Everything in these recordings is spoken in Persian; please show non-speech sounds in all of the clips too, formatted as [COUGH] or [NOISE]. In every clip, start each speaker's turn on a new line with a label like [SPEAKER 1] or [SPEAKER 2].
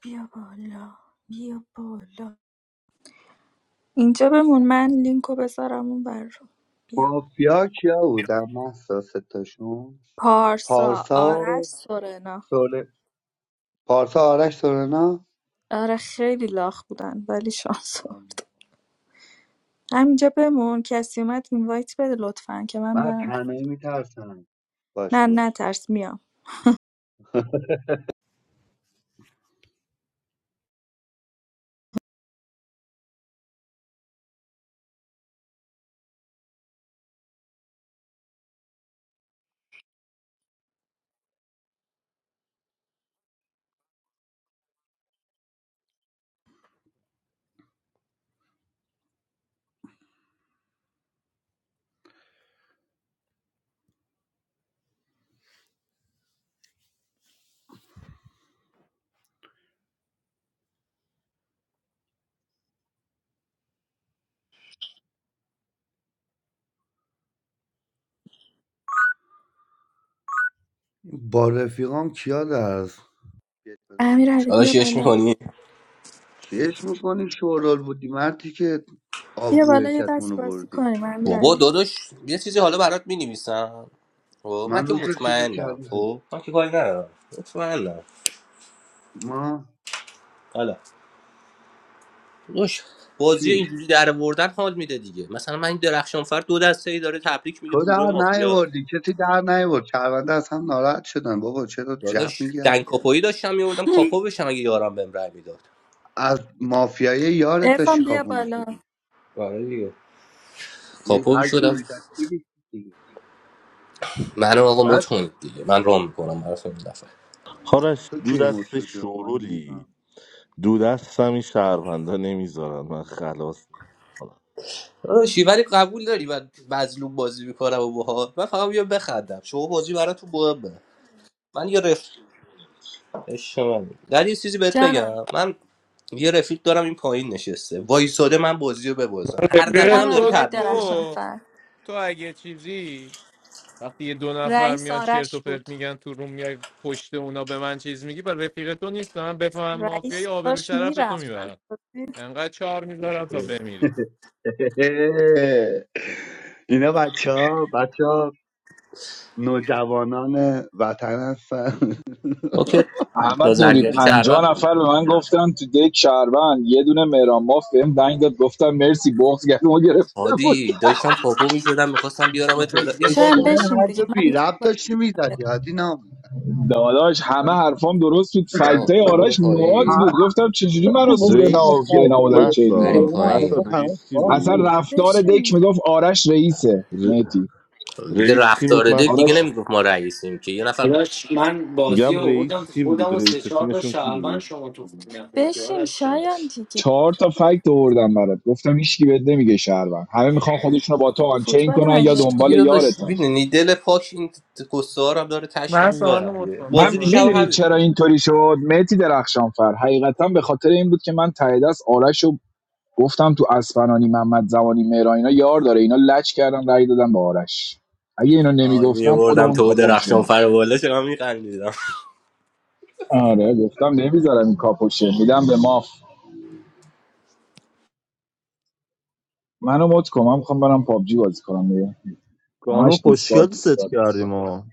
[SPEAKER 1] بیا بالا بیا بالا اینجا بمون من لینکو بذارم اون بر رو بیا
[SPEAKER 2] مافیا کیا بودن محسا ستاشون
[SPEAKER 1] پارسا
[SPEAKER 2] پارسا
[SPEAKER 1] آرش سورنا
[SPEAKER 2] سوله پارسا آرش سورنا
[SPEAKER 1] آره خیلی لاخ بودن ولی شانس آورد. همینجا بمون کسی اومد اینوایت بده لطفا که من
[SPEAKER 2] من
[SPEAKER 1] برم
[SPEAKER 2] تنهایی میترسم باشه
[SPEAKER 1] نه
[SPEAKER 2] برو
[SPEAKER 1] نه ترس میام
[SPEAKER 2] با رفیقام کیا درس
[SPEAKER 1] امیر بیا
[SPEAKER 3] داداش یش
[SPEAKER 1] بالا
[SPEAKER 3] میکنی
[SPEAKER 2] چیش میکنی شورال بودی مردی که
[SPEAKER 1] بیا بالا
[SPEAKER 2] آبروی
[SPEAKER 1] یه دست
[SPEAKER 2] رو
[SPEAKER 1] بازی
[SPEAKER 2] بردی
[SPEAKER 1] کنیم امیر
[SPEAKER 3] بابا
[SPEAKER 1] علی
[SPEAKER 3] داداش یه چیزی حالا برات مینویسم خب من
[SPEAKER 2] من
[SPEAKER 3] که
[SPEAKER 2] روز به چیز
[SPEAKER 3] مطمئنم
[SPEAKER 2] کردم که
[SPEAKER 3] خب من که کاری ندارم مطمئنم
[SPEAKER 2] ما
[SPEAKER 3] حالا داداش بازی
[SPEAKER 2] چی
[SPEAKER 3] اینجوری در آوردن حال میده دیگه مثلا من این درخشان فر دو دسته ای داره تبریک میگه به
[SPEAKER 2] تو در
[SPEAKER 3] گروه مافیا
[SPEAKER 2] نیاوردی کسی در نیاورد شهرونده از هم ناراحت شدن بابا چرا جب
[SPEAKER 3] داداش
[SPEAKER 2] میگرد
[SPEAKER 3] دنگ کاپویی داشتم میوردم کاپو
[SPEAKER 1] [LAUGHS]
[SPEAKER 3] بشم اگه یارم بهم رای میداد
[SPEAKER 2] از مافیای یارت داشتی
[SPEAKER 1] ارفان بیا
[SPEAKER 2] کاپو
[SPEAKER 1] بالا
[SPEAKER 2] میشدی
[SPEAKER 3] آره دیگه
[SPEAKER 2] یه
[SPEAKER 3] کاپو
[SPEAKER 2] هر کیو
[SPEAKER 3] میشدم
[SPEAKER 2] میزد میگه دیگه
[SPEAKER 3] منو آقا
[SPEAKER 2] بعد
[SPEAKER 3] مت کنید دیگه من رام میکنم براتون این دفعه
[SPEAKER 4] آرش
[SPEAKER 2] تو
[SPEAKER 4] دو
[SPEAKER 2] کی مرد
[SPEAKER 4] دست
[SPEAKER 2] شدی آقا من
[SPEAKER 4] شورولی
[SPEAKER 2] نمی‌فهمم.
[SPEAKER 4] دو دست هم این شهروندا نمیذارن من خلاص کنم
[SPEAKER 3] داداشی ولی قبول داری من مظلوم بازی میکنم و باها من فقط بیا بخندم شما بازی براتون مهمه من یه رف عشق منی. در یه چیزی بهت
[SPEAKER 1] جانم
[SPEAKER 3] بگم من یه رفیق دارم این پایین نشسته وایساده من بازی رو ببازم هر
[SPEAKER 5] رفیق
[SPEAKER 3] دفعه هم
[SPEAKER 1] جانم
[SPEAKER 3] داره
[SPEAKER 5] تو
[SPEAKER 1] آقای
[SPEAKER 3] تبریک بهم
[SPEAKER 1] درخشان
[SPEAKER 5] تو
[SPEAKER 1] فر
[SPEAKER 5] تو اگه چیزی وقتی یه دو نفر
[SPEAKER 1] رئیس
[SPEAKER 5] میان چرت و
[SPEAKER 1] آرش
[SPEAKER 5] پرت
[SPEAKER 1] بود
[SPEAKER 5] میگن تو روم میای پشت اونا به من چیز میگی بر رفیق تو نیست من بفهمم مافیای
[SPEAKER 1] رئیس
[SPEAKER 5] آبرو
[SPEAKER 1] داشت
[SPEAKER 5] شرف تو
[SPEAKER 1] میرفت از
[SPEAKER 5] میبرم
[SPEAKER 1] بازی
[SPEAKER 5] انقدر چهار میذارم تا
[SPEAKER 3] میگه.
[SPEAKER 5] بمیری
[SPEAKER 2] [LAUGHS] اینا بچه ها بچه ها نوجوانان وطن هستن
[SPEAKER 3] اوکی
[SPEAKER 2] [LAUGHS]
[SPEAKER 6] احمد نوری
[SPEAKER 3] لازرگری کروم
[SPEAKER 6] پنجا
[SPEAKER 3] بودی
[SPEAKER 6] نفر به من گفتن تو دک شهروند یه دونه مهران ماف بهم دنگ داد گفتم مرسی بغض گلومو گرفته بود
[SPEAKER 3] هادی داشتم پاپو میشدم میخواستم بیارم تو
[SPEAKER 2] آخه
[SPEAKER 3] بالا عشق
[SPEAKER 1] شاید
[SPEAKER 3] کنی
[SPEAKER 2] واقعا
[SPEAKER 1] بشین دیگه
[SPEAKER 2] حرف
[SPEAKER 1] من
[SPEAKER 2] بی
[SPEAKER 1] میخوام
[SPEAKER 2] رب داشتی
[SPEAKER 1] برم
[SPEAKER 2] میزدی
[SPEAKER 1] برم
[SPEAKER 2] حاجی نام
[SPEAKER 6] داداش همه حرفام درست بود
[SPEAKER 3] آه
[SPEAKER 6] فکتای
[SPEAKER 3] برو
[SPEAKER 6] آرش نواز
[SPEAKER 2] ها-
[SPEAKER 3] پایین
[SPEAKER 6] بود گفتم چجوری مرا
[SPEAKER 2] مثل
[SPEAKER 6] سور
[SPEAKER 4] رئیس
[SPEAKER 6] نا...
[SPEAKER 4] کی
[SPEAKER 2] اصلاح
[SPEAKER 6] به
[SPEAKER 4] بود
[SPEAKER 6] نامو داره
[SPEAKER 2] طلبی،
[SPEAKER 6] چیز
[SPEAKER 3] بریم
[SPEAKER 6] میکنه
[SPEAKER 4] محسا
[SPEAKER 2] پایان
[SPEAKER 4] محسا
[SPEAKER 2] حرفا
[SPEAKER 3] پایین
[SPEAKER 2] تماس
[SPEAKER 4] رئیس کی
[SPEAKER 2] باز
[SPEAKER 6] اصلا
[SPEAKER 2] بود
[SPEAKER 4] بود
[SPEAKER 6] رفتار دک
[SPEAKER 1] بشین
[SPEAKER 6] میگفت آرش رئیسه
[SPEAKER 4] ر-
[SPEAKER 6] میتی
[SPEAKER 3] دیگه
[SPEAKER 4] رئیس کی بود
[SPEAKER 3] رفتار دک دیگه
[SPEAKER 6] آرش
[SPEAKER 4] محسا
[SPEAKER 3] نمیگفت ما رئیسیم که یه نفر
[SPEAKER 7] داداش من بازی
[SPEAKER 4] میگم
[SPEAKER 7] رو بردم
[SPEAKER 4] رئیس کی بود
[SPEAKER 7] خودم و سه
[SPEAKER 4] رئیس
[SPEAKER 7] چهار تا
[SPEAKER 4] تیمشون کی
[SPEAKER 7] شهروند
[SPEAKER 4] بود
[SPEAKER 7] شما تو نخوردی
[SPEAKER 1] بشین
[SPEAKER 7] آرش جان
[SPEAKER 1] شایم دیگه
[SPEAKER 6] چهار تا فکت آوردم برات گفتم هیچکی بهت نمیگه شهروند همه میخوان خودشونو با تو آنچین
[SPEAKER 1] فوتبال
[SPEAKER 6] کنن یا
[SPEAKER 1] مگه
[SPEAKER 3] تش دیگه
[SPEAKER 6] دنبال
[SPEAKER 3] داداش
[SPEAKER 6] یارتن
[SPEAKER 3] میدونی دل پاک این قصه ها رو هم داره تش
[SPEAKER 5] من سوال
[SPEAKER 3] میارم
[SPEAKER 5] مت
[SPEAKER 3] دیگه
[SPEAKER 5] کنم
[SPEAKER 3] بازی
[SPEAKER 6] من
[SPEAKER 5] بازی
[SPEAKER 3] دیشب
[SPEAKER 6] میدونی
[SPEAKER 5] نمی‌کنم.
[SPEAKER 3] همین
[SPEAKER 6] چرا
[SPEAKER 3] بود
[SPEAKER 6] اینطوری شد مهدی درخشانفر حقیقتا به خاطر این بود که من ته دست آرش رو گفتم تو اسفنانی محمد زمانی مهران اینا یار داره اینا لچ کردن رأی دادن به آرش اگه اینو
[SPEAKER 3] آه
[SPEAKER 6] نمیگفتم
[SPEAKER 3] میوردم
[SPEAKER 6] خودمون
[SPEAKER 3] تو
[SPEAKER 6] کاپو
[SPEAKER 3] درخشان
[SPEAKER 6] میشدیم
[SPEAKER 3] فر بالا چرا میخندیدم
[SPEAKER 6] آره گفتم نمیذارم این کاپوشه میدم به ماف منو مت کن من میخوام برم پابجی بازی کنم دیگه
[SPEAKER 8] خانم
[SPEAKER 6] همش دیسکارد
[SPEAKER 8] خوشگل ست
[SPEAKER 6] دیسکارد دیسکارد
[SPEAKER 8] کردیم آقا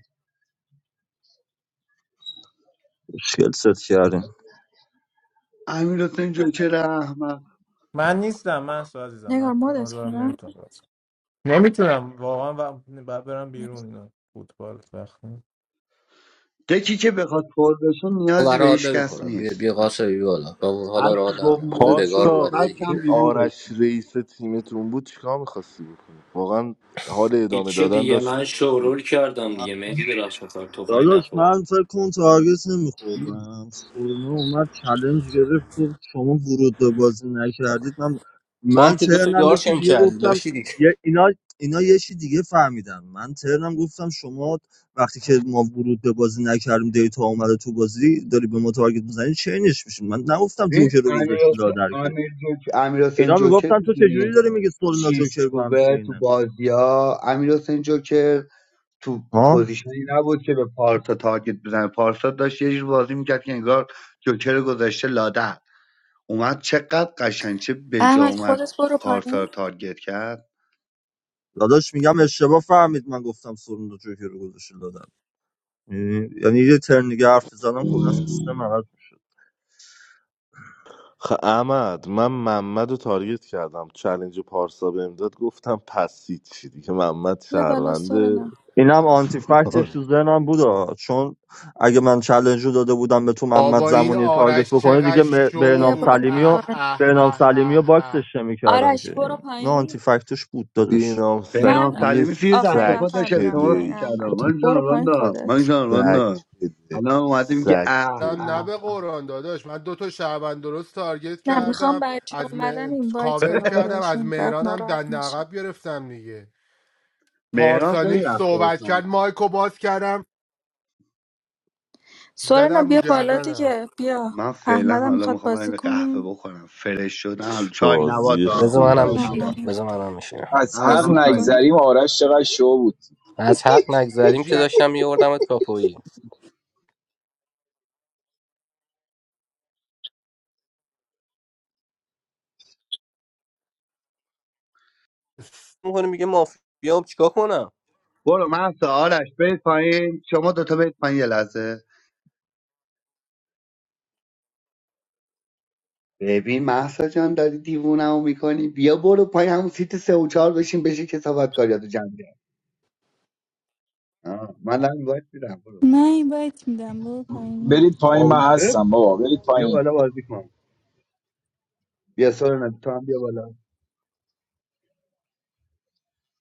[SPEAKER 8] خوشگل ست کردیم
[SPEAKER 2] امیر حسین جوکر احمد
[SPEAKER 5] من نیستم من سوال عزیزم من
[SPEAKER 1] نگار
[SPEAKER 5] کار
[SPEAKER 1] مدت
[SPEAKER 5] دارم
[SPEAKER 1] کنم
[SPEAKER 5] نمیتونم بازی کنم. نمیتونم واقعا و- باید برم بیرون اینا. فوتبال وقت نیست.
[SPEAKER 2] دکی که بخواد پر بشه نیازی به
[SPEAKER 3] برای حال
[SPEAKER 2] هیچ کس
[SPEAKER 3] نمیخورم بیا بیا
[SPEAKER 2] نیست من
[SPEAKER 3] قاسمی بیا بالا من اون حالا
[SPEAKER 2] هر
[SPEAKER 3] را
[SPEAKER 2] کی گفت
[SPEAKER 3] ندارم بذار
[SPEAKER 2] مد
[SPEAKER 3] نگار
[SPEAKER 2] شد
[SPEAKER 4] پارسا
[SPEAKER 3] اومده
[SPEAKER 2] بعد
[SPEAKER 3] دیگه
[SPEAKER 2] کم
[SPEAKER 4] این
[SPEAKER 2] بیمو
[SPEAKER 4] آرش رئیس تیمتون بود چیکار میخواستی بکنی واقعا حال ادامه
[SPEAKER 7] هیچی
[SPEAKER 4] دادن
[SPEAKER 7] دیگه
[SPEAKER 4] داشت
[SPEAKER 7] من شورول کردم
[SPEAKER 8] آه،
[SPEAKER 7] دیگه مهدی درخشان فر
[SPEAKER 8] داداش
[SPEAKER 7] تفنگ
[SPEAKER 8] من فکر کن تارگت نمیخوردم سورنا اومد چلنج گرفت گفت شما ورود به بازی نکردید من
[SPEAKER 3] تو هم
[SPEAKER 8] من
[SPEAKER 3] که دوتا
[SPEAKER 8] ترنم
[SPEAKER 3] یار
[SPEAKER 8] یکی
[SPEAKER 3] شم
[SPEAKER 8] دیگه
[SPEAKER 3] کردی
[SPEAKER 8] گفتم
[SPEAKER 3] لاشی دیگه
[SPEAKER 8] یه اینا اینا یه چی دیگه فهمیدم من ترنم گفتم شما وقتی که ما ورود به بازی نکردیم دیتا اومده تو بازی داری به ما تارگت میزنی چینش میشین من نگفتم
[SPEAKER 2] این
[SPEAKER 8] جوکر رو
[SPEAKER 2] امیر
[SPEAKER 8] گذاشتی
[SPEAKER 2] حس-
[SPEAKER 8] لادر که
[SPEAKER 2] امیر جوک- امیر حسین
[SPEAKER 8] اینا
[SPEAKER 2] جوکر
[SPEAKER 8] میگفتن تو چجوری
[SPEAKER 2] میدونی
[SPEAKER 8] داری میگی سورنا
[SPEAKER 2] چیش
[SPEAKER 8] جوکر با هم
[SPEAKER 2] خوبه تو
[SPEAKER 8] چینن
[SPEAKER 2] بازی ها امیر حسین جوکر تو پوزیشنی نبود که به پارسا تارگت بزنه پارسا داشت یه جور بازی میکرد که انگار جوکر رو گذاشته لاده اومد چقدر قشنگ چه بجا
[SPEAKER 1] احمد
[SPEAKER 2] اومد
[SPEAKER 1] خودت برو
[SPEAKER 2] پارسا رو
[SPEAKER 1] پایین
[SPEAKER 2] تارگت کرد
[SPEAKER 8] داداش میگم اشتباه فهمید من گفتم سورون دو جوکر رو گذاشته لادم یعنی یه ترن دیگه حرف زدم کلا سیستم عوض میشد
[SPEAKER 4] خ احمد من محمد رو تارگت کردم چلنج پارسا بهم داد گفتم پس چی دیگه محمد
[SPEAKER 1] بیا بالا
[SPEAKER 4] شهرونده
[SPEAKER 1] سورنا
[SPEAKER 8] اینم آنتی فکتش
[SPEAKER 4] [LAUGHS]
[SPEAKER 8] تو ذهنم بود آه. چون اگه من چالش رو داده بودم به تو محمد
[SPEAKER 9] بابا این
[SPEAKER 8] زمانی تارگت
[SPEAKER 9] آرش
[SPEAKER 8] بکنه
[SPEAKER 9] چقدر
[SPEAKER 8] دیگه م-
[SPEAKER 9] شو
[SPEAKER 1] بیا
[SPEAKER 8] بهنام
[SPEAKER 9] بود
[SPEAKER 1] بالا
[SPEAKER 8] سلیمی و
[SPEAKER 9] اه
[SPEAKER 1] سورنا
[SPEAKER 9] اه
[SPEAKER 8] بهنام
[SPEAKER 9] اه
[SPEAKER 8] سلیمی و
[SPEAKER 9] اه
[SPEAKER 8] باکسش
[SPEAKER 9] اه
[SPEAKER 8] نمی‌کردم
[SPEAKER 1] آرش
[SPEAKER 8] که
[SPEAKER 1] برو
[SPEAKER 8] نه آنتی
[SPEAKER 1] پایین
[SPEAKER 8] فکتش بود داداش
[SPEAKER 4] بینام
[SPEAKER 1] من
[SPEAKER 2] بینام
[SPEAKER 4] سلیمی
[SPEAKER 2] سلیمی زیر دست
[SPEAKER 1] آخرین
[SPEAKER 2] خود
[SPEAKER 4] سک
[SPEAKER 1] نفر
[SPEAKER 2] داشت
[SPEAKER 1] میرم
[SPEAKER 2] التماس
[SPEAKER 1] پایین
[SPEAKER 4] پلی
[SPEAKER 2] میکرد
[SPEAKER 1] احمد
[SPEAKER 2] من
[SPEAKER 1] برو پایین
[SPEAKER 2] جانران من
[SPEAKER 1] خودت
[SPEAKER 2] جانران
[SPEAKER 4] سک پلی
[SPEAKER 2] الان اومده میگه
[SPEAKER 4] سک
[SPEAKER 2] اه
[SPEAKER 9] نه نه
[SPEAKER 4] پلی
[SPEAKER 2] اه
[SPEAKER 9] به قرآن داداش من دو تا شعبان درست تارگت
[SPEAKER 1] نه میخوام
[SPEAKER 9] کردم
[SPEAKER 1] بچه
[SPEAKER 9] از
[SPEAKER 1] اومدن
[SPEAKER 9] م...
[SPEAKER 1] اینوایت
[SPEAKER 9] کاور
[SPEAKER 1] بدم
[SPEAKER 9] کردم از
[SPEAKER 1] بهشون بعد
[SPEAKER 9] مهرانم
[SPEAKER 1] ناراحت
[SPEAKER 9] دنده
[SPEAKER 1] نشه
[SPEAKER 9] عقب گرفتم دیگه
[SPEAKER 2] مهران خیلی
[SPEAKER 9] پارسانیک
[SPEAKER 2] رفتارش
[SPEAKER 9] صحبت کرد مایکو باز کردم
[SPEAKER 1] سورنا
[SPEAKER 9] زدم رو
[SPEAKER 1] بیا بالا
[SPEAKER 9] گردنم
[SPEAKER 1] دیگه بیا
[SPEAKER 2] من فعلا
[SPEAKER 1] احمدم
[SPEAKER 2] حالا
[SPEAKER 1] میخواد
[SPEAKER 2] میخوام برم
[SPEAKER 1] بازی
[SPEAKER 2] یه قهوه
[SPEAKER 1] کنه
[SPEAKER 2] بخورم فرش شدم حالا
[SPEAKER 4] چه
[SPEAKER 2] چای نبات
[SPEAKER 4] بازی
[SPEAKER 2] آ.
[SPEAKER 3] بذار منم
[SPEAKER 4] خوب
[SPEAKER 2] چای نبات
[SPEAKER 3] میشینم
[SPEAKER 1] سلام
[SPEAKER 3] بذار منم میشینم
[SPEAKER 6] از
[SPEAKER 2] من
[SPEAKER 6] حق
[SPEAKER 1] بازی
[SPEAKER 2] میخوام چای
[SPEAKER 1] نمیکنی
[SPEAKER 2] نبات
[SPEAKER 6] نگذریم آرش چقدر شو بود
[SPEAKER 3] از حق نگذریم که
[SPEAKER 9] حاجی
[SPEAKER 3] داشتم میوردمت کاپویی میکنه میگه مافیا بیام چیکار کنم
[SPEAKER 2] برو محسا آرش برید پایین شما دوتا برید پایین یه لحظه ببین محسا جان داری دیوونمو میکنی بیا برو پایین همون سیت سه و چهار بشین بشین که صحبت کاریاتو جمع کرد. آه، من دارم باید میرم برو
[SPEAKER 10] من این وایت میدم برو پایین
[SPEAKER 6] برید پایین من
[SPEAKER 2] قاوسه
[SPEAKER 6] هستم بابا برید
[SPEAKER 2] بیا
[SPEAKER 6] پایین
[SPEAKER 2] بالا بازی کن بیا سورنا تو هم بیا بالا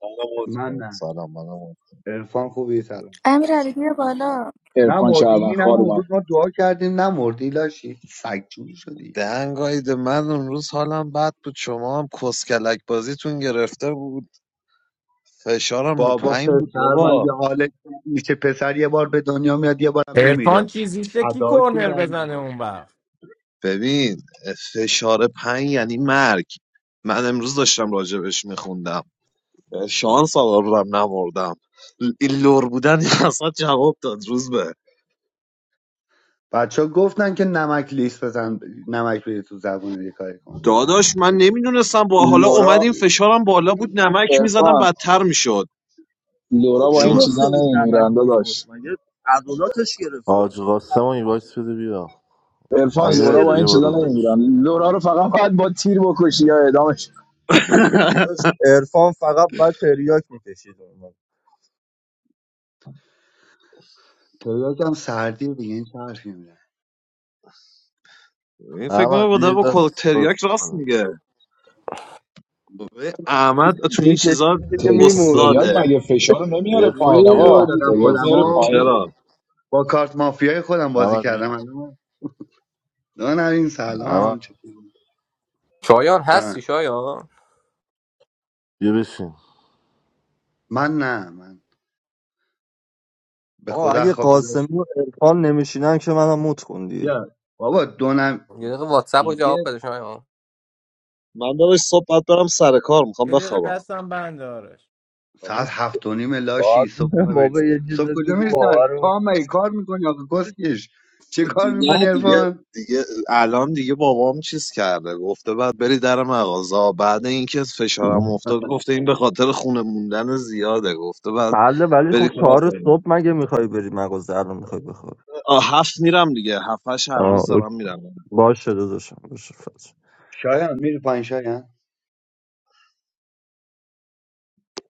[SPEAKER 11] منو مت
[SPEAKER 2] من
[SPEAKER 11] کن
[SPEAKER 2] نه
[SPEAKER 11] سلام منو مت
[SPEAKER 2] عرفان خوبی سلام
[SPEAKER 1] امیرعلی بیا بالا
[SPEAKER 2] نه
[SPEAKER 6] عرفان شهروند
[SPEAKER 2] مردی نه
[SPEAKER 6] خار
[SPEAKER 2] اون
[SPEAKER 6] اومد
[SPEAKER 2] روز ما دعا کردیم نه مردی لاشی سگ جون
[SPEAKER 11] کن.
[SPEAKER 2] شدی
[SPEAKER 11] دهنگایید من اون روز حالم بد بود شما هم کسکلک بازیتون گرفته بود فشارم رو
[SPEAKER 2] بابا
[SPEAKER 11] پنج بود
[SPEAKER 2] پسر من
[SPEAKER 11] بابا
[SPEAKER 2] یه حالش میشه پسر یه بار به دنیا میاد یه بارم
[SPEAKER 5] عرفان
[SPEAKER 2] میمیره
[SPEAKER 5] چیزیشه کی
[SPEAKER 2] ادا چی
[SPEAKER 5] کرنر
[SPEAKER 2] در
[SPEAKER 5] بزنه
[SPEAKER 2] میاد
[SPEAKER 5] اون وقت
[SPEAKER 11] ببین فشار پنج یعنی مرگ من امروز داشتم راجبش میخوندم شانس آوردم نمردم ل- این لور بودن [LAUGHS] اصلا جواب داد روز به
[SPEAKER 2] بچه ها گفتن که نمک لیست بزن نمک بری تو زبون یه کاری کن
[SPEAKER 11] داداش من
[SPEAKER 2] فکر
[SPEAKER 11] نمیدونستم با حالا اومد
[SPEAKER 6] لورا
[SPEAKER 11] این فشارم بالا بود نمک میزدم
[SPEAKER 6] ارفان
[SPEAKER 11] بدتر میشد
[SPEAKER 8] آه،
[SPEAKER 6] لورا با
[SPEAKER 8] چی
[SPEAKER 6] این
[SPEAKER 11] جون
[SPEAKER 8] گفته
[SPEAKER 6] چیزا
[SPEAKER 8] بود نمک
[SPEAKER 6] نمیمیرن
[SPEAKER 8] بخور
[SPEAKER 6] داداش
[SPEAKER 8] مگه عضلاتش گرفته
[SPEAKER 4] آج
[SPEAKER 8] بود
[SPEAKER 4] قاسم رو این وایس بده بیا
[SPEAKER 6] ارفان
[SPEAKER 11] بیا
[SPEAKER 8] پاش
[SPEAKER 4] امیر
[SPEAKER 6] لورا
[SPEAKER 4] علی
[SPEAKER 6] با این
[SPEAKER 4] بیا
[SPEAKER 8] گرفته
[SPEAKER 6] چیزا
[SPEAKER 4] بالا
[SPEAKER 8] بود
[SPEAKER 4] زود.
[SPEAKER 6] نمیمیرن لورا رو فقط باید با تیر بکشی یا اعدامش
[SPEAKER 11] [LAUGHS]
[SPEAKER 8] داداش عرفان فقط بعد تریاک میکشید
[SPEAKER 2] تو یکم سردی دیگه این چه حرفی میزنه
[SPEAKER 11] این فکر کنم
[SPEAKER 4] احمد
[SPEAKER 11] با
[SPEAKER 4] بیا
[SPEAKER 11] داره
[SPEAKER 4] یه
[SPEAKER 11] با
[SPEAKER 4] دست بازی
[SPEAKER 11] کلتریاک راست
[SPEAKER 4] کنیم
[SPEAKER 11] میگه این احمد تو این چیزا
[SPEAKER 8] میکشیدی که
[SPEAKER 6] ت-
[SPEAKER 8] میموردی
[SPEAKER 6] تریاک
[SPEAKER 11] استاده
[SPEAKER 6] مگه فشار رو نمیاره پایین
[SPEAKER 4] ارفان
[SPEAKER 2] سزا
[SPEAKER 6] آقا
[SPEAKER 4] بیا
[SPEAKER 8] میموردی
[SPEAKER 4] بیا
[SPEAKER 2] دادم
[SPEAKER 6] تریاک
[SPEAKER 4] بازی
[SPEAKER 6] میاره
[SPEAKER 4] کنیم
[SPEAKER 2] خودمو
[SPEAKER 6] پایین
[SPEAKER 11] چرا
[SPEAKER 4] ارفان
[SPEAKER 2] با کارت مافیای خودم بازی
[SPEAKER 4] احمد
[SPEAKER 2] کردم
[SPEAKER 4] بیا
[SPEAKER 2] الان دانمین
[SPEAKER 4] احمد
[SPEAKER 2] سلام چطوری
[SPEAKER 3] شایان هستی
[SPEAKER 2] جان
[SPEAKER 3] شایان
[SPEAKER 4] بیا بشین
[SPEAKER 2] من نه من به
[SPEAKER 8] آقا
[SPEAKER 2] خدا
[SPEAKER 8] اگه
[SPEAKER 2] خوابی داشت
[SPEAKER 8] قاسمی و عرفان نمیشینن که منم موت کن دیگه
[SPEAKER 2] بیا بابا دونم
[SPEAKER 3] یه دقیقه واتساپ رو
[SPEAKER 2] دیگه.
[SPEAKER 3] جواب بده شایان
[SPEAKER 11] من داداش صبح باید برم سر کار میخوام
[SPEAKER 5] یه دقیقه
[SPEAKER 11] بخوابم
[SPEAKER 5] دستم بند
[SPEAKER 8] حالا
[SPEAKER 2] ساعت هفت و نیم لاشی
[SPEAKER 8] باید
[SPEAKER 2] صبح
[SPEAKER 8] می‌گم
[SPEAKER 2] میخوای بری
[SPEAKER 8] بابا یه چیز
[SPEAKER 2] صبح
[SPEAKER 8] بهت
[SPEAKER 2] کجا
[SPEAKER 8] بگو
[SPEAKER 2] میری سر
[SPEAKER 8] باورمون
[SPEAKER 2] پا هم مگه کار میکنی آقا گسکش چه کار
[SPEAKER 11] نه
[SPEAKER 2] میکنی
[SPEAKER 11] دیگه
[SPEAKER 8] کنی.
[SPEAKER 2] عرفان
[SPEAKER 11] دیگه الان دیگه بابام چیز کرده گفته بعد بری در مغازه بعد اینکه فشارم افتاد گفته این به خاطر خونه موندن زیاده گفته بعد
[SPEAKER 8] بله ولی
[SPEAKER 11] بری
[SPEAKER 8] خب
[SPEAKER 11] کار
[SPEAKER 8] چهار
[SPEAKER 11] کنی
[SPEAKER 8] صبح مگه میخوای بری مغازه الان میخوای بخواب
[SPEAKER 11] آه هفت میرم دیگه هفتش هر
[SPEAKER 8] آه
[SPEAKER 11] روز
[SPEAKER 8] اوکی.
[SPEAKER 11] دارم میرم
[SPEAKER 8] باشه داداشم باشه فرج
[SPEAKER 2] شایان میری پایین شایان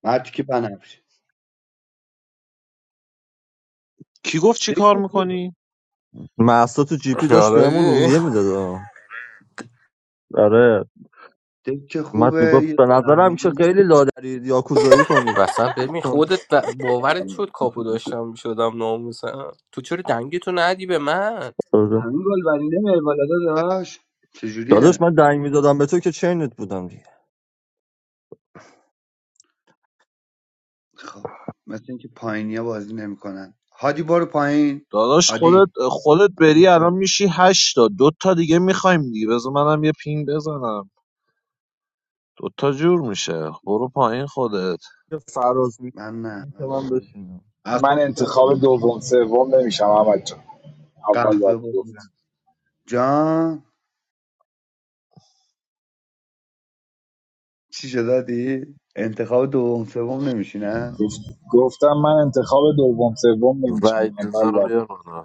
[SPEAKER 2] مرتی که بنفش
[SPEAKER 11] کی گفت چی کار
[SPEAKER 2] دکه خوبه
[SPEAKER 11] میکنی
[SPEAKER 8] مهسا تو جی پی داشت
[SPEAKER 3] آره
[SPEAKER 8] بهمون
[SPEAKER 3] دیدی؟
[SPEAKER 8] روحیه میداد آره
[SPEAKER 2] دکه
[SPEAKER 8] اومد
[SPEAKER 2] خوبه
[SPEAKER 8] میگفت
[SPEAKER 2] یه
[SPEAKER 8] به
[SPEAKER 2] دون
[SPEAKER 8] نظرم که
[SPEAKER 2] همین
[SPEAKER 8] خیلی لادری یاکوزایی کنید
[SPEAKER 3] بسن ببین
[SPEAKER 8] گفتم
[SPEAKER 3] خودت ب- باورت شد کاپو داشتم میشدم ناموسم تو چرا دنگتو ندی به من
[SPEAKER 8] آره.
[SPEAKER 2] همین گلبری نمیاری بالا داداش
[SPEAKER 8] داداش
[SPEAKER 2] چجوریه
[SPEAKER 8] من دنگ میدادم به تو که چینت بودم
[SPEAKER 2] خب مثل اینکه پایینیا بازی نمیکنن هادی برو پایین
[SPEAKER 11] داداش خودت
[SPEAKER 2] هادی
[SPEAKER 11] خودت
[SPEAKER 2] من
[SPEAKER 11] بری
[SPEAKER 2] بیشتر-
[SPEAKER 11] الان میشی هشتا دو تا دیگه میخوایم دیگه بذار منم یه پینگ بزنم دو تا جور میشه برو پایین خودت
[SPEAKER 8] که فراز
[SPEAKER 2] من نه
[SPEAKER 8] میکنه که
[SPEAKER 2] من
[SPEAKER 8] من
[SPEAKER 2] بالا.
[SPEAKER 8] بشینم
[SPEAKER 2] از
[SPEAKER 6] من
[SPEAKER 2] خواب بیدار
[SPEAKER 6] انتخاب
[SPEAKER 2] شدم چی؟
[SPEAKER 6] دوم سوم نمیشم احمد جان اول
[SPEAKER 2] قهوه
[SPEAKER 6] باید
[SPEAKER 2] بخورم
[SPEAKER 6] گفت
[SPEAKER 2] جان چی شد دادی؟ انتخاب دوم سوم نمیشی نه
[SPEAKER 6] گفت- گفتم من انتخاب دوم سوم نمیشم
[SPEAKER 4] وعید رضا
[SPEAKER 6] اول
[SPEAKER 4] رو
[SPEAKER 6] باید
[SPEAKER 4] بیار بالا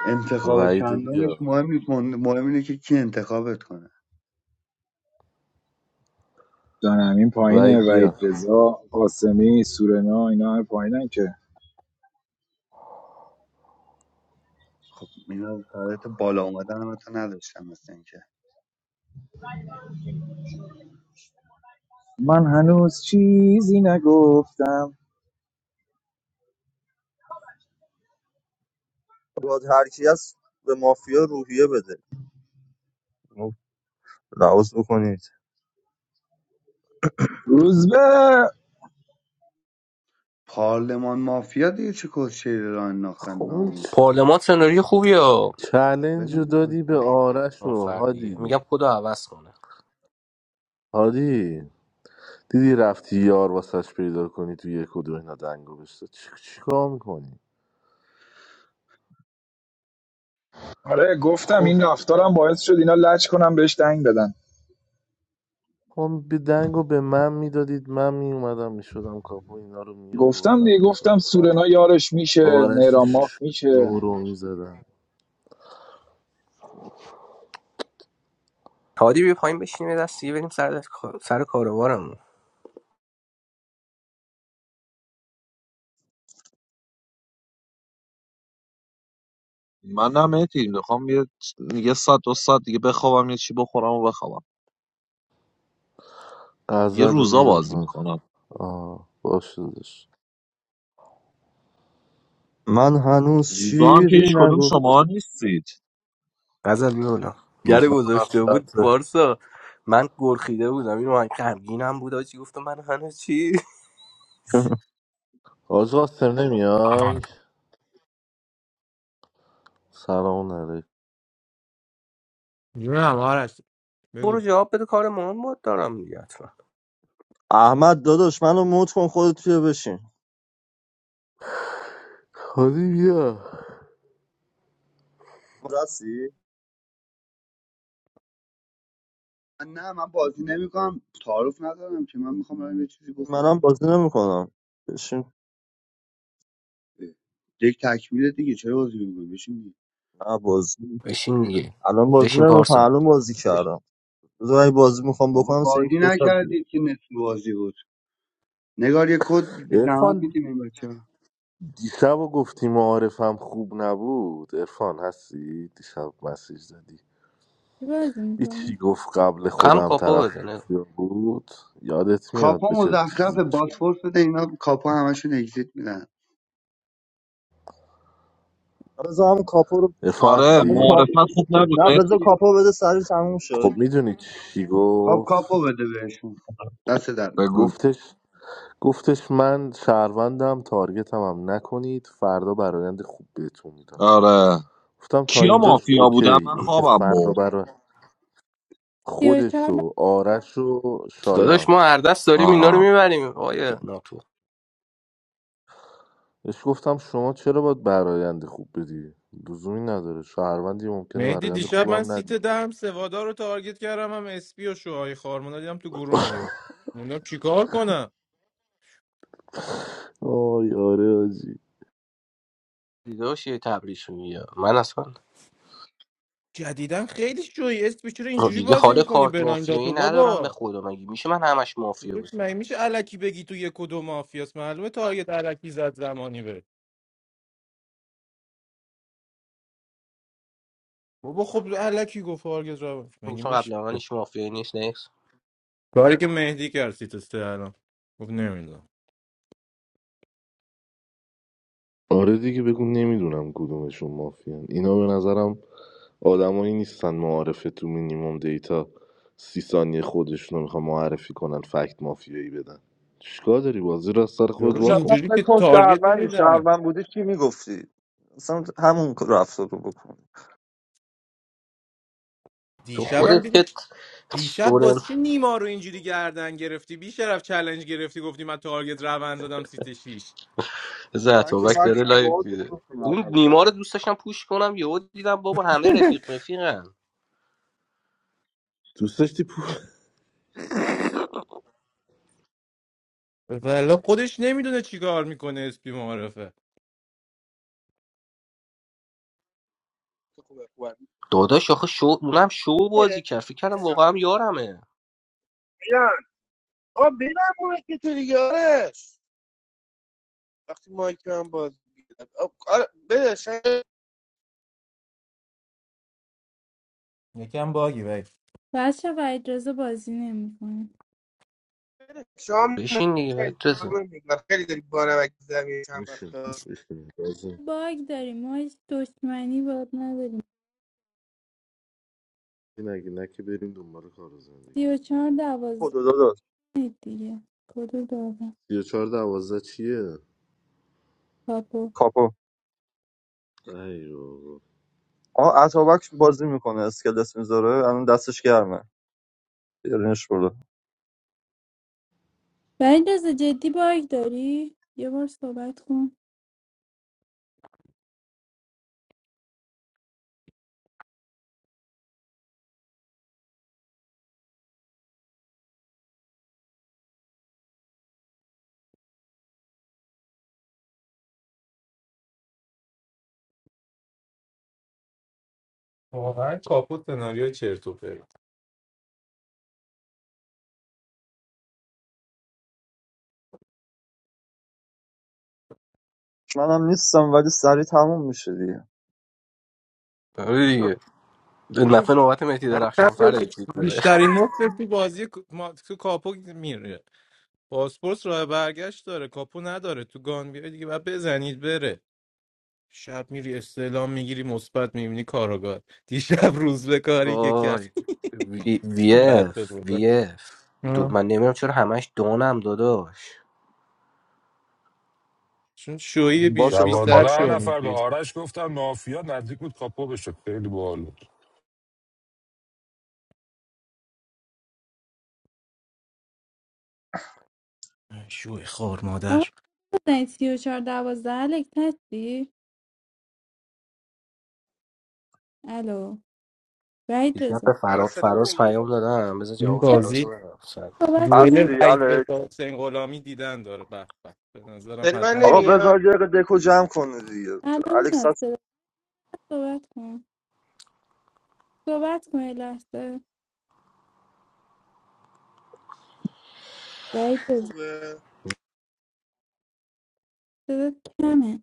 [SPEAKER 2] انتخاب
[SPEAKER 4] وعید رو
[SPEAKER 2] چندمش
[SPEAKER 4] بیا
[SPEAKER 2] مهم نیست مهم مهم اینه که کی انتخابت کنه
[SPEAKER 6] دانمین پایینه
[SPEAKER 4] وعید بیا
[SPEAKER 6] وحید رضا قاسمی سورنا اینا همه پایینن که
[SPEAKER 2] خب اینا سعادت بالا اومدن هم تو نداشتن مثل اینکه
[SPEAKER 6] من هنوز چیزی نگفتم
[SPEAKER 8] باید هر کی هست به مافیا روحیه بده خب، لحاظ بکنید
[SPEAKER 6] روزبه
[SPEAKER 2] پارلمان مافیا دیگه چه کسشعری را انداختن
[SPEAKER 4] خب اون چ-
[SPEAKER 2] ناموسن
[SPEAKER 3] پارلمان سناریو خوبیه ها
[SPEAKER 4] چلنج رو
[SPEAKER 2] ولمون کن
[SPEAKER 4] دادی به آرش
[SPEAKER 3] اون
[SPEAKER 4] و
[SPEAKER 3] فردیه
[SPEAKER 4] هادی
[SPEAKER 3] میگم کدو عوض کنه
[SPEAKER 4] هادی دیدی رفتی یار واسش پیدا کنی تو یک و دو اینا دنگو بشتا چی چیکار میکنی
[SPEAKER 6] آره گفتم
[SPEAKER 4] خب
[SPEAKER 6] این رفتارم باعث شد اینا لج کنم بهش دنگ بدن
[SPEAKER 4] هم به دنگو به من میدادید من میومدم میشدم کاپو اینا رو
[SPEAKER 6] گفتم
[SPEAKER 4] میوردم
[SPEAKER 6] دیگه
[SPEAKER 4] دوتا
[SPEAKER 6] گفتم
[SPEAKER 4] رو
[SPEAKER 6] سورنا یارش میشه
[SPEAKER 4] آرش
[SPEAKER 6] مهران ماف میشه
[SPEAKER 4] شو رو میزدم
[SPEAKER 3] هادی بیا پایین بشینیم یه دستی بریم سر سر کاروارمون
[SPEAKER 11] منم اتیم میخوام یه یه ساعت دو ساعت دیگه بخوابم یه چی بخورم و بخوابم یه
[SPEAKER 4] غزل رو
[SPEAKER 11] روزا بازی
[SPEAKER 4] بیارم
[SPEAKER 11] میکنم
[SPEAKER 4] آه باشه داشت
[SPEAKER 8] من هنوز
[SPEAKER 11] روزا هم که
[SPEAKER 8] چیزی
[SPEAKER 11] هیچ کدوم
[SPEAKER 8] نگفتم
[SPEAKER 11] شما نیستید
[SPEAKER 3] غزل بیا بالا گره
[SPEAKER 4] روزا
[SPEAKER 3] گذاشته
[SPEAKER 4] مفت
[SPEAKER 3] بود پارسا من گرخیده بودم این من غمگینم بود آجی گفتم من هنوز چی [LAUGHS]
[SPEAKER 8] [LAUGHS]
[SPEAKER 4] آج قاسم نمیای سلام
[SPEAKER 5] جونم آرش
[SPEAKER 3] برو
[SPEAKER 5] بگو
[SPEAKER 3] جواب بده کار مهم بود دارم دیگه حتما
[SPEAKER 8] احمد داداش منو موت کن خودت بیا بشین
[SPEAKER 4] حالی بیا
[SPEAKER 8] رسی
[SPEAKER 2] من نه من بازی نمیکنم تعارف ندارم که من میخوام برم یه چیزی بخورم
[SPEAKER 8] منم بازی نمیکنم بشین
[SPEAKER 2] اه. یک تکمیل دیگه چرا بازی میکنی بشین دیگه.
[SPEAKER 8] نه بازی
[SPEAKER 3] بشین دیگه
[SPEAKER 8] الان بازی
[SPEAKER 3] بشین
[SPEAKER 8] نمیکنم
[SPEAKER 3] پارسا
[SPEAKER 8] الان بازی
[SPEAKER 2] بشین.
[SPEAKER 8] کردم بذار اگه بازی میخوام
[SPEAKER 2] بابا
[SPEAKER 8] بکنم سه یک
[SPEAKER 2] بازی
[SPEAKER 8] دو ساعت دیگه
[SPEAKER 2] نکردید که نصف بازی بود نگار یه کد بی زحمت
[SPEAKER 4] ارفان
[SPEAKER 2] میدیم این بچه
[SPEAKER 4] دیشب و گفتی معارفم خوب نبود ارفان هستی دیشب مسیج زدی
[SPEAKER 10] چی بازی
[SPEAKER 4] هیچی
[SPEAKER 10] میکنی
[SPEAKER 4] گفت قبل
[SPEAKER 3] کم
[SPEAKER 4] خودم
[SPEAKER 3] کاپو
[SPEAKER 4] طرف
[SPEAKER 3] بزنه
[SPEAKER 4] مافیا بود یادت میاد
[SPEAKER 2] کاپو
[SPEAKER 4] به چه
[SPEAKER 2] مزخرف
[SPEAKER 4] چیزی شد
[SPEAKER 2] باسپورس بده اینا کاپو همشون اگزیت میدن
[SPEAKER 8] بذار هم کاپو رو
[SPEAKER 4] ارفان
[SPEAKER 11] آره
[SPEAKER 8] آخه
[SPEAKER 4] هستی
[SPEAKER 8] کا-
[SPEAKER 11] معرفت خوب نبود
[SPEAKER 8] نه بذار
[SPEAKER 11] مهدی
[SPEAKER 8] کاپو بده سری تموم شه
[SPEAKER 4] خب میدونی چی
[SPEAKER 2] خب
[SPEAKER 4] گفت
[SPEAKER 2] کاپو بده بهشون دست در نکن
[SPEAKER 11] بگو
[SPEAKER 4] گفتش گفتش من شهروندم تارگتم هم نکنید فردا برایند خوب بهتون میدم
[SPEAKER 11] آره
[SPEAKER 4] گفتم تا
[SPEAKER 11] کیا
[SPEAKER 4] اینجاش
[SPEAKER 11] مافیا
[SPEAKER 4] اوکی
[SPEAKER 11] بودن من
[SPEAKER 4] اینکه
[SPEAKER 11] خوابم
[SPEAKER 4] فردا
[SPEAKER 11] برد
[SPEAKER 4] برای خودش
[SPEAKER 10] چهار
[SPEAKER 4] و آرش و
[SPEAKER 3] داداش
[SPEAKER 4] شایان
[SPEAKER 3] ما هر دست داریم اینا
[SPEAKER 11] آها
[SPEAKER 3] رو میبریم آیه ناتو
[SPEAKER 4] بهش گفتم شما چرا باید برایند خوب بدی لزومی نداره شهروندی ممکنه
[SPEAKER 5] مهدی
[SPEAKER 4] برایند
[SPEAKER 5] دیشب من
[SPEAKER 4] خوبم
[SPEAKER 5] سیت
[SPEAKER 4] ندی
[SPEAKER 5] دهم سوادا رو تارگت کردم هم اسپی و شوهای خارمونا دیدم تو گروهن یو موندم چیکار کنم
[SPEAKER 4] آی آره آجی
[SPEAKER 3] دیداش یه تبریش میگه من اصلا
[SPEAKER 5] جدیدن خیلی شوی اسپی چرا
[SPEAKER 3] خب
[SPEAKER 5] اینجوری
[SPEAKER 3] دیگه
[SPEAKER 5] بازی
[SPEAKER 3] حال
[SPEAKER 5] میکنی
[SPEAKER 3] کارت
[SPEAKER 5] برایم
[SPEAKER 3] مافیایی
[SPEAKER 5] داتو
[SPEAKER 3] ندارم به
[SPEAKER 5] بابا
[SPEAKER 3] خدا مگه میشه من همش مافیا
[SPEAKER 5] تو مگه
[SPEAKER 3] باشم
[SPEAKER 5] میشه الکی بگی تو یک و دو مافیاس معلومه تارگت الکی زد زمانی به بابا خب الکی گفت تارگت رو مگه
[SPEAKER 3] گفتم
[SPEAKER 5] میشه
[SPEAKER 3] قبل من هیچ مافیایی نیست نیست
[SPEAKER 5] کاری که مهدی کرد سیت سه الان گفت نمیدونم
[SPEAKER 4] آره دیگه بگو نمیدونم کدومشون مافیان اینا به نظرم آدمایی نیستن معارفه تو مینیموم دیتا سی ثانیه خودشون رو میخوان معرفی کنن فکت مافیایی بدن چیکار داری بازی را از سر خودت
[SPEAKER 5] یارو
[SPEAKER 8] خودش اصلا
[SPEAKER 4] واکن
[SPEAKER 5] اینجوری
[SPEAKER 8] فکر
[SPEAKER 5] که
[SPEAKER 8] کن
[SPEAKER 5] تارگت
[SPEAKER 8] شهروندی
[SPEAKER 5] نمیزنه
[SPEAKER 8] شهروند بودی چی میگفتی اصلا همون رفتار رو بکن
[SPEAKER 3] تو خودت
[SPEAKER 5] دیشبم
[SPEAKER 3] که
[SPEAKER 5] دیشب
[SPEAKER 3] سورن
[SPEAKER 5] واسه چی نیما رو اینجوری گردن گرفتی بی شرف چلنج گرفتی گفتی من تارگت روند زدم سیت شیش
[SPEAKER 8] من که
[SPEAKER 3] زتوبک داره
[SPEAKER 8] فکرم
[SPEAKER 3] لایو
[SPEAKER 8] باید بود
[SPEAKER 3] میده
[SPEAKER 8] گفتم
[SPEAKER 3] اون
[SPEAKER 8] محمد
[SPEAKER 3] نیما رو
[SPEAKER 8] زمان
[SPEAKER 3] دوست داشتم پوش کنم یهو دیدم بابا همه رفیق رفیقن
[SPEAKER 4] دوست داشتی پول
[SPEAKER 5] والا خودش نمیدونه چیکار میکنه اسپی معرفه
[SPEAKER 12] خوبه خوبه
[SPEAKER 3] داداش آخه شو اونم شو بازی
[SPEAKER 12] میرن
[SPEAKER 3] کرد فکر کردم واقعا یارمه
[SPEAKER 12] آقا ببن مایکی تو دیگه آرش وقتی مایک من باز می‌کنم. آه، آره بده شاید
[SPEAKER 5] یکم باگی بگ
[SPEAKER 10] بچه و اجازه بازی نمیکنه
[SPEAKER 12] بده. شام
[SPEAKER 3] بشین دیگه
[SPEAKER 12] نخیر، خانم
[SPEAKER 3] بتزه
[SPEAKER 12] نگار. خیلی داری بانمک زمین چند
[SPEAKER 4] میشه
[SPEAKER 12] وقتا
[SPEAKER 4] میشه لازم
[SPEAKER 10] باگ داریم ما هیچ دشمنی باد نداریم
[SPEAKER 4] این اگه نه که بریم دنبال کار و
[SPEAKER 10] سی
[SPEAKER 4] زندگی
[SPEAKER 10] و چهار دوازده
[SPEAKER 8] خدا داداش
[SPEAKER 10] دیگه کدو دارم
[SPEAKER 4] سی و چهار دوازده چیه
[SPEAKER 10] کاپو
[SPEAKER 8] کاپو
[SPEAKER 4] ای بابا.
[SPEAKER 8] آه اتابک بازی میکنه اسکلت میذاره الان دستش گرمه بیارینش برو
[SPEAKER 10] و اجازه جدی باگ داری یه بار صحبت کن
[SPEAKER 5] واقعا کاپوت سناریو چرت و پرت
[SPEAKER 8] منم نیستم ولی سریع تموم میشه دیگه
[SPEAKER 3] آره دیگه
[SPEAKER 5] یه
[SPEAKER 3] نفع نوبت مهدی درخشان
[SPEAKER 5] شب
[SPEAKER 3] فر اکلیت بده
[SPEAKER 5] بیشترین مفت تو بازی ما- تو کاپو میره پاسپورت راه برگشت داره کاپو نداره تو گان بیای دیگه بعد بزنید بره شب میری استعلام میگیری مثبت میبینی کاراگاه دیشب روز به کاری که کرد
[SPEAKER 3] وای وی وی
[SPEAKER 5] [LAUGHS] بعد
[SPEAKER 3] اف وی
[SPEAKER 5] خدا
[SPEAKER 3] اف دو من نمیدونم چرا همش دونم داداش
[SPEAKER 5] چون شوی
[SPEAKER 8] با
[SPEAKER 5] بیش
[SPEAKER 8] تو پاس
[SPEAKER 5] بیشتر
[SPEAKER 13] دوازده
[SPEAKER 5] شو
[SPEAKER 8] کنم
[SPEAKER 13] نفر به
[SPEAKER 5] میشی
[SPEAKER 13] آرش گفتم مافیا نزدیک بود کاپو بشه خیلی باحال بود
[SPEAKER 5] شوی خار مادر
[SPEAKER 10] آقا بزنید سی و چهار دوازده الک هستی الو بعید
[SPEAKER 3] دیشب
[SPEAKER 10] رزا
[SPEAKER 3] به
[SPEAKER 12] الان
[SPEAKER 3] فراز
[SPEAKER 12] صدا
[SPEAKER 3] فراز
[SPEAKER 12] نمیاد
[SPEAKER 3] پیام دادم بذار
[SPEAKER 5] این
[SPEAKER 3] جواب فراز رو
[SPEAKER 5] بازی
[SPEAKER 3] بدم سر کن.
[SPEAKER 10] صحبت کن من
[SPEAKER 5] دوئل
[SPEAKER 8] اصلی
[SPEAKER 5] وحید
[SPEAKER 8] الکس
[SPEAKER 5] رضا حسین غلامی دیدن داره به به به نظرم
[SPEAKER 12] صدا من
[SPEAKER 5] حتما
[SPEAKER 8] آقا
[SPEAKER 5] ببین.
[SPEAKER 12] نمیاد
[SPEAKER 8] بذار یه دقیقه دکو جمع کنه دیگه
[SPEAKER 10] الان
[SPEAKER 8] الکس
[SPEAKER 10] میاد
[SPEAKER 8] هست
[SPEAKER 10] صدا. صحبت کن صحبت کن یه لحظه بعید رزا
[SPEAKER 12] خوبه
[SPEAKER 10] صدات کمه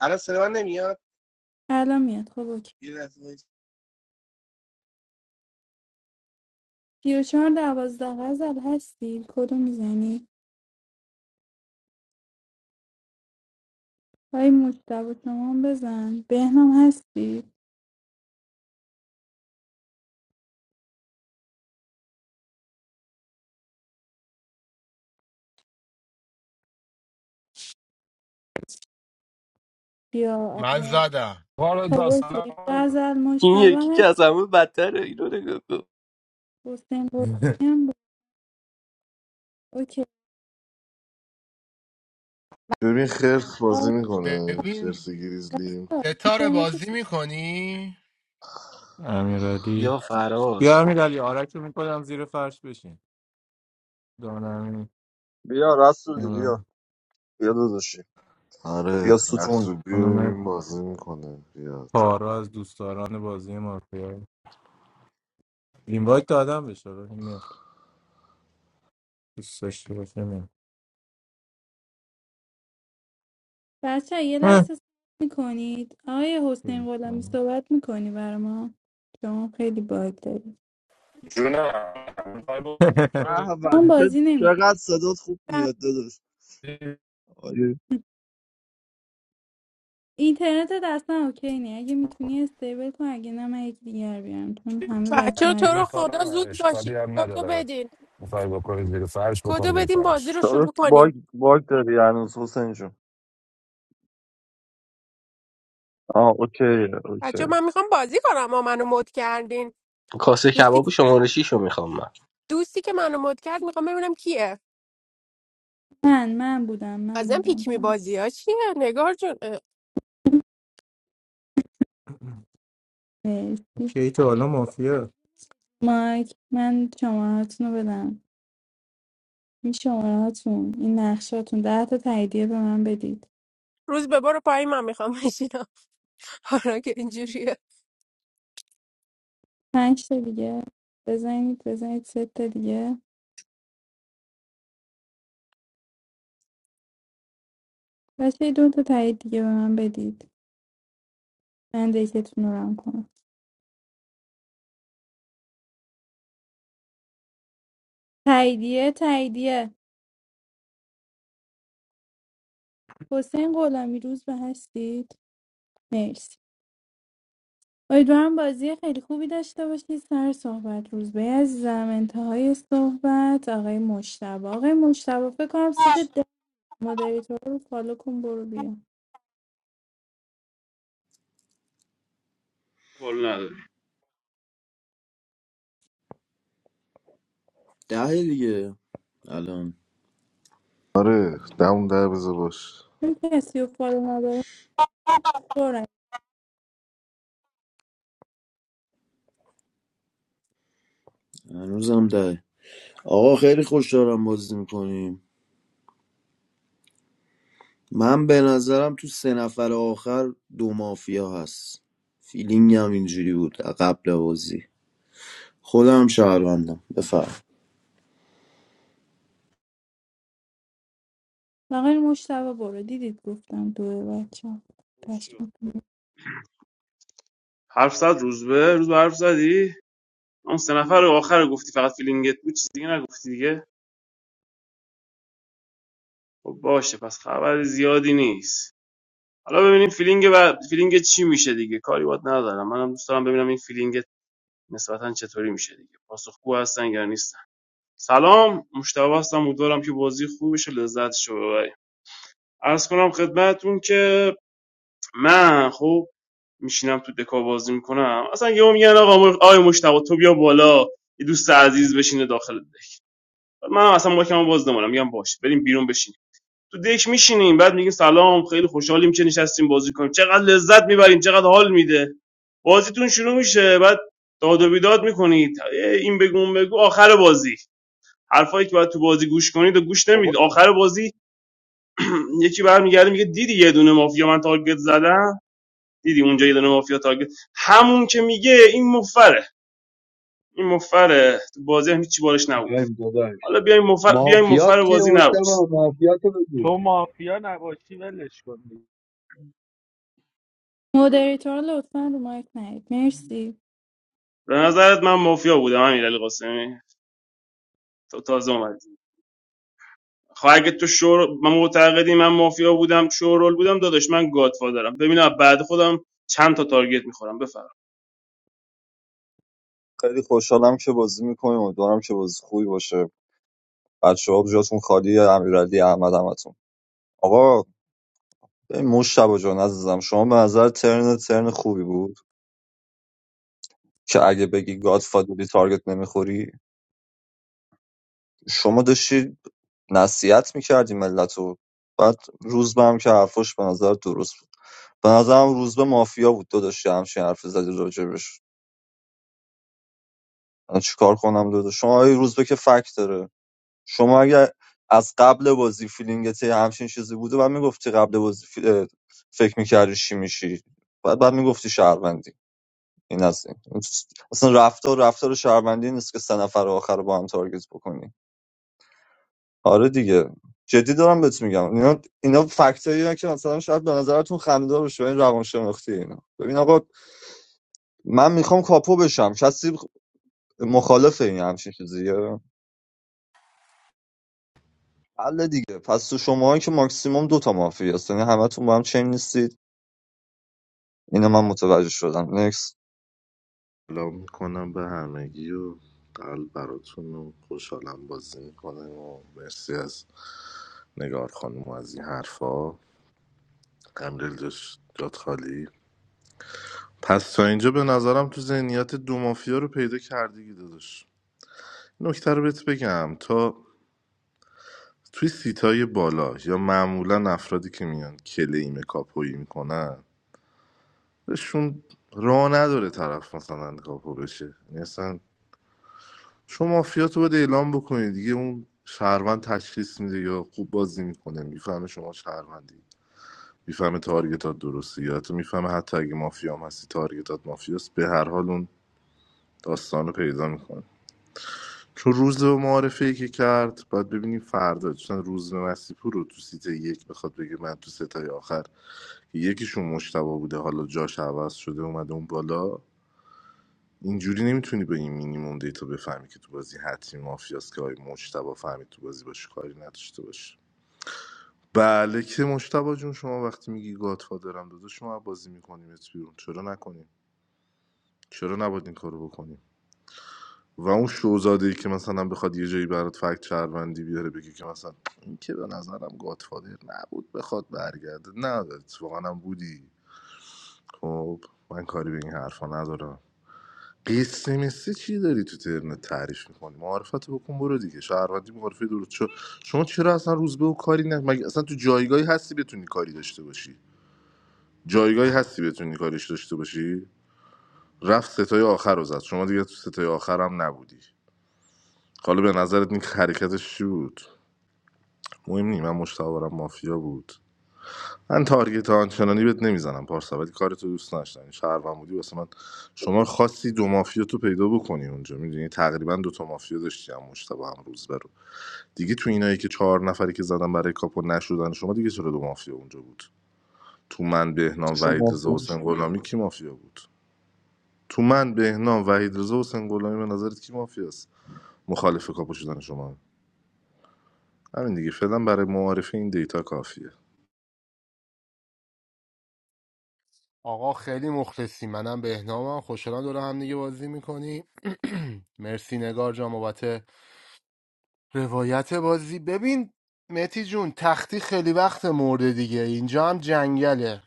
[SPEAKER 12] الان صدا من نمیاد
[SPEAKER 10] الان میاد خب اوکی
[SPEAKER 12] یه لحظه وایس.
[SPEAKER 10] سی و چهار دوازده غزل هستی کدو میزنی های مجتبا شما هم بزن بهنام هستی بیا
[SPEAKER 9] من
[SPEAKER 10] اول
[SPEAKER 9] زدم
[SPEAKER 13] بار
[SPEAKER 10] خب اوکی
[SPEAKER 13] داستان
[SPEAKER 10] غزل
[SPEAKER 3] این یکی
[SPEAKER 10] مجتبا
[SPEAKER 3] که
[SPEAKER 10] هست
[SPEAKER 3] از همه بدتره اینو نگاه کن
[SPEAKER 10] حسین
[SPEAKER 5] [LAUGHS]
[SPEAKER 10] قربانی هم بود. اوکی
[SPEAKER 4] ببین خرس
[SPEAKER 10] آقا
[SPEAKER 4] بازی میکنه
[SPEAKER 9] ببین
[SPEAKER 4] خرس گریزلی
[SPEAKER 9] ستاره بازی
[SPEAKER 10] اینترنتتون
[SPEAKER 9] میکنی
[SPEAKER 5] امیرعلی
[SPEAKER 3] یا فراز
[SPEAKER 5] بیا امیرعلی آرک رو میکنم زیر فرش بشین دانم
[SPEAKER 8] بیا رسولی بیا بیا داداشی
[SPEAKER 4] آره
[SPEAKER 8] یا ستون
[SPEAKER 4] رسولی رو
[SPEAKER 5] خانم
[SPEAKER 4] ببین بازی میکنه بیاد
[SPEAKER 5] پارا از دوستداران بازی مافیا اینوایت دادم بشه دوست داشته باشه میام.
[SPEAKER 10] بچه یه
[SPEAKER 5] اه.
[SPEAKER 10] لحظه میکنید آقای حسین غلامی صحبت میکنی برای ما شما خیلی باگ دارید
[SPEAKER 13] جونه
[SPEAKER 5] [LAUGHS]
[SPEAKER 8] به به،
[SPEAKER 10] ما
[SPEAKER 8] چه-
[SPEAKER 10] بازی نمیکنیم
[SPEAKER 8] چقدر صدات خوب میاد داداش آره.
[SPEAKER 10] اینترنت دستم اوکی نه اگه میتونی استیبل کن اگه نه من یکی دیگر بیارم چون همه بچه
[SPEAKER 14] بچه
[SPEAKER 10] ها
[SPEAKER 14] تو رو خدا زود
[SPEAKER 13] اشکالی
[SPEAKER 14] باشین
[SPEAKER 13] هم
[SPEAKER 14] کدو
[SPEAKER 13] نداره
[SPEAKER 14] بدین
[SPEAKER 13] میخوای بکنید زیر فرش بکن
[SPEAKER 14] کدو
[SPEAKER 13] زیر
[SPEAKER 14] بدین بازی
[SPEAKER 13] فرش
[SPEAKER 14] رو
[SPEAKER 8] داداش
[SPEAKER 14] شروع
[SPEAKER 8] باگ
[SPEAKER 14] کنیم
[SPEAKER 8] باگ داری هنوز حسین جون آه اوکی اوکی
[SPEAKER 14] بچه من میخوام بازی کنم ما منو مد کردین
[SPEAKER 3] کاسه
[SPEAKER 14] دوستی
[SPEAKER 3] کباب شماره 6 رو میخوام من
[SPEAKER 14] دوستی که منو مد کرد میخوام ببینم کیه
[SPEAKER 10] من من بودم من
[SPEAKER 14] ازم
[SPEAKER 10] بودم
[SPEAKER 14] پیک می
[SPEAKER 10] تا
[SPEAKER 14] بازی ها چیه نگار جون اه،
[SPEAKER 10] مرسی
[SPEAKER 5] کی تا حالا مافیا
[SPEAKER 10] مایک من شماره رو بدم این شماره هاتون این نقشاتون ده تا تاییدیه به من بدید
[SPEAKER 14] روز به برو پایین من میخوام بشینم [LAUGHS] حالا که اینجوریه
[SPEAKER 10] پنج تا دیگه بزنید بزنید سه تا دیگه بچه دو تا تایید دیگه به من بدید من دکتون رو رم کنم تاییدیه تاییدیه حسین غلامی روز به هستید مرسی امیدوارم بازی خیلی خوبی داشته باشید سر صحبت روزبه عزیزم انتهای صحبت آقای مشتبه آقای مشتبه فکر کنم سیت ده مدریتور رو فالو کن برو بیا
[SPEAKER 15] قول نداری
[SPEAKER 16] ده دیگه الان
[SPEAKER 4] آره دم در بذار باش
[SPEAKER 10] چون کسی رو فالو نداره برن
[SPEAKER 16] هنوزم ده آقا خیلی خوش دارم بازی میکنیم من به نظرم تو سه نفر آخر دو مافیا هست فیلینگ هم اینجوری بود قبل بازی خودم شهروندم بفرم
[SPEAKER 10] آقای مشتبه برو دیدید گفتم دوه بچه تشمت.
[SPEAKER 15] حرف زد روز به روز به حرف زدی اون سه نفر آخر گفتی فقط فیلینگت بود چیز دیگه نگفتی دیگه خب باشه پس خبر زیادی نیست حالا ببینیم فیلینگ و فیلینگ چی میشه دیگه کاری وقت ندارم منم دوست دارم ببینم این فیلینگ نسبتا چطوری میشه دیگه پاسخگو هستن یا نیستن سلام مشتاق هستم امیدوارم که بازی خوبی بشه لذتشو ببریم عرض کنم خدمتتون که من خب میشینم تو دکا بازی میکنم اصلا یهو میگن آقا مر- آقای مشتاق تو بیا بالا یه دوست عزیز بشینه داخل دک من اصلا ماکمو باز نمونم میگم باشه بریم بیرون بشینیم تو دک میشینیم بعد میگیم سلام خیلی خوشحالیم که نشستیم بازی کنیم چقدر لذت میبریم چقدر حال میده بازیتون شروع میشه بعد داد و بیداد میکنید این بگو اون بگو آخر بازی حرفایی که باید تو بازی گوش کنید و گوش نمیدید
[SPEAKER 17] بابا
[SPEAKER 15] آخر بازی [CLEARS THROAT] یکی برمیگرده میگه دیدی یه دونه مافیا من تارگت زدم دیدی اونجا یه دونه مافیا تارگت همون که میگه این مفره این مفره تو بازی هم هیچی بارش نبود
[SPEAKER 2] بریم داداش
[SPEAKER 15] حالا بیایم مفر بیایم
[SPEAKER 2] مافیات
[SPEAKER 15] مفر
[SPEAKER 2] کیه
[SPEAKER 15] بازی
[SPEAKER 2] مشتبه
[SPEAKER 15] نباش
[SPEAKER 2] مافیات رو بگو
[SPEAKER 17] تو مافیا نباشی ولش کن دیگه.
[SPEAKER 10] مدریتور لطفا رو مایک نید مرسی
[SPEAKER 15] به نظرت من مافیا بودم امیرعلی قاسمی تو تازه اومدی خب اگه تو شور من معتقدی من مافیا بودم شورول بودم داداش من گادفادرم ببینم بعد خودم چند تا تارگت میخورم بفرم
[SPEAKER 8] خیلی خوشحالم که بازی میکنیم امیدوارم که بازی خوبی باشه بچه ها جاتون خالی امیرعلی احمد همتون آقا این مشتبه جان عزیزم شما به نظر ترن ترن خوبی بود که اگه بگی گاد فادری تارگت نمیخوری شما داشتی نصیحت میکردی ملت رو بعد روزبه هم که حرفاش به نظر درست بود به نظرم روزبه مافیا بود تو داشتی همچین حرفی زدی راجبش من چیکار کنم داده شما آقای روزبه که فکت داره شما اگر از قبل بازی فیلینگت یه همچین چیزی بوده و میگفتی قبل بازی فی- اه، فکر میکردی چی میشی بعد بعد میگفتی شهروندی این از این اصلا رفتار رفتار شهروندی نیست که سه نفر آخر رو با هم تارگت بکنی آره دیگه جدی دارم بهت میگم اینا اینا فکتایی که مثلا شاید به نظرتون خنده‌دار باشه این روانشناختی اینا ببین آقا من میخوام کاپو بشم کسی مخالف این همچین چیزیه حل دیگه پس تو شماها که ماکسیموم دو تا مافیا هست یعنی همتون با هم چین نیستید اینو من متوجه شدم نکس
[SPEAKER 4] سلام میکنم به همگی و قلب براتون و خوشحالم بازی میکنه و مرسی از نگار خانم و از این حرفا قمدل داشت جات خالی پس تا اینجا به نظرم تو ذهنیت دو مافیا رو پیدا کردی داداش نکته رو بهت بگم تا توی سیتای بالا یا معمولا افرادی که میان کلیم کاپویی میکنن بهشون راه نداره طرف مثلا کاپو بشه یعنی اصلا شما مافیاتو باید اعلام بکنید دیگه اون شهروند تشخیص میده یا خوب بازی میکنه میفهمه شما شهروندی میفهمه تارگتات درسته یا حتی میفهمه حتی اگه مافیا هم هستی تارگتات مافیاست به هر حال اون داستان رو پیدا میکنه چون روز به معارفه ای که کرد باید ببینیم فردا چون روز به مسیپور رو تو سیت یک بخواد بگه من تو ستای آخر یکیشون مشتبه بوده حالا جاش عوض شده اومده اون بالا اینجوری نمیتونی به این مینیموم دیتا بفهمی که تو بازی حتمی مافیاست که آقای مجتبا فهمید تو بازی باشه کاری نداشته باشه بله که مجتبا جون شما وقتی میگی گادفادرم داده شما بازی میکنیم ات بیرون چرا نکنیم چرا نباید این کارو بکنیم و اون شوزاده ای که مثلا بخواد یه جایی برات فکت شهروندی بیاره بگی که مثلا این که به نظرم گادفادر نبود بخواد برگرده نه اتفاقا هم بودی خب من کاری به این حرفا ندارم قیسی مسی چی داری تو ترنت تعریف میکنی معارفت بکن برو دیگه شهروندی معارفه درست شو شما چرا اصلا روزبه و کاری نه مگه اصلا تو جایگاهی هستی بتونی کاری داشته باشی جایگاهی هستی بتونی کاریش داشته باشی رفت ستای آخر رو زد شما دیگه تو ستای آخر هم نبودی حالا به نظرت این حرکتش چی بود مهم نی من مشتاق برم مافیا بود من تارگت آنچنانی بهت نمیزنم پارسا ولی کار تو دوست نداشتم این شهروند بودی واسه من شما خواستی دو مافیا تو پیدا بکنی اونجا میدونی تقریبا دو تا مافیا داشتی هم مشتبه هم روز برو دیگه تو اینایی که چهار نفری که زدن برای کاپو نشدن شما دیگه چرا دو مافیا اونجا بود تو من بهنام
[SPEAKER 8] شما
[SPEAKER 4] وحید رضا
[SPEAKER 8] مافیا
[SPEAKER 4] حسین غلامی کی مافیا بود تو من بهنام وحید رضا حسین غلامی به نظرت کی مافیاست مخالف کاپو شدن شما همین دیگه فعلا برای معارفه این دیتا کافیه
[SPEAKER 9] آقا خیلی مخلصی منم بهنامم خوشحالم دور هم دیگه بازی میکنی [CLEARS THROAT] مرسی نگار جان بابت روایت بازی ببین متی جون تختی خیلی وقت مرده دیگه اینجا هم جنگله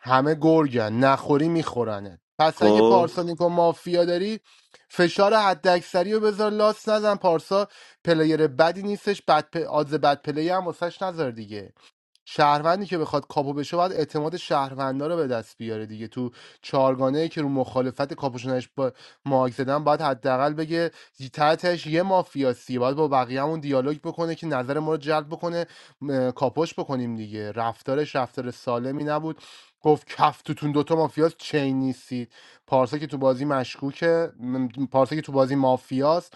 [SPEAKER 9] همه گرگن نخوری میخورنه پس اگه
[SPEAKER 4] خب
[SPEAKER 9] پارسا نیکو مافیا داری فشار حداکثری رو بذار لاس نزن پارسا پلیر بدی نیستش بد پ... آدز بد پلی هم واسش نذار دیگه شهروندی که بخواد کاپو بشه باید اعتماد شهروندا رو به دست بیاره دیگه تو چهارگانه که رو مخالفت کاپوشونش با مارک زدن باید حداقل بگه تحتش یه مافیاسی باید با بقیه‌مون دیالوگ بکنه که نظر ما رو جلب بکنه م، کاپوش بکنیم دیگه رفتارش رفتار سالمی نبود گفت کف توتون دوتا مافیاست چین نیستید پارسا که تو بازی مشکوکه م، پارسا که تو بازی مافیاست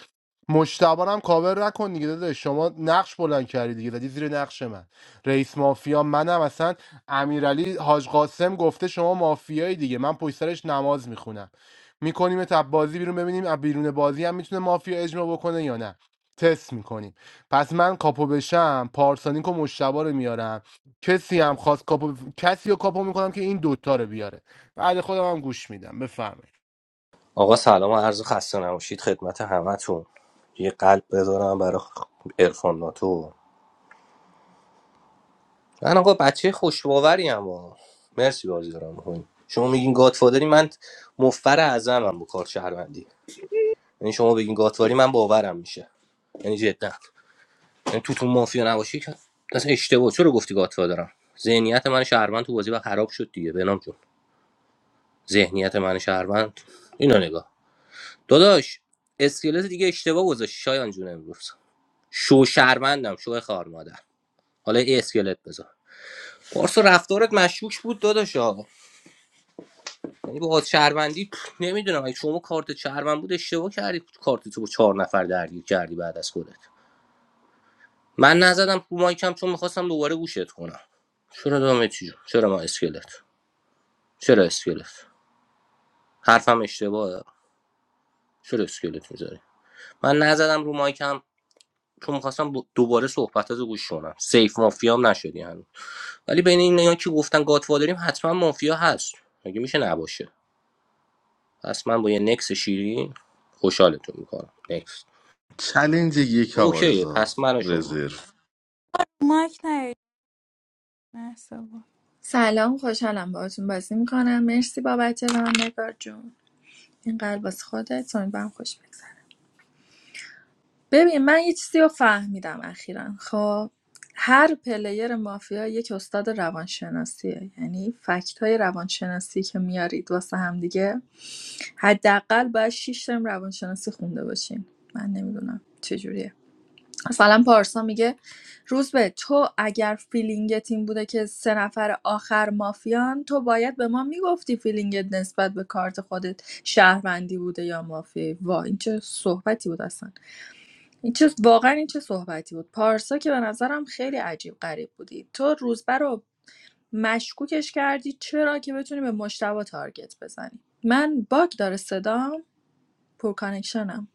[SPEAKER 9] مشتبه رو هم کاور نکن دیگه داده شما نقش بلند کردی دیگه زدی زیر نقش من رئیس مافیا منم اصلا امیرعلی حاج قاسم گفته شما مافیایی دیگه من پشت سرش نماز میخونم میکنیم تا بازی بیرون ببینیم از بیرون بازی هم میتونه مافیا اجماع بکنه یا نه تست میکنیم پس من کاپو بشم پارسانیک و مشتبه رو میارم کسی هم خواست کاپو کسی رو کاپو میکنم که این دوتا رو بیاره بعد خودم هم گوش میدم بفرمایید
[SPEAKER 3] آقا سلام و عرض خسته نباشید خدمت همتون یه قلب بذارم برای ارفان ناتو من آقا بچه خوشباوری اما مرسی بازی دارم میکنیم شما میگین گادفادری من مفر اعظمم با کار شهروندی یعنی شما بگین گادفادری من باورم میشه یعنی جدا یعنی تو تو مافیا نباشی که اصلا اشتباه چرا گفتی گاتوا دارم ذهنیت من شهروند تو بازی و خراب شد دیگه بنام جون ذهنیت من شهروند اینو نگاه داداش اسکلت دیگه اشتباه گذاشت شایان جون امروز شو شهروندم شو خار مادر حالا یه اسکلت بذار پارسا رفتارت مشکوک بود داداشا یعنی با آز شهروندی نمیدونم اگه شما کارت شهروند بود اشتباه کردی کارت تو با چهار نفر درگیر کردی بعد از خودت من نزدم رو مایکم چون میخواستم دوباره گوشت کنم چرا دامه چی جون؟ چرا ما اسکلت چرا اسکلت حرفم اشتباهه چرا اسکلت میذاری من نزدم رو مایکم چون میخواستم دوباره صحبتات رو گوش کنم سیف مافیام نشدی هنوز ولی بین این نیا که گفتن گاتوادریم حتما مافیا هست مگه میشه نباشه پس من با یه نکس شیرین خوشحالتون میکنم نکس
[SPEAKER 4] چلنج یک آقا
[SPEAKER 3] اوکیه
[SPEAKER 4] رضا
[SPEAKER 3] پس من و شما
[SPEAKER 4] رزرو
[SPEAKER 10] مایک نید محصبا
[SPEAKER 1] سلام خوشحالم باهاتون بازی میکنم مرسی بابت ران نگار جون این قلب واسه خودت امیدوارم خوش بگذره ببین من یه چیزی رو فهمیدم اخیرا خب هر پلیر مافیا یک استاد روانشناسیه یعنی فکت های روانشناسی که میارید واسه هم دیگه حداقل باید 6 ترم روانشناسی خونده باشین من نمیدونم چجوریه مثلا پارسا میگه روزبه تو اگر فیلینگت این بوده که سه نفر آخر مافیان تو باید به ما میگفتی فیلینگت نسبت به کارت خودت شهروندی بوده یا مافیایی وا این چه صحبتی بود اصلا این چه واقعا این چه صحبتی بود پارسا که به نظرم خیلی عجیب غریب بودی تو روزبه رو مشکوکش کردی چرا که بتونی به مشتبه تارگت بزنی من باگ داره صدام پور کانکشنم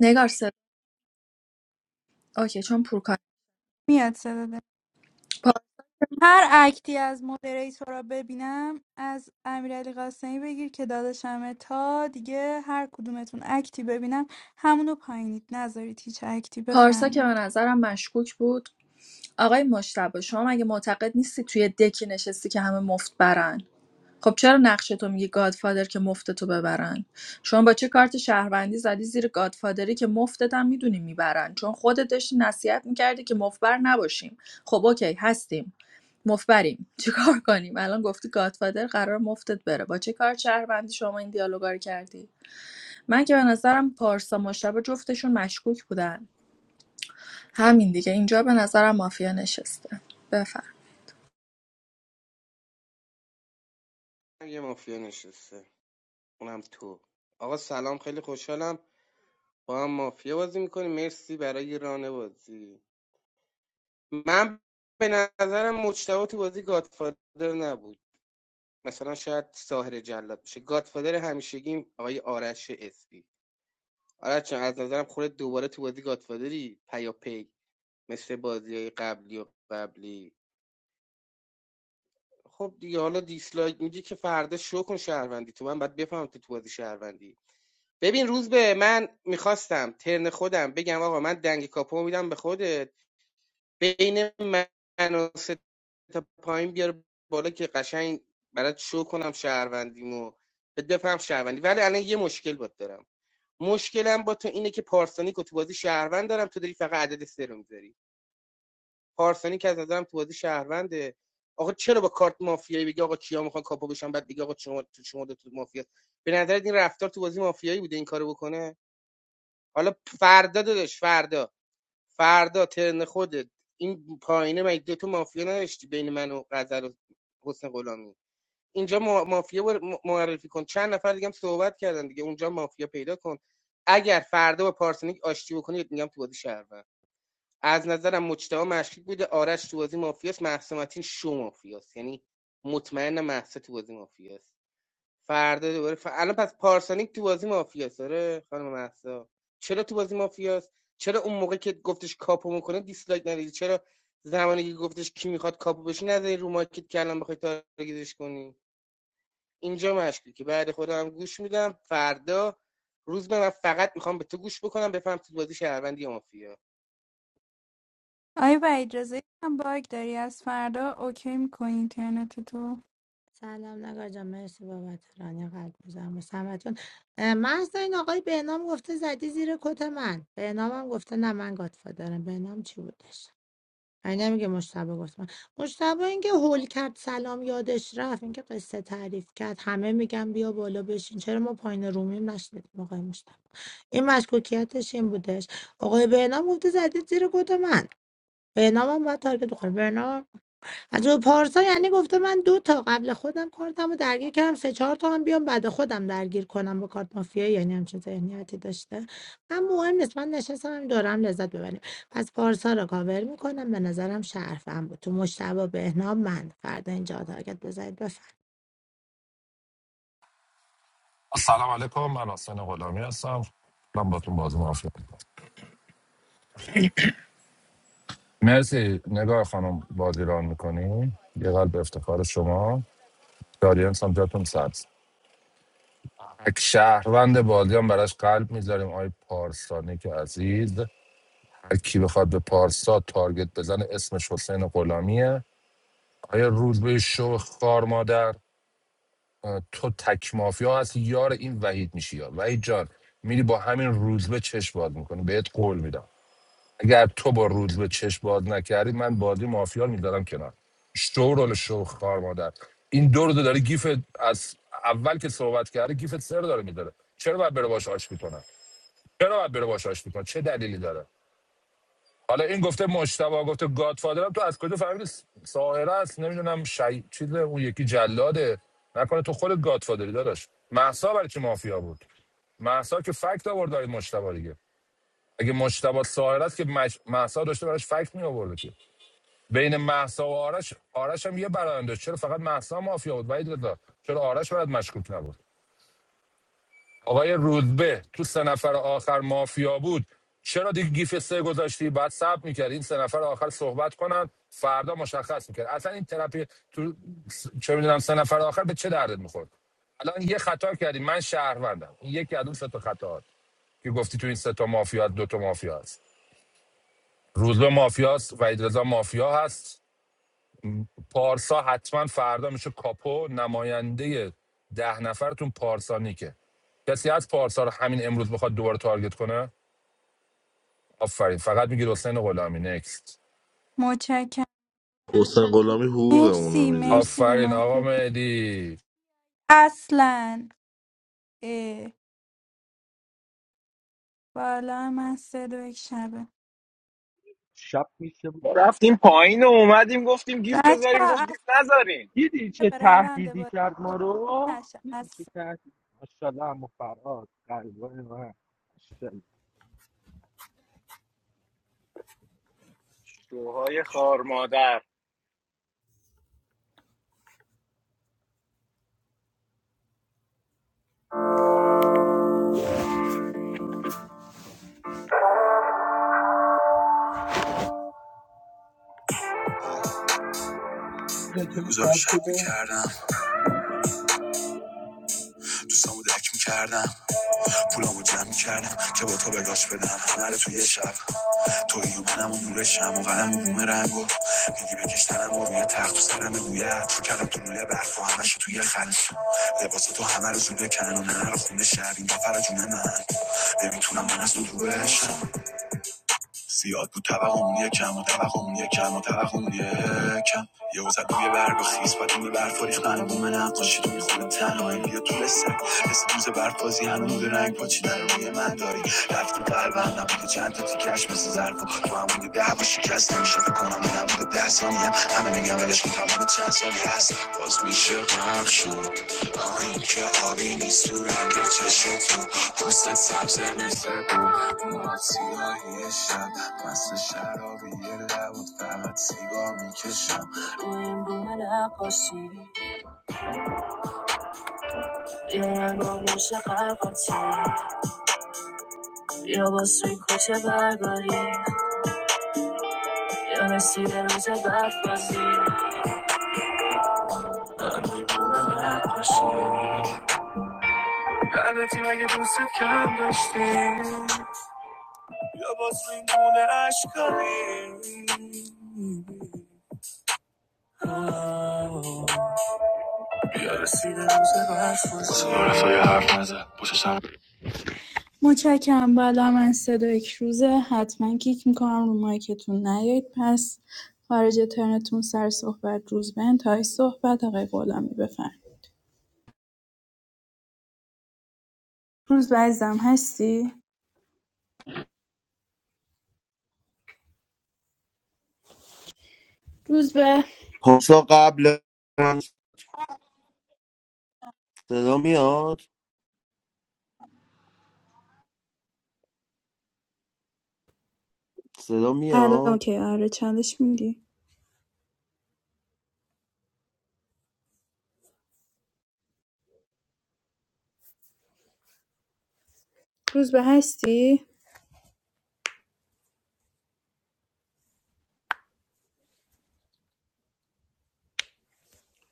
[SPEAKER 1] نگار صدا اوکی چون پور
[SPEAKER 10] میاد صدا هر اکتی از مودریتورا ببینم از امیرعلی قاسمی بگیر که داداشمه تا دیگه هر کدومتون اکتی ببینم همونو پایینید نذارید هیچ اکتی
[SPEAKER 1] پارسا که به
[SPEAKER 10] بفرمید
[SPEAKER 1] نظرم مشکوک بود آقای مشتبه شما مگه معتقد نیستی توی دکی نشستی که همه مفت برن خب چرا نقش تو میگی گادفادر که مفتتو ببرن شما با چه کارت شهروندی زدی زیر گادفادری که مفتت هم میدونی میبرن چون خودت داشتی نصیحت میکردی که مفبر نباشیم خب اوکی هستیم مفبریم چیکار کنیم الان گفتی گادفادر قرار مفتت بره با چه کار شهروندی شما این دیالوگا رو کردی من که به نظرم پارسا مشتبه جفتشون مشکوک بودن همین دیگه اینجا به نظرم مافیا نشسته بفرم
[SPEAKER 12] یه مافیا نشسته اونم تو آقا سلام خیلی خوشحالم با هم مافیا بازی میکنیم مرسی برای رانه بازی من به نظرم مجتبی تو بازی گادفادر نبود مثلا شاید ساهر جلاد باشه گادفادر همیشگیم آقای آرش اسپی آرش جان از نظرم خودت دوباره تو بازی گادفادری پیاپی مثل بازی قبلی و قبلی خب دیگه حالا دیسلایک میگی که فردا شو کن شهروندی تو من باید بفهمم تو تو بازی شهروندی ببین روز به من میخواستم ترن خودم بگم آقا من دنگ کاپو میدم به خودت بین من و سه تا پایین بیار بالا که قشنگ برات شو کنم شهروندیمو بهت بفهم شهروندی ولی الان یه مشکل بات دارم مشکلم با تو اینه که پارسانیک رو تو بازی شهروند دارم تو داری فقط عدد سه رو میذاری پارسانیک از نظرم تو بازی شهرونده آقا چرا با کارت مافیایی بگی آقا کیا میخوان کاپو بشن بعد بگی آقا شما تو شما دو تو مافیا به نظرت این رفتار تو بازی مافیایی بوده این کارو بکنه حالا فردا داداش فردا فردا ترن خودت این پایینه مگه دو تو مافیا نداشتی بین من و غزل و حسن غلامی اینجا مافیا بر- معرفی کن چند نفر دیگه هم صحبت کردن دیگه اونجا مافیا پیدا کن اگر فردا با پارسنیک آشتی بکنید میگم تو بازی شهروند از نظرم مجتبی مشکوک بوده آرش تو بازی مافیاست محسومتین شو مافیاست یعنی مطمئنم محسا تو بازی مافیاست فردا دوباره ف... الان پس پارسانیک تو بازی مافیاست آره خانم مهسا چرا تو بازی مافیاست چرا اون موقع که گفتش کاپو میکنه دیسلایک ندادی چرا زمانی که گفتش کی میخواد کاپو بشی نذاری رو مارکت که الان بخوای تارگتش کنی اینجا مشکلی که بعد خودم گوش میدم فردا روز به من فقط میخوام به تو گوش بکنم بفهم تو بازی شهروندی یا مافیا
[SPEAKER 10] آیا و اجازه هم باگ داری از فردا اوکی میکنی اینترنت تو
[SPEAKER 18] سلام نگار جان مرسی بابت رانی قلب میزنم واسه همتون محض این آقای بهنام گفته زدی زیر کت من بهنام هم گفته نه من گادفادرم بهنام چی بودش این نمیگه مشتبه گفت من مشتبه اینکه هول کرد سلام یادش رفت اینکه قصه تعریف کرد همه میگن بیا بالا بشین چرا ما پایین رومیم نشدیم آقای مشتبه این مشکوکیتش این بودش آقای بهنام گفته زدید زیر کت من بهنام هم باید تارگت بخوره بهنام از رو پارسا یعنی گفته من دو تا قبل خودم کارتم رو درگیر کردم سه چهار تا هم بیام بعد خودم درگیر کنم با کارت مافیا یعنی همچین ذهنیتی داشته من مهم نیست من نشستم هم دورم لذت ببریم پس پارسا رو کاور میکنم به نظرم شرفم بود تو مشتبه بهنام من فردا اینجا تارگت بزنید
[SPEAKER 13] سلام علیکم من حسین غلامی هستم من باتون بازی موافق میکنم مرسی نگاه خانم بازی ران میکنی یه قلب افتخار شما دارین هم جاتون سبز تک شهروند بازی هم براش قلب میذاریم آقای پارسانی که عزیز هر کی بخواد به پارسا تارگت بزنه اسمش حسین غلامیه آیا روز به شو خار مادر اه، تو تک مافیا هستی یار این وحید میشی یا وحید جان میری با همین روزبه چش باز میکنی بهت قول میدم اگر تو با روزبه چش باز نکردی من بازی مافیا رو میدادم کنار شو رول شو خار مادر این دو رو داره گیف از اول که صحبت کرده گیف سر داره میداره چرا باید بره باش آش میکنه چرا باید بره باش آشتی کنه چه دلیلی داره حالا این گفته مشتبه گفته گادفادرم تو از کجا فهمیدی س- ساهره است نمیدونم شی چیز اون یکی جلاده نکنه تو خود گادفادری داداش محسا برای چی مافیا بود محسا که فکت آورد آقای مشتبه دیگه اگه مشتبه ساهر است که مج... محسا داشته براش فکت می آورده که بین محسا و آرش آرش هم یه برنده چرا فقط محسا مافیا بود ولی چرا آرش برات مشکوک نبود آقای رودبه تو سه نفر آخر مافیا بود چرا دیگه گیف سه گذاشتی بعد سب میکرد این سه نفر آخر صحبت کنن فردا مشخص میکرد اصلا این ترپی تو چه میدونم سه نفر آخر به چه دردت میخورد الان یه خطا کردی من شهروندم این یکی از اون سه تا خطاات که گفتی تو این سه تا مافیا دو تا مافیا هست روزبه مافیاست وحید رضا مافیا هست پارسا حتما فردا میشه کاپو نماینده ده نفرتون پارسا نیکه کسی از پارسا رو همین امروز بخواد دوباره تارگت کنه آفرین فقط میگید حسین غلامی نکست
[SPEAKER 10] متشکرم
[SPEAKER 4] حسین غلامی حقوقمونو
[SPEAKER 10] مرسی
[SPEAKER 4] میده
[SPEAKER 10] مرسی رو
[SPEAKER 13] آفرین آقا
[SPEAKER 10] مارکت
[SPEAKER 13] مهدی
[SPEAKER 10] اصلا اه، بالا من سه دو یک شبه
[SPEAKER 17] شب میشه بود.
[SPEAKER 5] ما رفتیم پایین و اومدیم گفتیم گیف
[SPEAKER 10] بچه
[SPEAKER 5] بذاریم
[SPEAKER 10] ها،
[SPEAKER 5] گفت
[SPEAKER 10] اصلا
[SPEAKER 5] گیف نذارین
[SPEAKER 17] دیدی چه
[SPEAKER 10] به روند
[SPEAKER 17] تهدیدی
[SPEAKER 10] بازی
[SPEAKER 17] کرد ما رو
[SPEAKER 10] نشه
[SPEAKER 17] دیدی چه
[SPEAKER 10] اصلا
[SPEAKER 17] تهدیدی ماشاءالله هم فراد قلبان من ماشاءالله.
[SPEAKER 2] بله، چه
[SPEAKER 10] امضا
[SPEAKER 2] شاد
[SPEAKER 10] شب
[SPEAKER 2] شده
[SPEAKER 10] میکردم دوستامو دک میکردم پولامو جمع میکردم که با تو به گاش بدم همه رو یه شب توی و منم و نور شم و قلم و بوم رنگ و میگی بکشتنم و روی تخت و سرم بویت تو کردم تو لوله برف و همش توی خلط لباس تو همه رو زوده کن و نه رو خونه شب این دفعه جون من نمیتونم من از تو دور زیاد بود توهمون یه کم و توهمون یه کم و توهمون یه کم یه وزد روی برگ و خیز و دونه برف و ریختن نقاشی تو میخونه تنهایی بیا تو رسه مثل دوز برفازی هنوز رنگ پاچیدن روی من داری رفتی قلبم نبوده چند تا تیکش مثل ظرف و تو همون ده و شکست میکنم اونم که ده ثانیه همه میگم ولش کن تمام چند سالی هست باز میشه غرق شد آهین که آبی نیست تو رنگ چشم تو پوست سبز مثل بود موهات سیاهی شب مثل شرابی یه لبود فقط سیگار میکشم روی این بوم نقاشی یا رنگاموش قرقاتی یا با سوی کوچه برگاری یا مسیر روز بد من دیوونه نقاشی لعنتی مگه متشکرم بالا من صدا یک روزه حتما کیک میکنم رو مایکتون نیایید پس خارج ترنتون سر صحبت روز به انتهای صحبت آقای غلامی بفرم روز به عزیزم هستی؟ روز به
[SPEAKER 16] پارسا قبل من صدا میاد صدا
[SPEAKER 10] الان
[SPEAKER 16] میاد
[SPEAKER 10] اوکی آره چالش میدی روز به هستی؟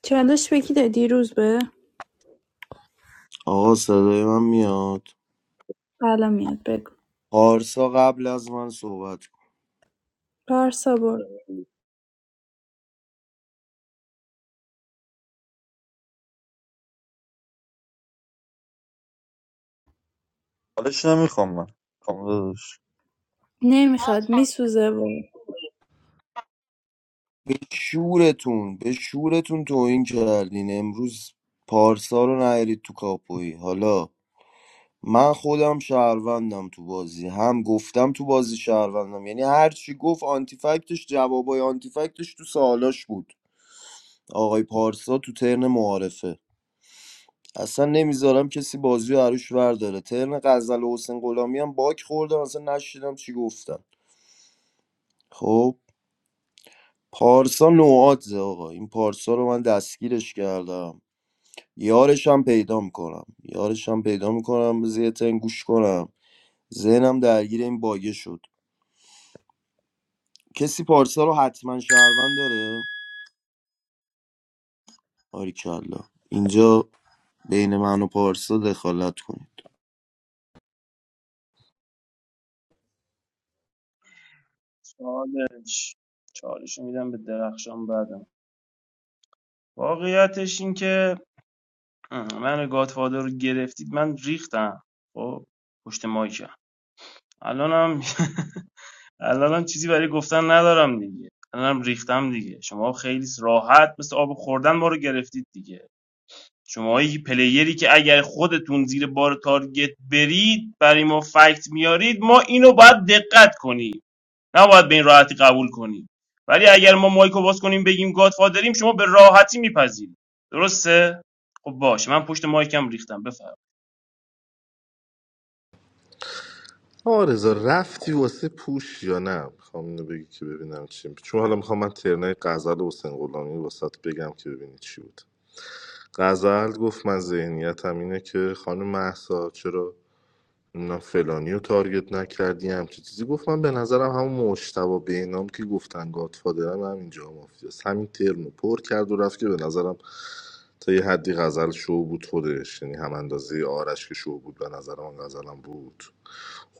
[SPEAKER 10] چالش بکی دادی روز به؟
[SPEAKER 16] آقا صدای من میاد
[SPEAKER 10] الان میاد بگو
[SPEAKER 16] پارسا قبل از من صحبت
[SPEAKER 10] پارسا برو
[SPEAKER 8] حالش نمیخوام من میخوام
[SPEAKER 10] نمیخواد میسوزه برو
[SPEAKER 16] به شورتون به شورتون توهین کردین امروز پارسا رو نهرید تو کاپویی حالا من خودم شهروندم تو بازی هم گفتم تو بازی شهروندم یعنی هر چی گفت آنتیفکتش جوابای آنتیفکتش تو سوالاش بود آقای پارسا تو ترن معارفه اصلا نمیذارم کسی بازی رو عروش ورداره ترن غزل و حسین غلامی هم باک خوردم اصلا نشیدم چی گفتن خب پارسا نوعات آقا این پارسا رو من دستگیرش کردم یارش هم پیدا میکنم یارش هم پیدا میکنم بذار یه تن گوش کنم ذهنم درگیر این باگه شد کسی پارسا رو حتما شهروند داره آریکلا اینجا بین من و پارسا دخالت کنید
[SPEAKER 15] چالش چالش میدم به درخشان بعدم واقعیتش این که اه، من گادفادر رو گرفتید من ریختم خب پشت مایکم الانم [LAUGHS] الانم چیزی برای گفتن ندارم دیگه الانم ریختم دیگه شما خیلی راحت مثل آب خوردن ما رو گرفتید دیگه شما پلیری که اگر خودتون زیر بار تارگت برید برای ما فکت میارید ما اینو باید دقت کنیم نباید به این راحتی قبول کنیم ولی اگر ما مایکو باز کنیم بگیم گادفادریم شما به راحتی میپذیرید درسته خب باشه من پشت مایکم ریختم بفرمایید
[SPEAKER 4] آرزا رفتی واسه پوش یا نه میخوام اینو بگی که ببینم چی چون حالا میخوام من ترنای غزل حسین غلامی واسه بگم که ببینی چی بود غزل گفت من ذهنیتم اینه که خانم محسا چرا نمیدونم فلانی رو تارگت نکردی همچی چیزی گفت من به نظرم همون مشتبه به نام که گفتن گادفادرم همینجا مافیاست همین ترم رو پر کرد و رفت که به نظرم تا یه حدی غزل شو بود خودش یعنی هم اندازه آرش که شو بود به نظر من غزلم بود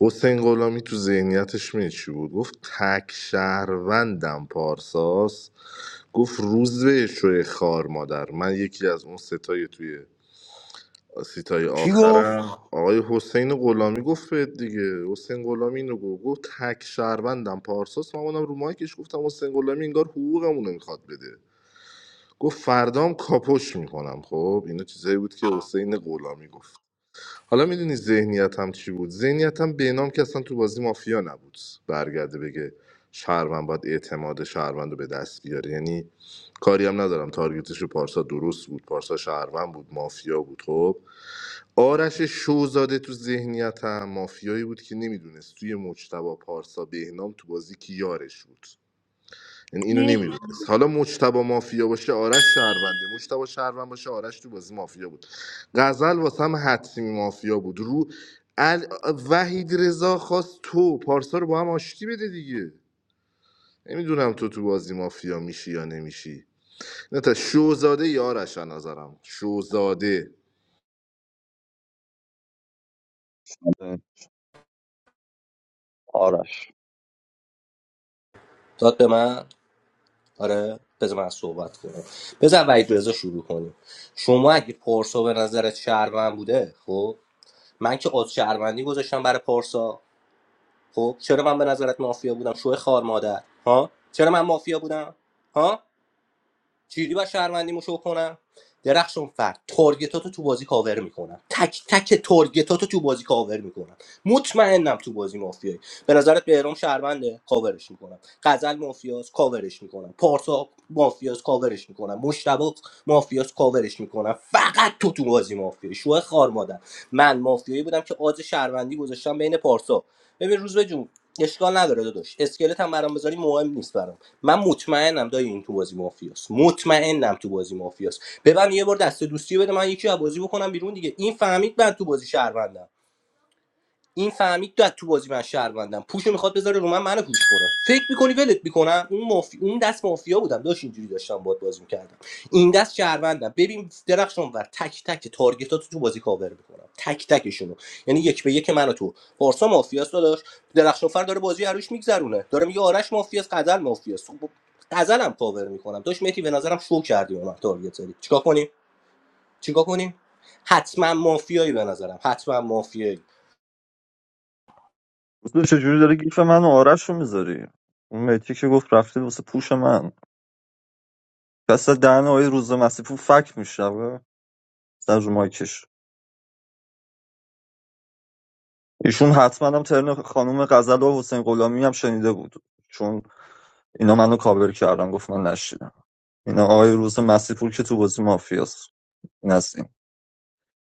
[SPEAKER 4] حسین غلامی تو ذهنیتش می چی بود گفت تک شهروندم پارساس گفت روز به شوی خار مادر من یکی از اون ستای توی سیتای
[SPEAKER 16] کی گفت
[SPEAKER 4] آخرم آقای حسین غلامی گفت بهت دیگه حسین غلامی اینو گفت گفت تک شهروندم پارساس من اومدم رو مایکش گفتم حسین غلامی انگار حقوقمون رو میخواد بده گفت فردام کاپوش میکنم خب اینا چیزایی بود که حسین غلامی گفت حالا میدونی ذهنیتم چی بود ذهنیتم بینام که اصلا تو بازی مافیا نبود برگرده بگه شهروند باید اعتماد شهروند رو به دست بیاره یعنی کاری هم ندارم تارگتش رو پارسا درست بود پارسا شهروند بود مافیا بود خب آرش شوزاده تو ذهنیتم مافیایی بود که نمیدونست توی مجتبا پارسا بهنام تو بازی کی یارش بود یعنی اینو
[SPEAKER 10] مرسی
[SPEAKER 4] نمیدونست حالا مجتبا مافیا باشه آرش شهرونده مجتبا شهروند باشه آرش تو بازی مافیا بود غزل واسه هم حتمی مافیا بود رو ال... وحید رضا خواست تو پارسا رو با هم آشتی بده دیگه نمیدونم تو تو بازی مافیا میشی یا نمیشی نه تا شوزاده یارش از نظرم شوزاده
[SPEAKER 8] آرش
[SPEAKER 3] داد به من آره بذار من صحبت کنم بذار وحید رضا شروع کنیم شما اگه پارسا به نظرت شهروند بوده خب من که از شهروندی گذاشتم برای پارسا خب چرا من به نظرت مافیا بودم شوه خار مادر ها چرا من مافیا بودم ها چجوری باید شهروندیمو شو کنم درخشون فرد تارگتاتو تو بازی کاور میکنم تک تک تارگتاتو تو بازی کاور میکنم مطمئنم تو بازی مافیایی به نظرت بهرام شهرونده کاورش میکنم غزل مافیاس کاورش میکنم پارسا مافیاس کاورش میکنم مشتبه مافیاس کاورش میکنم فقط تو تو بازی مافیایی شو خار مادر من مافیایی بودم که آز شهروندی گذاشتم بین پارسا ببین روز به جون اشکال نداره داداش اسکلت هم برام بذاری مهم نیست برام من مطمئنم دایی این تو بازی مافیاست مطمئنم تو بازی مافیاست ببن یه بار دست دوستی بده من یکی از بازی بکنم بیرون دیگه این فهمید من تو بازی شهروندم این فهمید تو تو بازی من شهروندم پوشو میخواد بذاره رو من منو پوش کنه فکر میکنی ولت میکنم اون مافی... اون دست مافیا بودم داشت اینجوری داشتم باهات بازی میکردم این دست شهروندم ببین درخشان ور تک تک تارگتات تو بازی کاور میکنم تک تکشونو یعنی یک به یک منو تو پارسا مافیاست داداش درخشان فر داره بازی عروش میگذرونه داره میگه آرش مافیاست قزل مافیاست. خب قزلم کاور میکنم داش مهدی به نظرم شو کردی به من تارگت زدی چیکار کنیم چیکار کنیم حتما مافیایی به نظرم حتما مافیایی
[SPEAKER 8] تو چجوری داره گیف من و آرش رو میذاری اون میتی که گفت رفتید واسه پوش من پس دهن آقای روز مسیپور فک میشنوه سر رو مایکش ایشون حتما هم ترن خانم غزل و حسین غلامی هم شنیده بود چون اینا منو کاور کردن گفت من نشیدم اینا آقای روز مسیپور که تو بازی مافیاست این از این.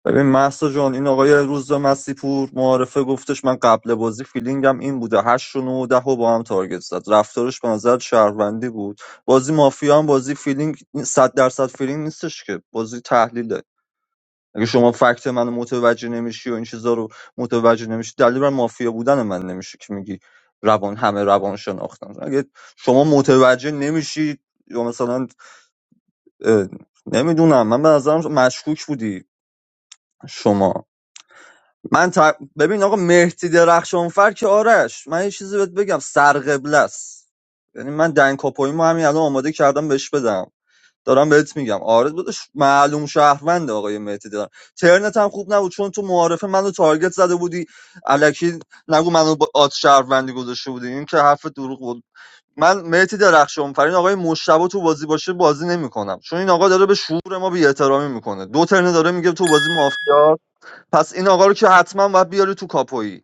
[SPEAKER 8] ببین محسا جان این آقای روز مسیپور پور معارفه گفتش من قبل بازی فیلینگم این بوده هشت و نه و ده و با هم تارگت زد رفتارش به نظر شهروندی بود بازی مافیا هم بازی فیلینگ صد درصد فیلینگ نیستش که بازی تحلیله اگه شما فکت منو متوجه نمیشی و این چیزا رو متوجه نمیشی دلیل بر مافیا بودن من نمیشه که میگی روان همه روان شناختن اگه شما متوجه نمیشی یا مثلا اه، نمیدونم من به نظرم مشکوک بودی شما من تا- ببین آقا مهدی درخشانفر که آرش من یه چیزی بهت بگم سرقبله است یعنی من دنگ کاپویمو همین الان آماده کردم بهش بدم دارم بهت میگم آره داداش معلوم شهروند آقای مهدی دارم ترنت هم خوب نبود چون تو معارفه منو تارگت زده بودی الکی نگو منو با آت شهروندی گذاشته بودی این که حرف دروغ بود من مهدی درخشانفر این آقای مشتبه تو بازی باشه بازی نمیکنم چون این آقا داره به شعور ما بی احترامی میکنه دو ترنه داره میگه تو بازی مافیا پس این آقا رو که حتما باید بیاری تو کاپویی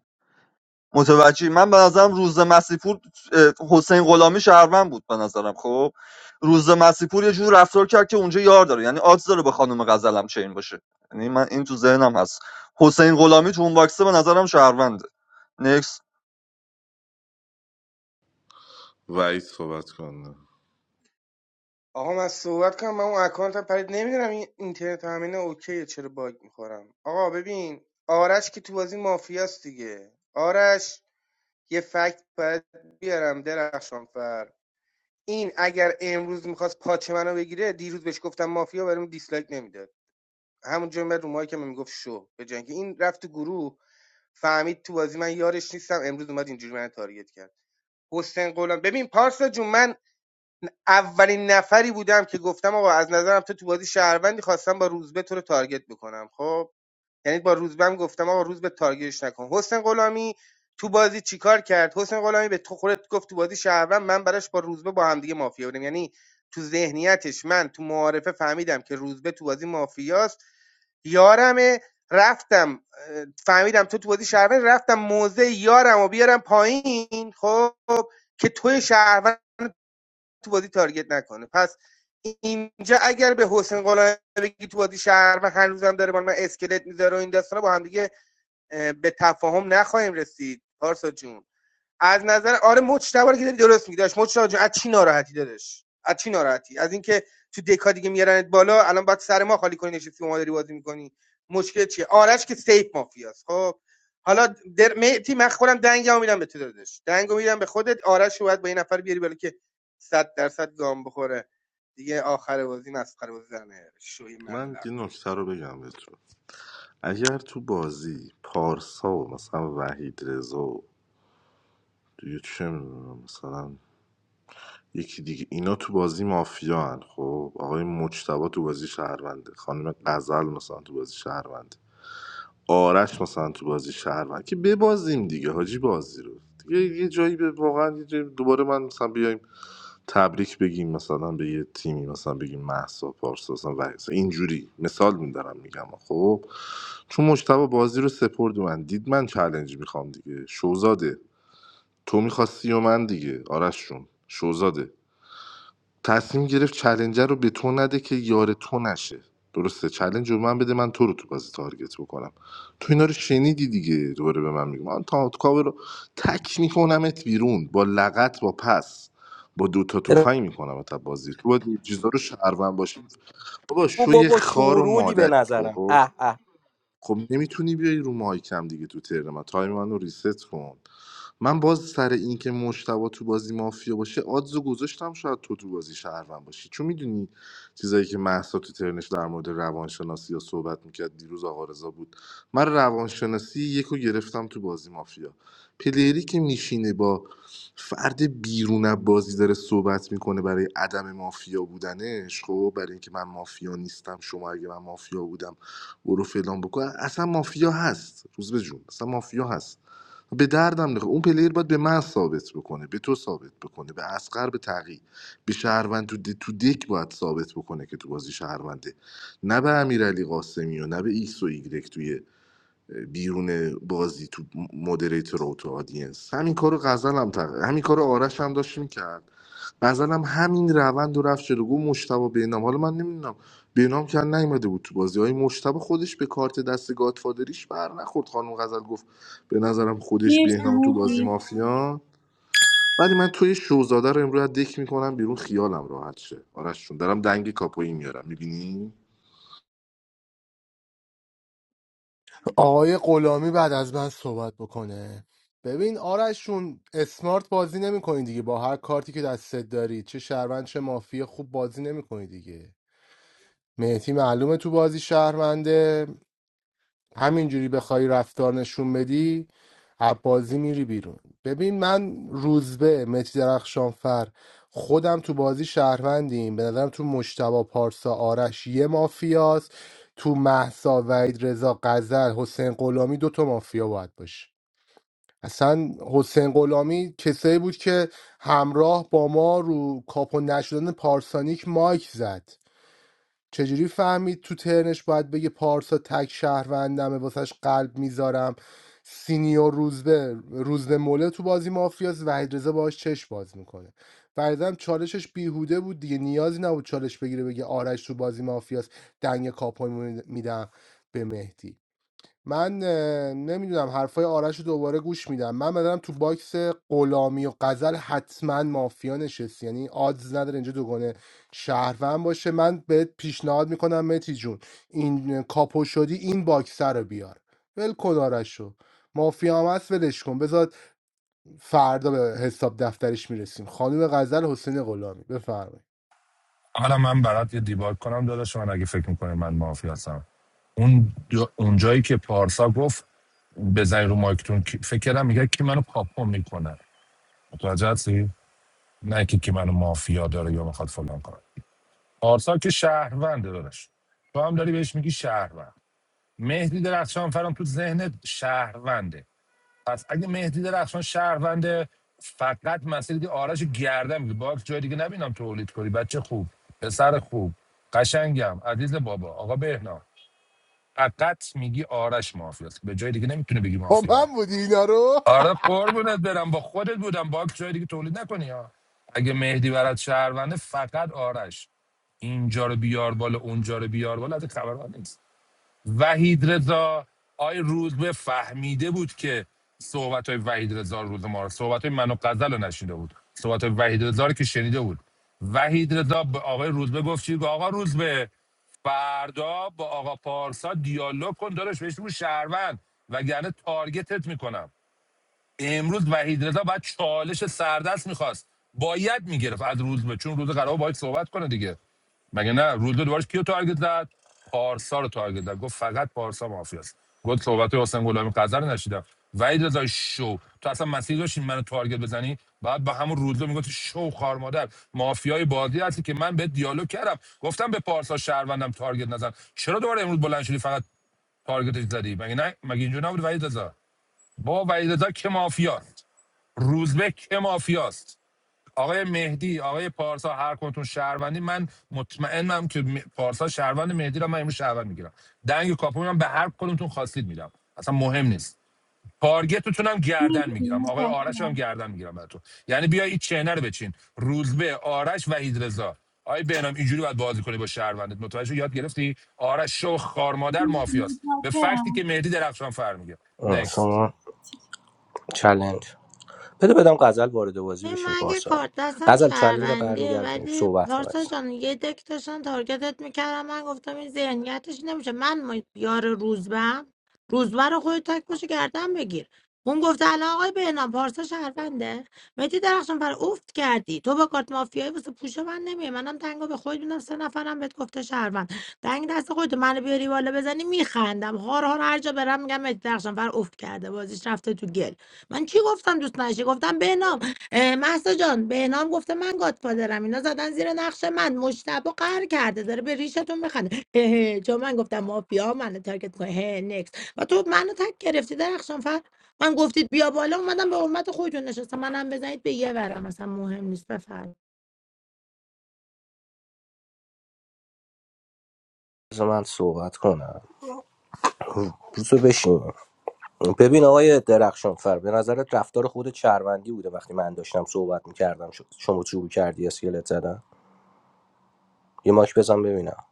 [SPEAKER 8] متوجه من به نظرم روز مسیپور اه، حسین غلامی شهروند بود به نظرم خب روز مسیپور یه جور رفتار کرد که اونجا یار داره یعنی آدز داره به خانم غزلم چین باشه یعنی من این تو ذهنم هست حسین غلامی تو اون باکسه به نظرم شهرونده نکس
[SPEAKER 4] وعید صحبت کنه
[SPEAKER 12] آقا من صحبت کنم من اون اکانتم پرید نمیدونم این اینترنت همینه اوکیه چرا باگ میخورم آقا ببین آرش که تو بازی مافیاست دیگه آرش یه فکت باید بیارم درخشانفر این اگر امروز میخواست پاچ منو بگیره دیروز بهش گفتم مافیا برام دیسلایک نمیداد همون میاد رو مایک من میگفت شو به جنگ این رفت تو گروه فهمید تو بازی من یارش نیستم امروز اومد اینجوری من تارگت کرد حسین قولم ببین پارسا جون من اولین نفری بودم که گفتم آقا از نظرم تو تو بازی شهروندی خواستم با روزبه تو رو تارگت بکنم خب یعنی با روزبم گفتم آقا روز به تارگیتش نکن حسین غلامی تو بازی چیکار کرد حسین غلامی به تو خودت گفت تو بازی شهروند من براش با روزبه با هم دیگه مافیا بودیم یعنی تو ذهنیتش من تو معارفه فهمیدم که روزبه تو بازی مافیاست یارمه رفتم اه، فهمیدم تو تو بازی شهروند رفتم موزه یارم و بیارم پایین خب که توی شهروند تو بازی تارگت نکنه پس اینجا اگر به حسین قلعه بگی تو بازی شهر و هنوزم داره من, اسکلت میذاره و این داستانا با هم دیگه به تفاهم نخواهیم رسید پارسا جون از نظر آره مجتبی رو که داری درست میگی داشت مجتبی جان از چی ناراحتی دادش از چی ناراحتی از اینکه تو دکا دیگه میارنت بالا الان باید سر ما خالی کنی نشستی ما داری بازی میکنی مشکل چیه آرش که سیف مافیاست خب حالا در مهدی من خودم دنگمو میدم به تو دادش دنگو میدم به خودت آرش رو باید با این نفر بیاری بالا که 100 درصد گام بخوره دیگه آخر بازی مسخره بازی زنه شوی
[SPEAKER 4] من
[SPEAKER 12] ملق
[SPEAKER 4] یه نکته رو بگم بهتون اگر تو بازی پارسا و مثلا وحید رضا و دیگه چه میدونم مثلا یکی دیگه اینا تو بازی مافیا هن خب آقای مجتبا تو بازی شهرونده خانم غزل مثلا تو بازی شهرونده آرش مثلا تو بازی شهرونده که ببازیم دیگه حاجی بازی رو دیگه یه جایی به واقعا یه جایی دوباره من مثلا بیایم تبریک بگیم مثلا به یه تیمی مثلا بگیم محسا پارسا مثلا و مثلا اینجوری مثال میدارم میگم خب چون مجتبا بازی رو سپرد من دید من چالش میخوام دیگه شوزاده تو میخواستی و من دیگه آرش جون شوزاده تصمیم گرفت چلنجر رو به تو نده که یار تو نشه درسته چلنج رو به من بده من تو رو تو بازی تارگت بکنم تو اینا رو شنیدی دیگه دوباره به من میگم من تا کاوه رو تک میکنمت بیرون با لغت با پس با دوتا تفنگ میکنم تا بازی تو باید این چیزا رو شهروند باشی بابا
[SPEAKER 3] او
[SPEAKER 4] شوی
[SPEAKER 3] بابا
[SPEAKER 4] خار و
[SPEAKER 3] شورولی به
[SPEAKER 4] مادری
[SPEAKER 3] نظرم
[SPEAKER 4] خب
[SPEAKER 3] اه اه
[SPEAKER 4] خب نمیتونی بیای رو مایکم دیگه تو ترم من تایم منو ریست کن من باز سر اینکه مشتبه تو بازی مافیا باشه آدزو گذاشتم شاید تو تو بازی شهروند باشی چون میدونی چیزایی که محسا تو ترنش در مورد روانشناسی یا صحبت میکرد دیروز آقا رضا بود من روانشناسی یکو گرفتم تو بازی مافیا پلیری که میشینه با فرد بیرون از بازی داره صحبت میکنه برای عدم مافیا بودنش خب برای اینکه من مافیا نیستم شما اگه من مافیا بودم برو فلان بکن اصلا مافیا هست روز به جون اصلا مافیا هست به دردم نخور اون پلیر باید به من ثابت بکنه به تو ثابت بکنه به اسقر به تقی به شهروند تو, د... تو دک باید ثابت بکنه که تو بازی شهرونده نه به امیرعلی قاسمی و نه به ایکس و ایگرک توی بیرون بازی تو مدریتور و تو آدینس همین کارو غزل هم تق... همین کارو آرش هم داشت میکرد غزل هم همین روند رو رفت جلو گفت مشتبه بینام حالا من نمیدونم بینام که نیومده بود تو بازی های مشتبه خودش به کارت دست گادفادریش بر نخورد خانم غزل گفت به نظرم خودش بینام تو بازی
[SPEAKER 10] مرسی
[SPEAKER 4] مافیا ولی من توی شوزاده رو امروز از دک میکنم بیرون خیالم راحت شه آرش چون دارم دنگ کاپویی میارم میبینی
[SPEAKER 9] آقای غلامی بعد از من صحبت بکنه ببین آرشون اسمارت بازی نمیکنی دیگه با هر کارتی که دستت داری چه شهروند چه مافیا خوب بازی نمیکنی دیگه مهدی معلومه تو بازی شهرونده همینجوری بخوای رفتار نشون بدی از بازی میری بیرون ببین من روزبه متی درخشانفر خودم تو بازی شهروندیم به نظرم تو مشتبا پارسا آرش یه مافیاست تو محسا وحید رضا قزل حسین غلامی دوتا مافیا باید باشه اصلا حسین غلامی کسایی بود که همراه با ما رو کاپو نشدن پارسانیک مایک زد چجوری فهمید تو ترنش باید بگه پارسا تک شهروندمه واسش قلب میذارم سینیور روزبه روزبه موله تو بازی مافیاس وحید رضا باهاش چش باز میکنه فریدم چالشش بیهوده بود دیگه نیازی نبود چالش بگیره بگه آرش تو بازی مافیاس دنگ کاپوی میدم به مهدی من اه، نمیدونم حرفای آرش رو دوباره گوش میدم من بدنم تو باکس غلامی و قزل حتما مافیا نشست یعنی آدز نداره اینجا دوگانه شهروند باشه من بهت پیشنهاد میکنم متی جون این اه، کاپو شدی این باکسه رو بیار ول کن آرش رو مافیا هم هست ولش کن بذار فردا به حساب دفترش میرسیم خانم غزل حسین غلامی بفرمایید
[SPEAKER 13] حالا من برات یه دیباک کنم داداش من اگه فکر میکنه من مافیا هستم اون دو- اونجایی که پارسا گفت بزنی رو مایکتون کی- فکر کردم میگه کی منو کاپو میکنه متوجه هستی نه که کی منو مافیا داره یا میخواد فلان کنه پارسا که شهرونده داداش تو هم داری بهش میگی شهروند مهدی درخشان فرام تو ذهنت شهرونده پس اگه مهدی درخشان شهرونده فقط مسئله که آرش گردن میگه باکس جای دیگه نبینم تولید کنی بچه خوب پسر خوب قشنگم عزیز بابا آقا بهنام فقط میگی آرش مافیاست به جای دیگه نمیتونه بگی
[SPEAKER 9] با
[SPEAKER 13] مافیا
[SPEAKER 9] من بودی اینا رو [LAUGHS]
[SPEAKER 13] آره قربونت برم با خودت بودم با جای دیگه تولید نکنی ها اگه مهدی برات شهرونده فقط آرش اینجا رو بیار بالا اونجا رو بیار بالا از خبرها نیست وحید رضا آی روزبه فهمیده بود که صحبت های وحید رضا روز ما رو صحبت های من و غزل رو نشیده بود صحبت های وحید رضا رو که شنیده بود وحید رضا به آقای روزبه گفت چی؟ گفت آقا روزبه فردا با آقا پارسا دیالوگ کن داداش بهش بگو شهروند وگرنه تارگتت میکنم امروز وحید رضا باید چالش سردست میخواست باید میگرفت از روز به چون روز قرار باید صحبت کنه دیگه مگه نه روز دوباره کیو تارگت زد پارسا رو تارگت زد گفت فقط پارسا مافیاست گفت صحبت حسین غلامی قذر نشیدم وحید رضا شو تو اصلا مسیر داشتی منو تارگت بزنی بعد با همون روزو میگفت شو خار مادر مافیای بازی هستی که من به دیالوگ کردم گفتم به پارسا شهروندم تارگت نزن چرا دوباره امروز بلند شدی فقط تارگتش زدی مگه نه مگه اینجوری نبود وحید رضا با وحید رضا که مافیاست روزبه که مافیاست آقای مهدی آقای پارسا هر کنتون شهروندی من مطمئنم که م- پارسا شهروند مهدی رو من امروز شهروند میگیرم دنگ کاپو میدم به هر کدومتون خواستید میدم اصلا مهم نیست تارگتتون هم گردن
[SPEAKER 10] مرسی
[SPEAKER 13] میگیرم آقای آرش هم
[SPEAKER 10] متشکرم
[SPEAKER 13] گردن میگیرم براتون یعنی بیا این چنه رو بچین روزبه آرش و رضا آقای بهنام اینجوری باید بازی کنی با شهروندت متوجه شدی؟ یاد گرفتی آرش شو خارمادر مافیاست به فکتی که
[SPEAKER 10] متشکرم
[SPEAKER 13] مهدی درخشان فر میگه
[SPEAKER 3] اه،
[SPEAKER 13] نکست
[SPEAKER 3] شما چلنج بده بدم غزل وارد بازی
[SPEAKER 18] این
[SPEAKER 3] بشه
[SPEAKER 18] من که
[SPEAKER 3] پارسا
[SPEAKER 18] کارت دستم
[SPEAKER 3] غزل چلنج رو
[SPEAKER 18] شهروندیه
[SPEAKER 3] برمیگردونیم
[SPEAKER 18] ولی
[SPEAKER 3] صحبت کن
[SPEAKER 18] پارسا
[SPEAKER 3] عزیزم.
[SPEAKER 18] جان یه دک داشتن تارگتت میکردم من گفتم این ذهنیتش نمیشه من ما- یار روزبم روزبه رو خودت تک پشت گردن بگیر اون گفته الان آقای بهنام پارسا شهرونده مهدی درخشان پر افت کردی تو با کارت مافیایی واسه پوش من نمیای منم دنگا به خود میدم سه نفرم بهت گفته شهروند دنگ دست خودت منو بیاری بالا بزنی میخندم هار هار هر جا برم میگم مهدی درخشان پر افت کرده بازیش رفته تو گل من چی گفتم دوست نشی گفتم بهنام اه، مهسا جان بهنام گفته من گادفادرم اینا زدن زیر نقش من مجتبا قهر کرده داره به ریشتون میخنده هه هه، چون من گفتم مافیا منو تارگت کنه هه نکس و تو منو تک گرفتی درخشان فر من گفتید بیا بالا اومدم به حرمت خودتون نشستم منم بزنید به یه ورم اصلا مهم نیست بفرمایید
[SPEAKER 3] بذار من صحبت کنم روزو بشین ببین آقای درخشانفر به نظرت رفتار خود شهروندی بوده وقتی من داشتم صحبت میکردم شما شروع کردی اسکلت زدن یه ماش بزن ببینم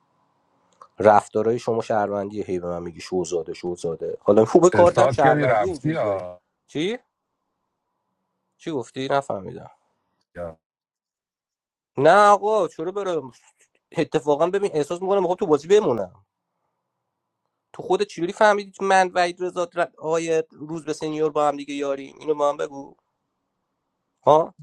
[SPEAKER 3] رفتارهای شما شهروندیه هی به من میگی شوزاده شوزاده حالا خوبه کارتم
[SPEAKER 13] احساس کردی
[SPEAKER 3] شهروندی
[SPEAKER 13] رفتی
[SPEAKER 3] اینجوری داری
[SPEAKER 13] آه.
[SPEAKER 3] چی چی گفتی نفهمیدم نه آقا چرا برم اتفاقا ببین احساس میکنم میخوام تو بازی بمونم تو خودت چجوری فهمیدی من وحید رضا در- آقای روز به سنیور با هم دیگه یاریم اینو به من بگو ها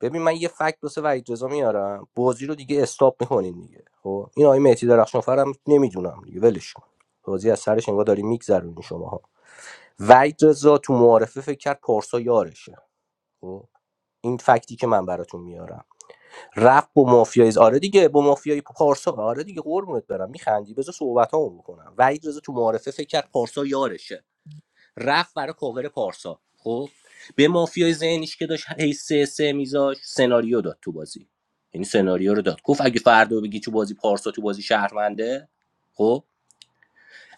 [SPEAKER 3] ببین من یه فکت واسه وحید رضا میارم بازی رو دیگه استاپ میکنیم دیگه خب این آقای مهدی درخشانفر هم نمیدونم دیگه ولش کن بازی از سرش انگار داری میگذرونی شماها وحید رضا تو معارفه فکر کرد پارسا یارشه خب این فکتی که من براتون میارم رفت با مافیای آره دیگه با مافیای پارسا آره دیگه قربونت برم میخندی بذار صحبتامو بکنم وحید رضا تو معارفه فکر کرد پارسا یارشه رفت برای کاور پارسا خب به مافیای ذهنیش که داشت هی سه سه میذاش سناریو داد تو بازی یعنی سناریو رو داد گفت اگه فردا بگی تو بازی پارسا تو بازی شهرونده خب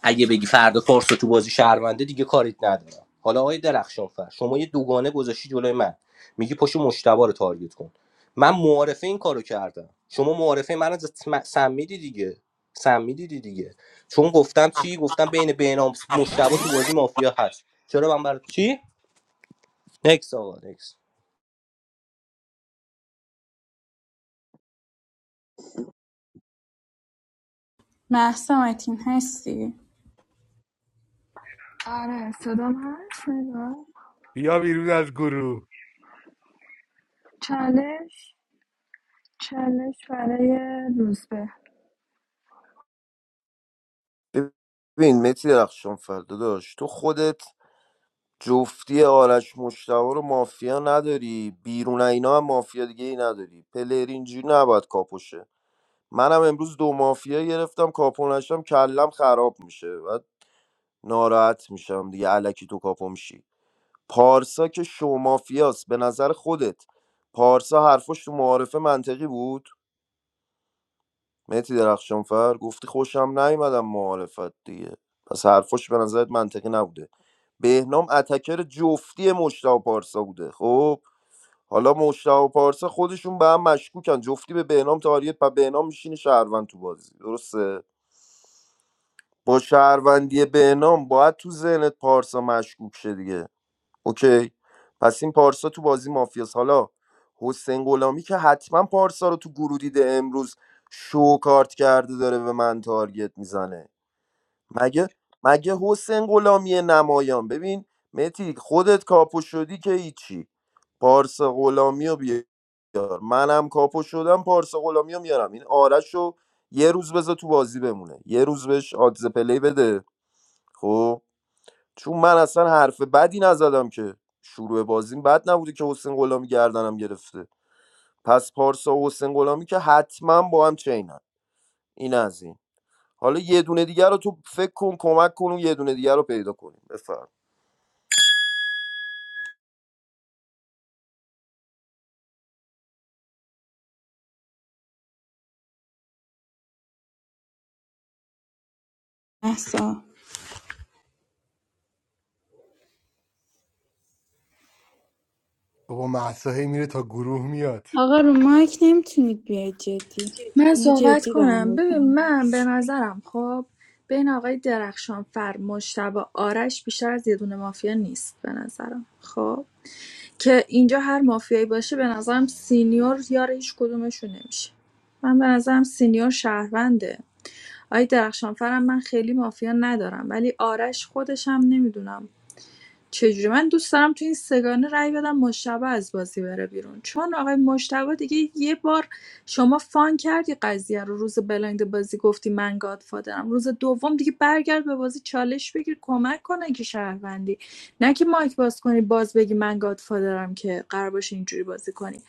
[SPEAKER 3] اگه بگی فردا پارسا تو بازی شهرونده دیگه کاریت ندارم حالا آقای درخشانفر شما یه دوگانه گذاشتی جلوی من میگی پشت مشتبا رو تارگت کن من معارفه این کارو کردم شما معارفه من از سمیدی دیگه سمیدی دیگه چون گفتم چی گفتم بین بینام مشتبا تو بازی مافیا هست چرا من برای چی نکس آقا نکس
[SPEAKER 10] محسا متین هستی
[SPEAKER 9] بیا بیرون از گروه
[SPEAKER 1] چالش چالش برای روزبه
[SPEAKER 16] ببین متی درخشان فردا داشت تو خودت جفتی آرش مشتبا رو مافیا نداری بیرون اینا هم مافیا دیگه ای نداری پلر اینجوری نباید کاپوشه منم امروز دو مافیا گرفتم کاپو نشم کلم خراب میشه ناراحت میشم دیگه علکی تو کاپو میشی پارسا که شومافیاست به نظر خودت پارسا حرفش تو معارفه منطقی بود مهدی درخشانفر گفتی خوشم نیومدم معارفت دیگه پس حرفش به نظرت منطقی نبوده بهنام اتکر جفتی مشتاق پارسا بوده خب حالا مشتاق پارسا خودشون به هم مشکوکن جفتی به بهنام تاریت و بهنام میشینه شهروند تو بازی درسته با شهروندی بهنام باید تو ذهنت پارسا مشکوک شه دیگه اوکی پس این پارسا تو بازی مافیاس حالا حسین غلامی که حتما پارسا رو تو گروه دیده امروز شو کارت کرده داره به من تارگت میزنه مگه مگه حسین غلامی نمایان ببین متی خودت کاپو شدی که هیچی پارسا غلامی رو بیار منم کاپو شدم پارسا غلامی رو میارم این آرش رو یه روز بذار تو بازی بمونه یه روز بهش آدز پلی بده خب چون من اصلا حرف بدی نزدم که شروع بازیم بد نبوده که حسین غلامی گردنم گرفته پس پارسا و حسین غلامی که حتما با هم چینن این از این حالا یه دونه دیگر رو تو فکر کن کمک کن و یه دونه دیگر رو پیدا کنیم بفرم
[SPEAKER 10] محسا
[SPEAKER 9] بابا مهسا هی میره تا گروه میاد
[SPEAKER 10] آقا رو مایک نمیتونید بیاید جدی
[SPEAKER 1] من
[SPEAKER 10] اینو
[SPEAKER 1] صحبت
[SPEAKER 10] جدی
[SPEAKER 1] کنم
[SPEAKER 10] دارم
[SPEAKER 1] ببین
[SPEAKER 10] بکنم
[SPEAKER 1] من به نظرم خب بین آقای درخشان فر مشتبه آرش بیشتر از یه دونه مافیا نیست به نظرم خب که اینجا هر مافیایی باشه به نظرم سینیور یار هیچ کدومشون نمیشه من به نظرم سینیور شهرونده آقای درخشانفرم من خیلی مافیا ندارم ولی آرش خودش هم نمیدونم چجوری من دوست دارم تو این سگانه رأی بدم مشتبه از بازی بره بیرون چون آقای مشتبه دیگه یه بار شما فان کردی قضیه رو روز بلایند بازی گفتی من گادفادرم روز دوم دیگه برگرد به بازی چالش بگیر کمک کنن که شهروندی نه که مایک باز کنی باز بگی من گادفادرم که قرار باشه اینجوری بازی کنی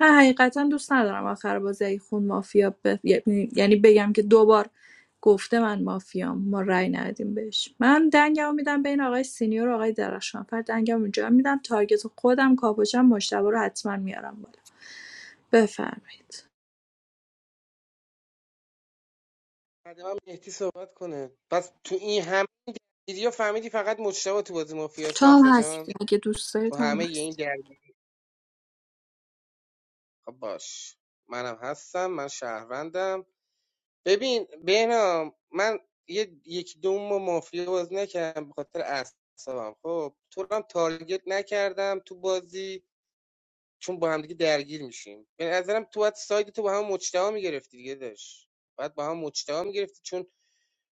[SPEAKER 1] من حقیقتا دوست ندارم آخر بازی خون مافیا ب... یعنی یعنی بگم که دوبار گفته من مافیام ما رأی ندیم بهش من دنگمو میدم بین آقای سینیور و آقای درخشانفر دنگمو اونجا میدم تارگت خودم کاپوشم مشتبه رو حتما میارم بالا بفرمایید
[SPEAKER 12] بعد من مهدی صحبت کنه پس تو این هم ویدیو فهمیدی فقط مجتبی تو بازی مافیاست
[SPEAKER 1] تو هم
[SPEAKER 12] مهسا جان
[SPEAKER 1] هستی اگه دوست داری
[SPEAKER 12] تو
[SPEAKER 1] تو
[SPEAKER 12] همه
[SPEAKER 1] هم
[SPEAKER 12] این
[SPEAKER 1] هستی
[SPEAKER 12] درگیر خب باش منم هستم من شهروندم ببین بهنام من یه یک دوم و مافیا بازی نکردم به خاطر اعصابم خب تو رو هم تارگت نکردم تو بازی چون با هم دیگه درگیر میشیم به نظرم تو باید ساید تو با هم مجتمع میگرفتی دیگه داشت باید با هم مجتمع میگرفتی چون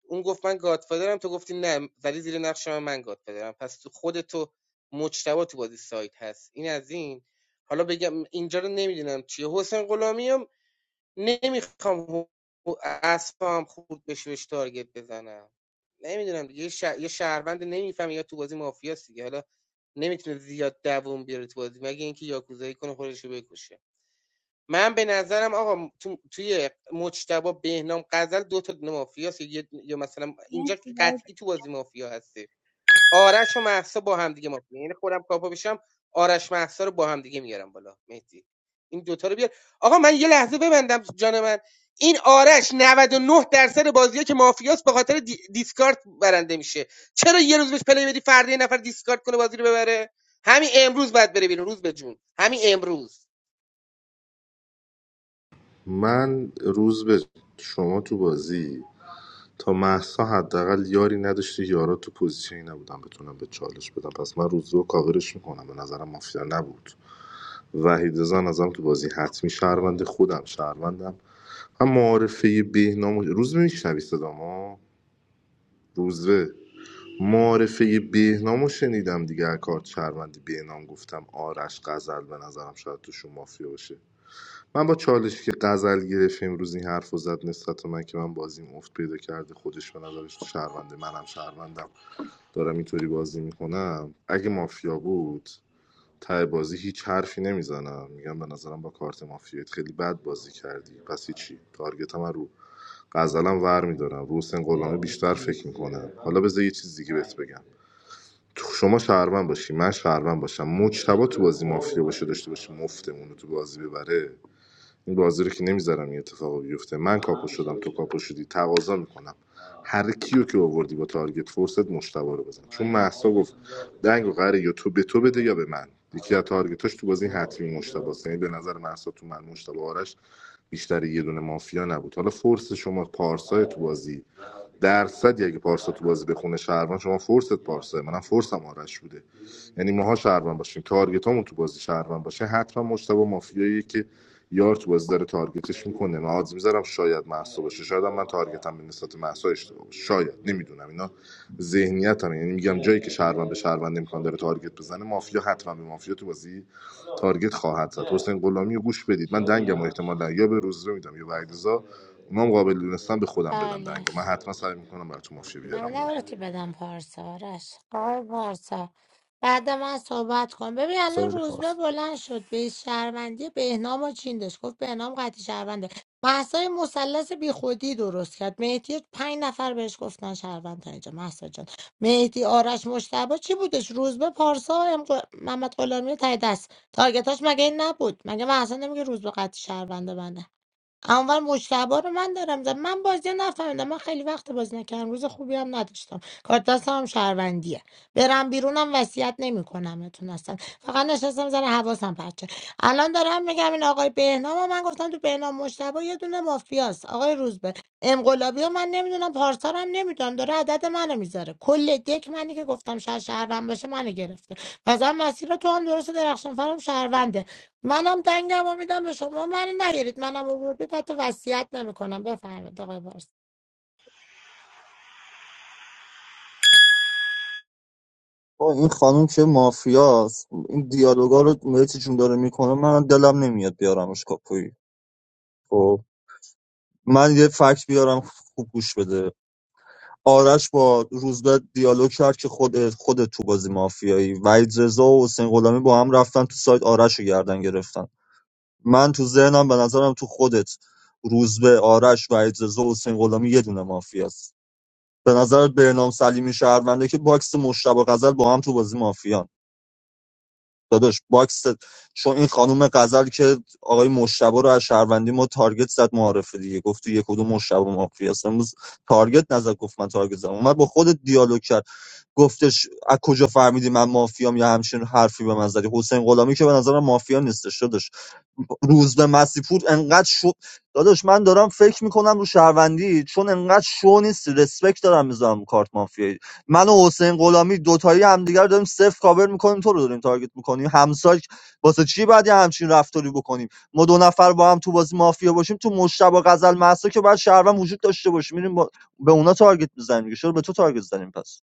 [SPEAKER 12] اون گفت من گادفادرم تو گفتی نه ولی زیر نقش من من گادفادرم پس تو خود تو مجتبا تو بازی سایت هست این از این حالا بگم اینجا رو نمیدونم چیه حسین غلامی هم نمیخوام اسبم خورد بشه بهش تارگت بزنم نمیدونم دیگه یه, شه- یه شهروند نمیفهمه یا تو بازی مافیاست دیگه حالا نمیتونه زیاد دووم بیاره تو بازی مگه اینکه یاکوزایی کنه خودش رو بکشه من به نظرم آقا تو- توی مجتبی بهنام غزل دو تا مافیا هست. یه یا مثلا اینجا
[SPEAKER 10] مرسی باز-
[SPEAKER 12] قطعی تو بازی مافیا هستی آرش و مهسا با هم دیگه مافیا یعنی خودم کاپا بشم آرش مهسا رو با هم دیگه میارم بالا مهدی این دوتا رو بیار آقا من یه لحظه ببندم جان من این آرش نود و نه درصد بازیه که مافیاست به خاطر دی- دیسکارد برنده میشه چرا یه روز بهش پلی بدی فردا یه نفر دیسکارت کنه بازی رو ببره همین امروز باید بره بیرون روز به جون همین امروز
[SPEAKER 4] من روز به شما تو بازی تا مهسا حداقل یاری نداشته یارا تو پوزیشنی نبودن بتونم به چالش بدم پس من روزو کاورش میکنم به نظرم مافیا نبود وحید رضا نظرم تو بازی حتمی شهروند خودم شهروندم من معارفه بهنامو روز میشنوی صدامو روزه معارفه بهنامو شنیدم دیگه از کارت شهروندی بهنام گفتم آرش غزل به نظرم شاید توشون مافیا باشه من با چالشی که غزل گرفت امروز این حرف رو زد نسبت به من که من بازیم افت پیدا کرده خودش به نظرش تو شهرونده منم شهروندم دارم اینطوری بازی میکنم اگه مافیا بود ته بازی هیچ حرفی نمیزنم میگم به نظرم با کارت مافیایت خیلی بد بازی کردی پس هیچی تارگت من رو غزلم ور میدارم رو حسین غلامی بیشتر فکر میکنم حالا بذار یه چیز دیگه بهت بگم تو شما شهروند باشی من شهروند باشم مجتبا تو بازی مافیا باشه داشته باشه مفتمون رو تو بازی ببره این بازی رو که نمیذارم این اتفاق بیفته من کاپو شدم تو کاپو شدی تقاضا میکنم هر کیو که آوردی با تارگت فورست مشتبا رو بزن چون محسا گفت دنگ و قراره یا تو به تو بده یا به من یکی از تارگتاش تو بازی حتمی مشتباست یعنی به نظر محسا تو من مشتبا آرش بیشتر یه دونه مافیا نبود حالا فورس شما پارسای تو بازی درصد اگه پارسا تو بازی بخونه شهروند شما فورست پارسا منم فورسم آرش بوده یعنی ماها شهروند باشیم تارگتامون تو بازی شهروند باشه حتما مشتبه مافیایی که یار تو بازی داره تارگتش میکنه من آدز میذارم شاید محسا باشه شاید هم من تارگتم به نسبت محسا اشتباه باشه شاید نمیدونم اینا ذهنیتم یعنی میگم جایی که شهروند به شهروند امکان داره تارگت بزنه مافیا حتما به مافیا تو بازی تارگت خواهد زد حسین غلامی رو گوش بدید من دنگم و احتمالا یا به روز رو میدم یا به علیرضا اونام قابل دونستم به خودم بدن دنگو
[SPEAKER 18] بله
[SPEAKER 4] من حتما سعی میکنم براتون مافیا بیارم
[SPEAKER 18] من نباتی بدم پارسا آرش آقای پارسا بعد من صحبت کن ببین الان
[SPEAKER 3] سوال
[SPEAKER 18] روزبه
[SPEAKER 3] پارس
[SPEAKER 18] بلند شد به شهروندی بهنام و چین داشت گفت بهنام قطعی شهرونده محسای مثلث بی خودی درست کرد مهدی پنج نفر بهش گفتن شهروند تا اینجا محسا جان مهدی آرش مشتبه چی بودش روزبه پارسا ام... ق- محمد غلامی تای دست تارگتاش مگه این نبود مگه محسا نمیگه روزبه قطعی شهرونده اول مشتبه رو من دارم زن. من بازی رو نفهمیدم من خیلی وقت بازی نکردم روز خوبی هم نداشتم کارت دستم هم شهروندیه برم بیرونم وصیت نمیکنم اتون اصلا فقط نشستم زن حواسم پرچه الان دارم میگم این آقای بهنام و من گفتم تو بهنام مشتبه یه دونه مافیاست آقای روزبه انقلابی رو من نمیدونم پارسا رو هم نمیدونم داره عدد منو میذاره کل دک منی که گفتم شهر شهروند باشه منو گرفته مثلا مسیر تو هم درست درخشان فرام شهرونده منم دنگم رو میدم به شما من نگیرید منم آوردید حتی وصیت نمیکنم بفرمایید آقای بارس
[SPEAKER 8] با این خانم که مافیاست این دیالوگا رو مهدی جون داره میکنه من دلم نمیاد بیارمش کاپوی خب من یه فکت بیارم خوب گوش بده آرش با روزبه دیالوگ کرد که خود خود تو بازی مافیایی وحید رضا و حسین غلامی با هم رفتن تو سایت آرش رو گردن گرفتن من تو ذهنم به نظرم تو خودت روزبه آرش وحید رضا و حسین غلامی یه دونه مافیاست به نظر بهنام سلیمی شهرونده که باکس مشتبه غزل با هم تو بازی مافیان داداش باکس چون این خانم غزل که آقای مشتبه رو از شهروندی ما تارگت زد معارفه دیگه گفت تو یک کدوم مشتبه مافیا است امروز تارگت نزد گفت من تارگت زدم اومد با خودت دیالوگ کرد گفتش از کجا فهمیدی من مافیام یا همچین حرفی به من زدی حسین غلامی که به نظرم مافیا نیستش داداش روز به مسیپور انقدر شو داداش من دارم فکر میکنم رو شهروندی چون انقدر شو نیست رسپکت دارم میذارم کارت مافیا من و حسین غلامی دوتایی همدیگه رو داریم صفر کاور میکنیم تو رو داریم تارگت میکنیم همسایه واسه چی باید یه همچین رفتاری بکنیم ما دو نفر با هم تو بازی مافیا باشیم تو مشتبه غزل محسا که بعد شهروند وجود داشته باشه میریم با... به اونا تارگت میزنیم دیگه چرا به تو تارگت زنیم پس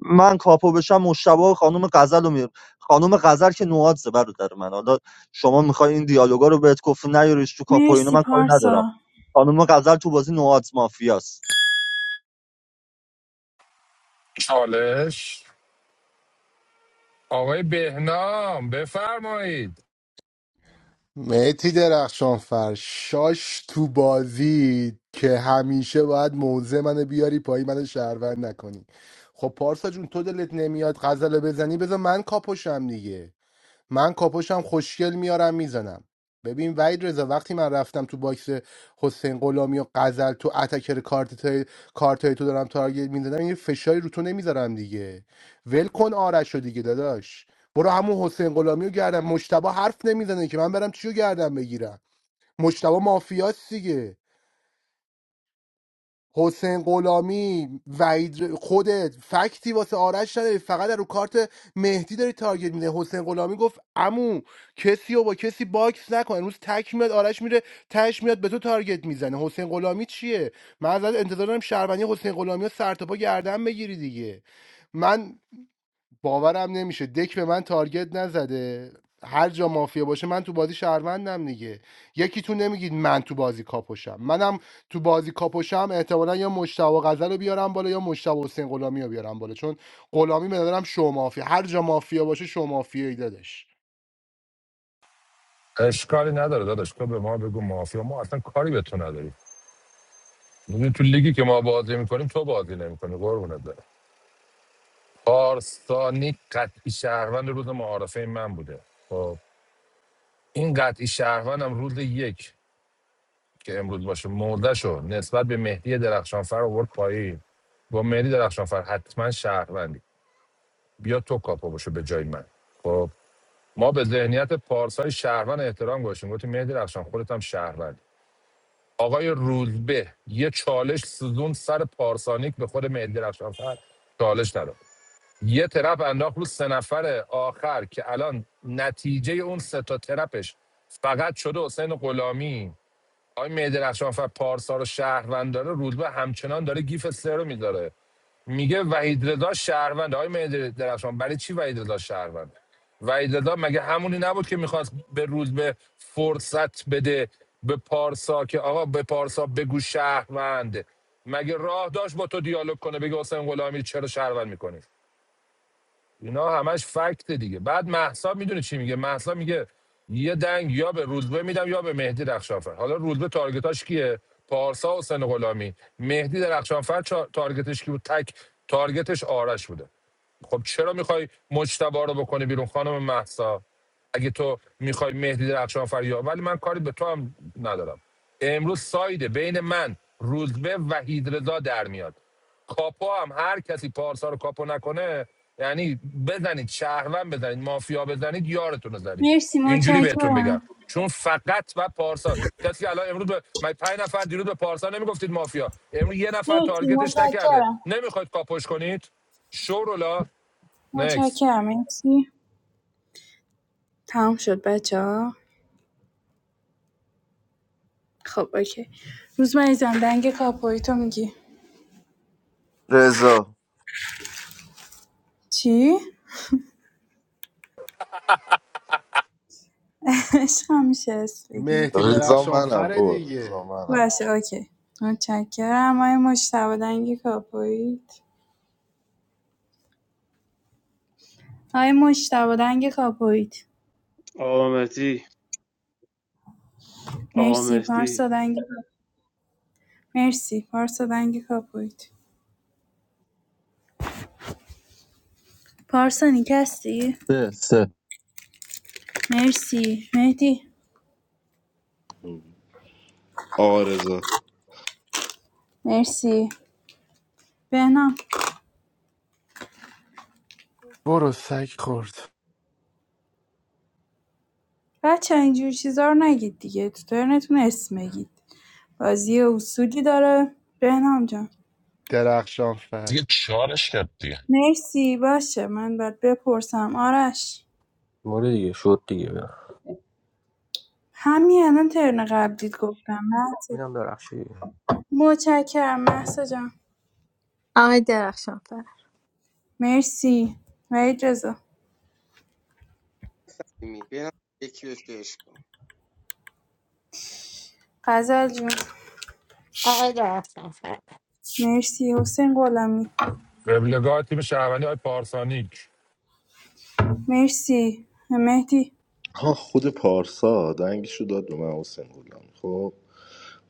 [SPEAKER 8] من کاپو بشم مشتبه و خانم غزل رو میرم خانم غزل که نواد زبر برادر من حالا شما میخوای این دیالوگا رو بهت گفت نیاریش تو کاپو اینا
[SPEAKER 10] مرسی
[SPEAKER 8] من کاری ندارم
[SPEAKER 10] پارسا
[SPEAKER 8] خانم غزل تو بازی نواد مافیاست
[SPEAKER 13] چالش آقای بهنام بفرمایید
[SPEAKER 9] مهتی درخشانفر شاش تو بازی که همیشه باید موزه منو بیاری پایی منو شهروند نکنی خب پارسا جون تو دلت نمیاد غزل رو بزنی بذار من کاپوشم دیگه من کاپوشم خوشگل میارم میزنم ببین وحید رضا وقتی من رفتم تو باکس حسین غلامی و غزل تو اتکر کارت کارتای تو دارم تارگت میزنم این فشاری رو تو نمیذارم دیگه ول کن آرش رو دیگه داداش برو همون حسین غلامی رو گردم مشتبه حرف نمیزنه که من برم چیو گردم بگیرم مشتبه مافیاست دیگه حسین غلامی وعید خودت فکتی واسه آرش نداری فقط رو کارت مهدی داری تارگت میده حسین غلامی گفت امو کسی رو با کسی باکس نکن امروز تک میاد آرش میره تش میاد به تو تارگت میزنه حسین غلامی چیه من ازت انتظار دارم شهروندی حسین غلامی رو سر تا پا گردن بگیری دیگه من باورم نمیشه دک به من تارگت نزده هر جا مافیا باشه من تو بازی شهروندم دیگه یکی تو نمیگید من تو بازی کاپوشم منم تو بازی کاپوشم احتمالا یا مشتبه غزل رو بیارم بالا یا مشتبه حسین غلامی رو بیارم بالا چون غلامی به نظرم شو مافیا هر جا مافیا باشه شو مافیایی دادش
[SPEAKER 13] اشکالی نداره داداش تو به ما بگو مافیا ما اصلا کاری به تو نداریم میدونی تو لیگی که ما بازی میکنیم تو بازی نمیکنی قربونت برم پارسانی قطعی شهروند روز معارفه من بوده خب این قطعی شهروندم روز یک که امروز باشه مردشو نسبت به مهدی درخشانفر آورد پایین با مهدی درخشانفر حتما شهروندی بیا تو کاپو باشه به جای من خب ما به ذهنیت پارسای شهروند احترام گذاشتیم گفتیم مهدی رفشان خودت هم شهروند آقای رولبه یه چالش سوزون سر پارسانیک به خود مهدی رفشانفر چالش نداد یه ترپ انداخت رو سه نفر آخر که الان نتیجه اون سه تا ترپش فقط شده حسین غلامی آقای مهدی رفشانفر پارسا رو شهروند داره رودبه همچنان داره گیف استر رو میذاره میگه وحید رضا شهروند آقای مهدی درخشان برای چی وحید رضا شهروند وحید رضا مگه همونی نبود که میخواست به رودبه فرصت بده به پارسا که آقا به پارسا بگو شهروند مگه راه داشت با تو دیالوگ کنه بگه حسین غلامی چرا شهروند میکنی اینا همش فکت دیگه بعد محسا میدونه چی میگه محسا میگه یه دنگ یا به رودبه میدم یا به مهدی رخشانفر حالا رودبه تارگتاش کیه پارسا و حسین غلامی مهدی درخشانفر تارگتش کی بود تک تارگتش آرش بوده خب چرا میخوای مجتبا رو بکنی بیرون خانم محسا اگه تو میخوای مهدی درخشان فریاد ولی من کاری به تو هم ندارم امروز سایده بین من روزبه وحید رضا در میاد کاپو هم هر کسی پارسا رو کاپو نکنه یعنی بزنید شهروند بزنید مافیا بزنید یارتون رو زنید
[SPEAKER 10] مرسی
[SPEAKER 13] اینجوری بهتون بگم
[SPEAKER 10] متشکرم
[SPEAKER 13] چون فقط و پارسا کسی که الان امروز به من پنج نفر دیروز به پارسا نمیگفتید مافیا امروز یه نفر
[SPEAKER 10] مرسی
[SPEAKER 13] تارگتش نکرده
[SPEAKER 10] متشکرم
[SPEAKER 13] نمیخواید کاپوش کنید شورولا نکس
[SPEAKER 10] متشکرم مرسی تمام شد بچه ها خب اوکی روز مریزم دنگ کاپوی تو میگی
[SPEAKER 16] رضا
[SPEAKER 10] چی؟ [LAUGHS] عشقم میشه اسم بگی
[SPEAKER 9] مهدی
[SPEAKER 4] بالا رضا
[SPEAKER 9] درخشان
[SPEAKER 4] منم
[SPEAKER 9] فر
[SPEAKER 4] بابا رضا
[SPEAKER 9] دیگه
[SPEAKER 4] منم
[SPEAKER 10] باشه اوکی متشکرم آیا مشتبه دنگ کاپویت آقای مجتبی دنگ کاپویت
[SPEAKER 15] آقا مهدی آقا
[SPEAKER 10] مرسی
[SPEAKER 15] مهدی
[SPEAKER 10] پارسا دنگ مرسی پارسا دنگ کاپویت پارسا نیک
[SPEAKER 8] سه سه.
[SPEAKER 10] مرسی مهدی
[SPEAKER 4] آرزا
[SPEAKER 10] مرسی بهنام
[SPEAKER 9] برو سگ خورد
[SPEAKER 10] بچه اینجور چیزا رو نگید دیگه تو ترنتون اسم بگید بازی اصولی داره بهنام جان
[SPEAKER 9] درخشان فر
[SPEAKER 19] دیگه چارش کرد دیگه
[SPEAKER 10] مرسی باشه من باید بپرسم آرش
[SPEAKER 3] مورد دیگه شد دیگه
[SPEAKER 10] همین الان ترن قبلیت گفتم مهسا.
[SPEAKER 3] میدم درخشی
[SPEAKER 10] متشکرم محسا جان
[SPEAKER 1] آقای درخشانفر
[SPEAKER 10] مرسی وحید رضا
[SPEAKER 12] برم یکی بهش عشق کنم.
[SPEAKER 10] غزل جون
[SPEAKER 18] آقای درخشان فر
[SPEAKER 10] مرسی حسین غلامی
[SPEAKER 13] قبلگاه تیم شهروندی های پارسانیک
[SPEAKER 10] مرسی مهدی
[SPEAKER 4] ها خود پارسا دنگشو داد به من حسین گلم خب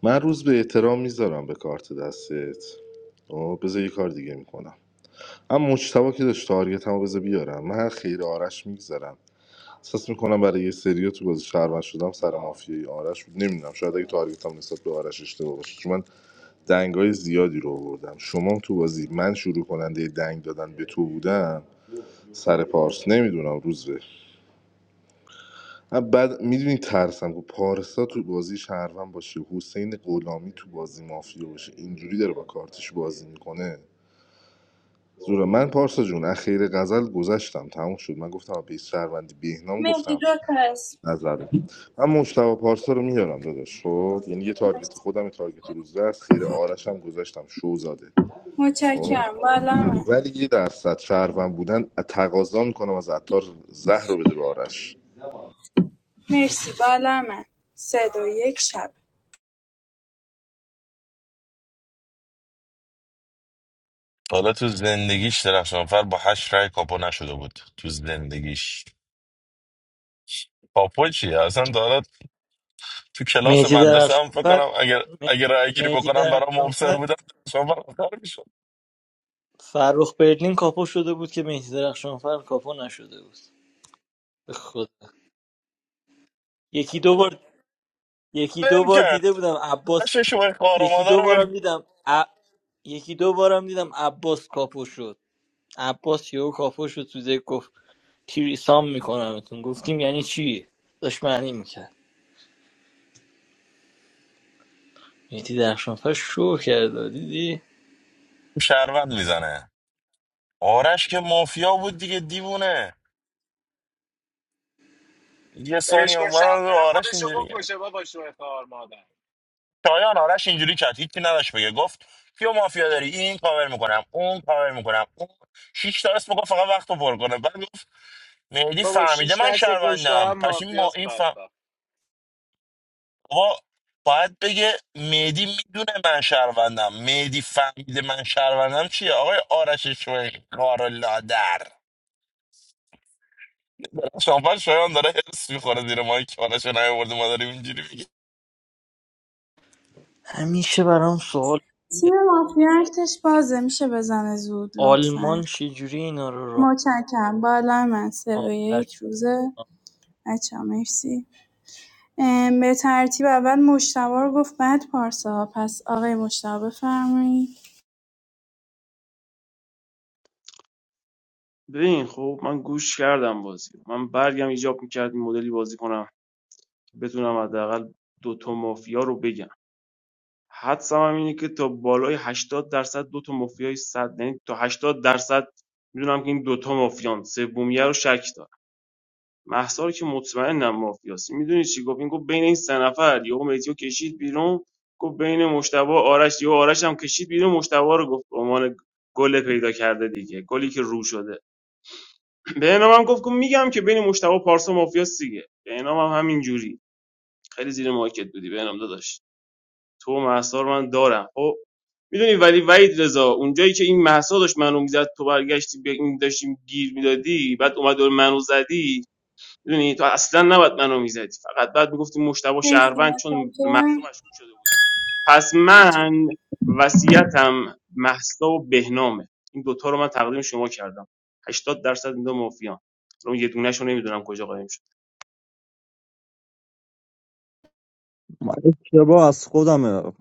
[SPEAKER 4] من روز به احترام میذارم به کارت دستت آه بذار یه کار دیگه میکنم اما مجتبا که داشت تارگت هم بذار بیارم من خیر آرش میگذارم احساس میکنم برای یه سریا تو بازی شهروند شدم سر مافیای آرش بود نمیدونم شاید اگه تارگت هم نسبت به آرش اشتباه باشه چون من دنگای زیادی رو آوردم شما هم تو بازی من شروع کننده دنگ دادن به تو بودم سر پارس نمیدونم روز به. من بعد میدونی ترسم که پارسا تو بازی شهروند باشه حسین غلامی تو بازی مافیا باشه اینجوری داره با کارتش بازی میکنه زورا من پارسا جون از خیر غزل گذشتم تموم شد من گفتم آ، بیس شهروندی بهنام
[SPEAKER 10] مهدی
[SPEAKER 4] گفتم
[SPEAKER 10] دو تا است
[SPEAKER 4] نظر بده. من مشتبه پارسا رو میارم داداش خب یعنی یه تارگت خودم یه تارگت روزه است خیر آرش هم گذاشتم شوزاده. زاده خب؟
[SPEAKER 10] متشکرم بالا من
[SPEAKER 4] ولی یه درصد شهروند بودن تقاضا میکنم از عطار زهر رو بده به آرش
[SPEAKER 10] مرسی بالا من سه دو یک شب
[SPEAKER 19] حالا تو زندگیش درخشانفر با هشت رای کاپو نشده بود تو زندگیش کاپو چیه اصلا دارد تو کلاس
[SPEAKER 20] مهدی
[SPEAKER 19] مدرسه هم فکر
[SPEAKER 20] درخشانفر
[SPEAKER 19] کنم اگر
[SPEAKER 20] مه-
[SPEAKER 19] اگر رای گیری
[SPEAKER 20] مهدی
[SPEAKER 19] بکنم برام مبصر
[SPEAKER 20] درخشانفر
[SPEAKER 19] بودم درخشانفر آخر میشد
[SPEAKER 20] فرخ برلین کاپو شده بود که مهدی درخشانفر کاپو نشده بود به خدا یکی دو بار یکی دو
[SPEAKER 19] ول
[SPEAKER 20] بار
[SPEAKER 19] کرد
[SPEAKER 20] دیده بودم عباس
[SPEAKER 19] هشت شوی خوار و
[SPEAKER 20] یکی
[SPEAKER 19] مادر رو
[SPEAKER 20] دو
[SPEAKER 19] ول
[SPEAKER 20] بارم دیدم ع- یکی دو بارم دیدم عباس کاپو شد عباس یهو کاپو شد تو ذهن گفت تیریسام میکنمتون گفتیم یعنی چی داشت معنی میکرد مهدی درخشانفر شو کرده دیدی
[SPEAKER 19] شهروند میزنه آرش که مافیا بود دیگه دیوونه یه
[SPEAKER 5] برش
[SPEAKER 19] ثانیه
[SPEAKER 5] کن شب
[SPEAKER 19] اومدن رو
[SPEAKER 5] بره
[SPEAKER 19] آرش
[SPEAKER 5] خودشو
[SPEAKER 19] اینجوری
[SPEAKER 5] بکشه بابا شوه خار مادر
[SPEAKER 19] شایان آرش اینجوری کرد هیچی نداشت بگه گفت کیو مافیا داری این کاور میکنم اون کاور میکنم اون شیش تا اسم گفت فقط وقت رو پر کنه بعد گفت مهدی
[SPEAKER 5] بابا
[SPEAKER 19] فهمیده
[SPEAKER 5] شیش
[SPEAKER 19] من
[SPEAKER 5] دست پشت
[SPEAKER 19] شهروندم
[SPEAKER 5] هم
[SPEAKER 19] پس این ما
[SPEAKER 5] مافیاس
[SPEAKER 19] این فهم
[SPEAKER 5] بدبخت
[SPEAKER 19] بابا باید بگه مهدی میدونه من شهروندم مهدی فهمیده من شهروندم چیه آقای آرش شوی کار لادر شانپاین شایان داره حس میخوره زیر ماهی که آرش رو نیاورده ما داریم اینجوری
[SPEAKER 20] همیشه برام سوال
[SPEAKER 10] تیم مافیا ارتش بازه میشه بزنه زود لطفا
[SPEAKER 20] آلمان چجوری اینا رو راه
[SPEAKER 10] متشکرم بالا من سه دو
[SPEAKER 20] آورد؟
[SPEAKER 10] یک روزه بچه ها مرسی ام، به ترتیب اول مشتبه رو گفت بعد پارسا پس آقای مشتبه بفرمایید
[SPEAKER 15] ببین خب من گوش کردم بازی من برگم ایجاب میکرد این مدلی بازی کنم که بتونم حداقل دو تا مافیا رو بگم حدسم هم اینه که تا بالای 80 درصد دو تا مافیای 100 یعنی تا 80 درصد میدونم که این دوتا مافیان سومیه رو شک دارم محسا رو که مطمئنم مافیاست میدونی چی گفت این گفت بین این سه نفر یهو متیو کشید بیرون گفت بین مشتبه آرش یهو آرش هم کشید بیرون مشتبه رو گفت به عنوان گل پیدا کرده دیگه گلی که رو شده به هم گفت میگم که بین مشتبه و پارسا مافیاس دیگه بهنام هم همین جوری خیلی زیر مارکت بودی به نام داداش تو و مهسا رو من دارم خب میدونی ولی وحید رضا اونجایی که این مهسا داشت منو میزد تو برگشتی به این داشتیم گیر میدادی بعد اومد دور منو زدی میدونی تو اصلا نباید منو میزدی فقط بعد میگفتی مشتبه
[SPEAKER 10] مرسی
[SPEAKER 15] شهروند چون به مهسا
[SPEAKER 10] متشکرم
[SPEAKER 15] مشکوک شده پس
[SPEAKER 10] متشکرم
[SPEAKER 15] من وصیتم مهسا و بهنامه این دوتا رو من تقدیم شما کردم هشتاد درصد این دو مافیان اون یه دونه‌شو نمیدونم کجا قایم شد
[SPEAKER 8] من اشتباه از خودمه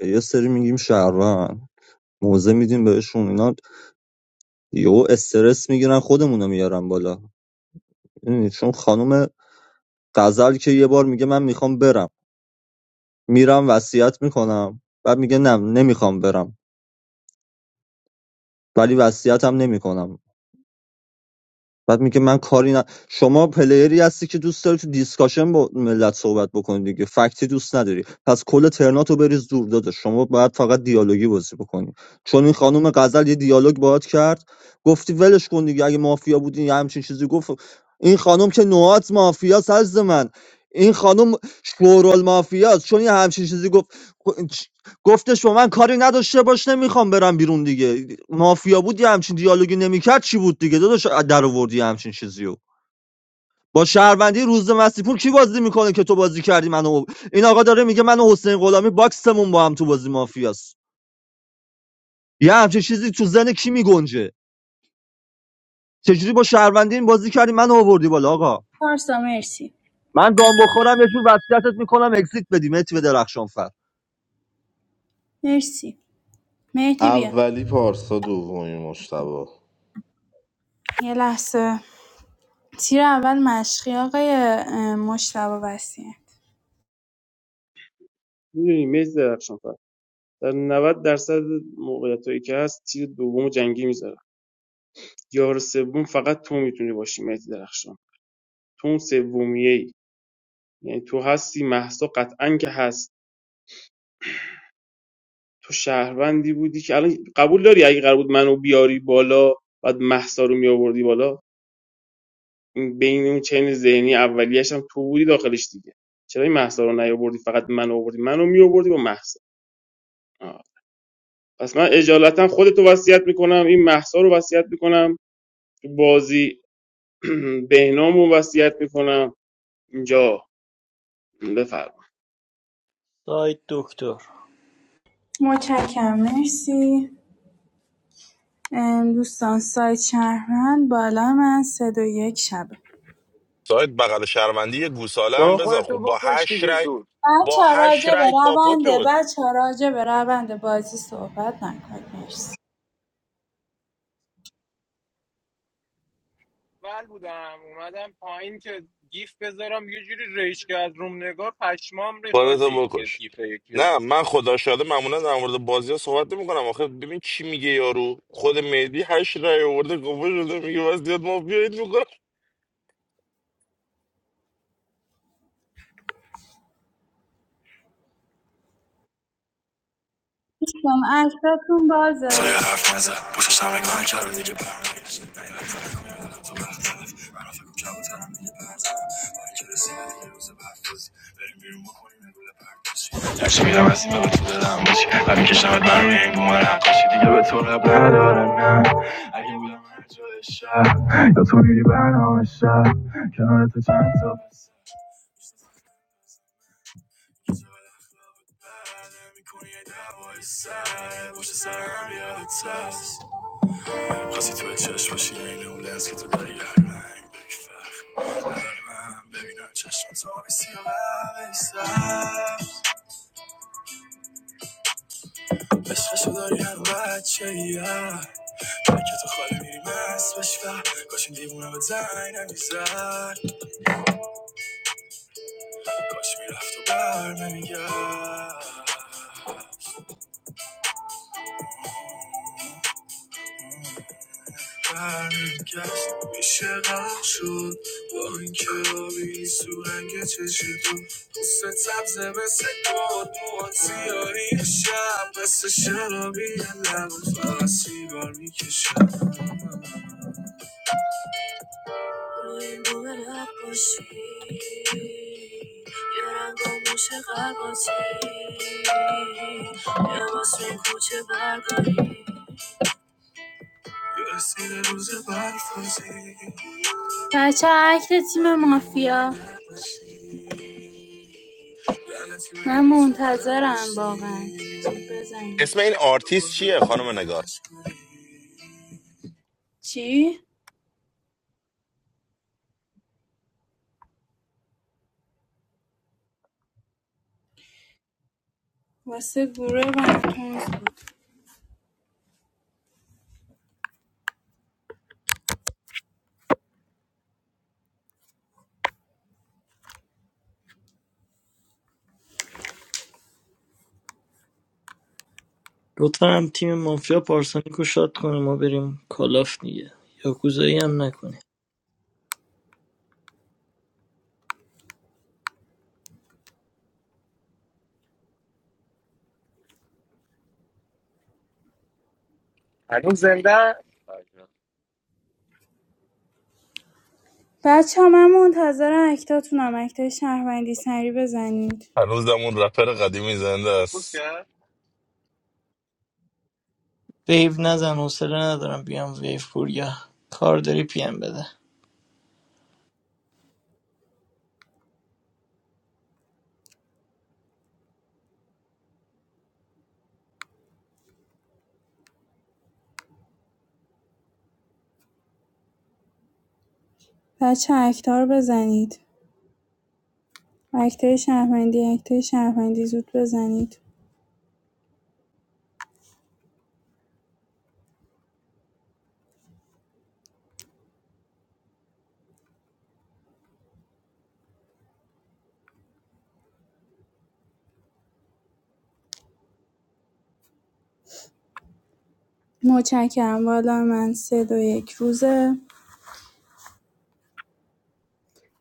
[SPEAKER 8] یه سری میگیم شهروند موزه میدیم بهشون اینا یهو استرس میگیرن خودمونو میارن بالا می‌دونی؟ چون خانم غزل که یه بار میگه من میخوام برم میرم وصیت میکنم بعد میگه نه نمیخوام برم ولی وصیتم نمیکنم بعد میگه من کاری نه شما پلیری هستی که دوست داری تو دیسکاشن با ملت صحبت بکنی دیگه فکتی دوست نداری پس کل ترناتو بریز دور داده شما باید فقط دیالوگی بازی بکنی چون این خانم غزل یه دیالوگ باهات کرد گفتی ولش کن دیگه اگه مافیا بودین یه همچین چیزی گفت این خانم که نوعات مافیا سرز من این خانم شورال مافیاست چون یه همچین چیزی گفت گفتش با من کاری نداشته باش نمیخوام برم بیرون دیگه مافیا بود یه همچین دیالوگی نمیکرد چی بود دیگه داداش در آوردی یه همچین چیزی با شهروندی روز مسیپور کی بازی میکنه که تو بازی کردی منو این آقا داره میگه من و حسین غلامی باکسمون با هم تو بازی مافیاست یه همچین چیزی تو زن کی میگنجه چجوری با شهروندی این بازی کردی منو آوردی بالا آقا
[SPEAKER 10] پارسا مرسی
[SPEAKER 8] من گام بخورم یه جور وصیتت میکنم اگزییت بدی متی به درخشان فر
[SPEAKER 10] مرسی مهدی بیا
[SPEAKER 4] اولی پارسا دومی مشتبه
[SPEAKER 10] یه لحظه تیر اول مشقی آقای اه، مجتبی وسیع
[SPEAKER 15] میدونی مز درخشان فر در 90 درصد موقعیتایی که هست تیر دوم جنگی میذاره یار سوم فقط تو میتونی باشی مهدی درخشان تو اون سومیه ای یعنی تو هستی مهسا قطعا که هست تو شهروندی بودی که الان قبول داری اگه قرار بود منو بیاری بالا بعد مهسا رو میآوردی بالا بین اون چین ذهنی اولیه‌ش هم تو بودی داخلش دیگه چرا این مهسا رو نیاوردی فقط من آوردی منو میآوردی با مهسا آه. پس من اجالتا خودتو وصیت میکنم این مهسا رو وصیت میکنم تو بازی [CLEARS THROAT] بهنام رو وصیت میکنم اینجا بفرمایید
[SPEAKER 20] سایت دکتر
[SPEAKER 10] متشکرم مرسی ام، دوستان سایت شهروند بالا من سه دو یک شبه
[SPEAKER 19] سایت بغل شهروندی گوساله
[SPEAKER 5] برو
[SPEAKER 19] هم بذار خب
[SPEAKER 5] خودتو
[SPEAKER 19] با
[SPEAKER 5] بکش
[SPEAKER 19] هشت
[SPEAKER 5] دیگه
[SPEAKER 19] رای
[SPEAKER 5] زود
[SPEAKER 10] بچه
[SPEAKER 19] با
[SPEAKER 10] ها
[SPEAKER 19] هشت
[SPEAKER 10] راجع به
[SPEAKER 19] رای کاپو
[SPEAKER 10] رونده
[SPEAKER 19] شد
[SPEAKER 10] بچه ها راجع به رونده بازی صحبت نکنید مرسی
[SPEAKER 5] ول بودم اومدم پایین که گیف بذارم یه جوری ریش کرد روم نگار پشمام
[SPEAKER 19] خودتو
[SPEAKER 5] ریخاجی یه
[SPEAKER 19] بکش
[SPEAKER 5] گیف یکی رو.
[SPEAKER 19] نه من خدا شاده معمولا در مورد بازی ها صحبت نمی کنم آخه ببین چی میگه یارو خود مهدی هشت رای آورده کاپو شده میگه بس دیاد ما بیایید میکنم
[SPEAKER 10] دوستان عشقتون بازه هرچی میرم از این به تو دلم باشی هر میکشمت من روی این بومر نقاشی دیگه به تو رب ندارم نه اگه بودم هر جای شهر یا تو میری برنامه شهر کنار تو چند تا بسه یه جمله اخلاق بد نمی‌کنی یه دعوای سر پشت سر هم یادت هست خواستی تو چشم باشی عین اون لحظه که تو داری یه رنگ بگی فرق عرق من ببینم چشم تو آبی سیاه و سبز عشقشو داری هم بچه یه که تو خاله میری مست بشی و کاش این دیوونه به زنگ نمیزد کاش میرفت و بر نمیگرد برم کس میشه گل شد و این کلو بی سرنگ چشیدم حس تب زم سکوت مواد سیاهی شابه سر شلو بیالنام فلسفی گرمی کشیدم توی من کوچی یه رنگ من شگرفتی یه وسیله کوچه باغی یه سیگار روز بارفزی بچه اکت تیم مافیا من منتظرم واقعا
[SPEAKER 19] اسم
[SPEAKER 10] بزنید
[SPEAKER 19] این آرتیست چیه خانم نگار
[SPEAKER 10] چی؟ واسه گروه براتونز بود
[SPEAKER 20] لطفا هم تیم مافیا پارسانیک رو شاد کنه ما بریم کالاف دیگه یاکوزایی هم نکنه
[SPEAKER 5] هنوز زنده
[SPEAKER 10] بچه ها من منتظر اکتاتونم اکتای شهروندی سری بزنید
[SPEAKER 19] هنوزم اون رپر قدیمی زنده است
[SPEAKER 5] کوس کرد؟
[SPEAKER 20] ویو نزن حوصله ندارم بیام ویو پور یا کار داری پیم بده
[SPEAKER 10] بچه اکتا رو بزنید اکتای شهروندی اکتای شهروندی زود بزنید متشکرم والا من سه دو یک روزه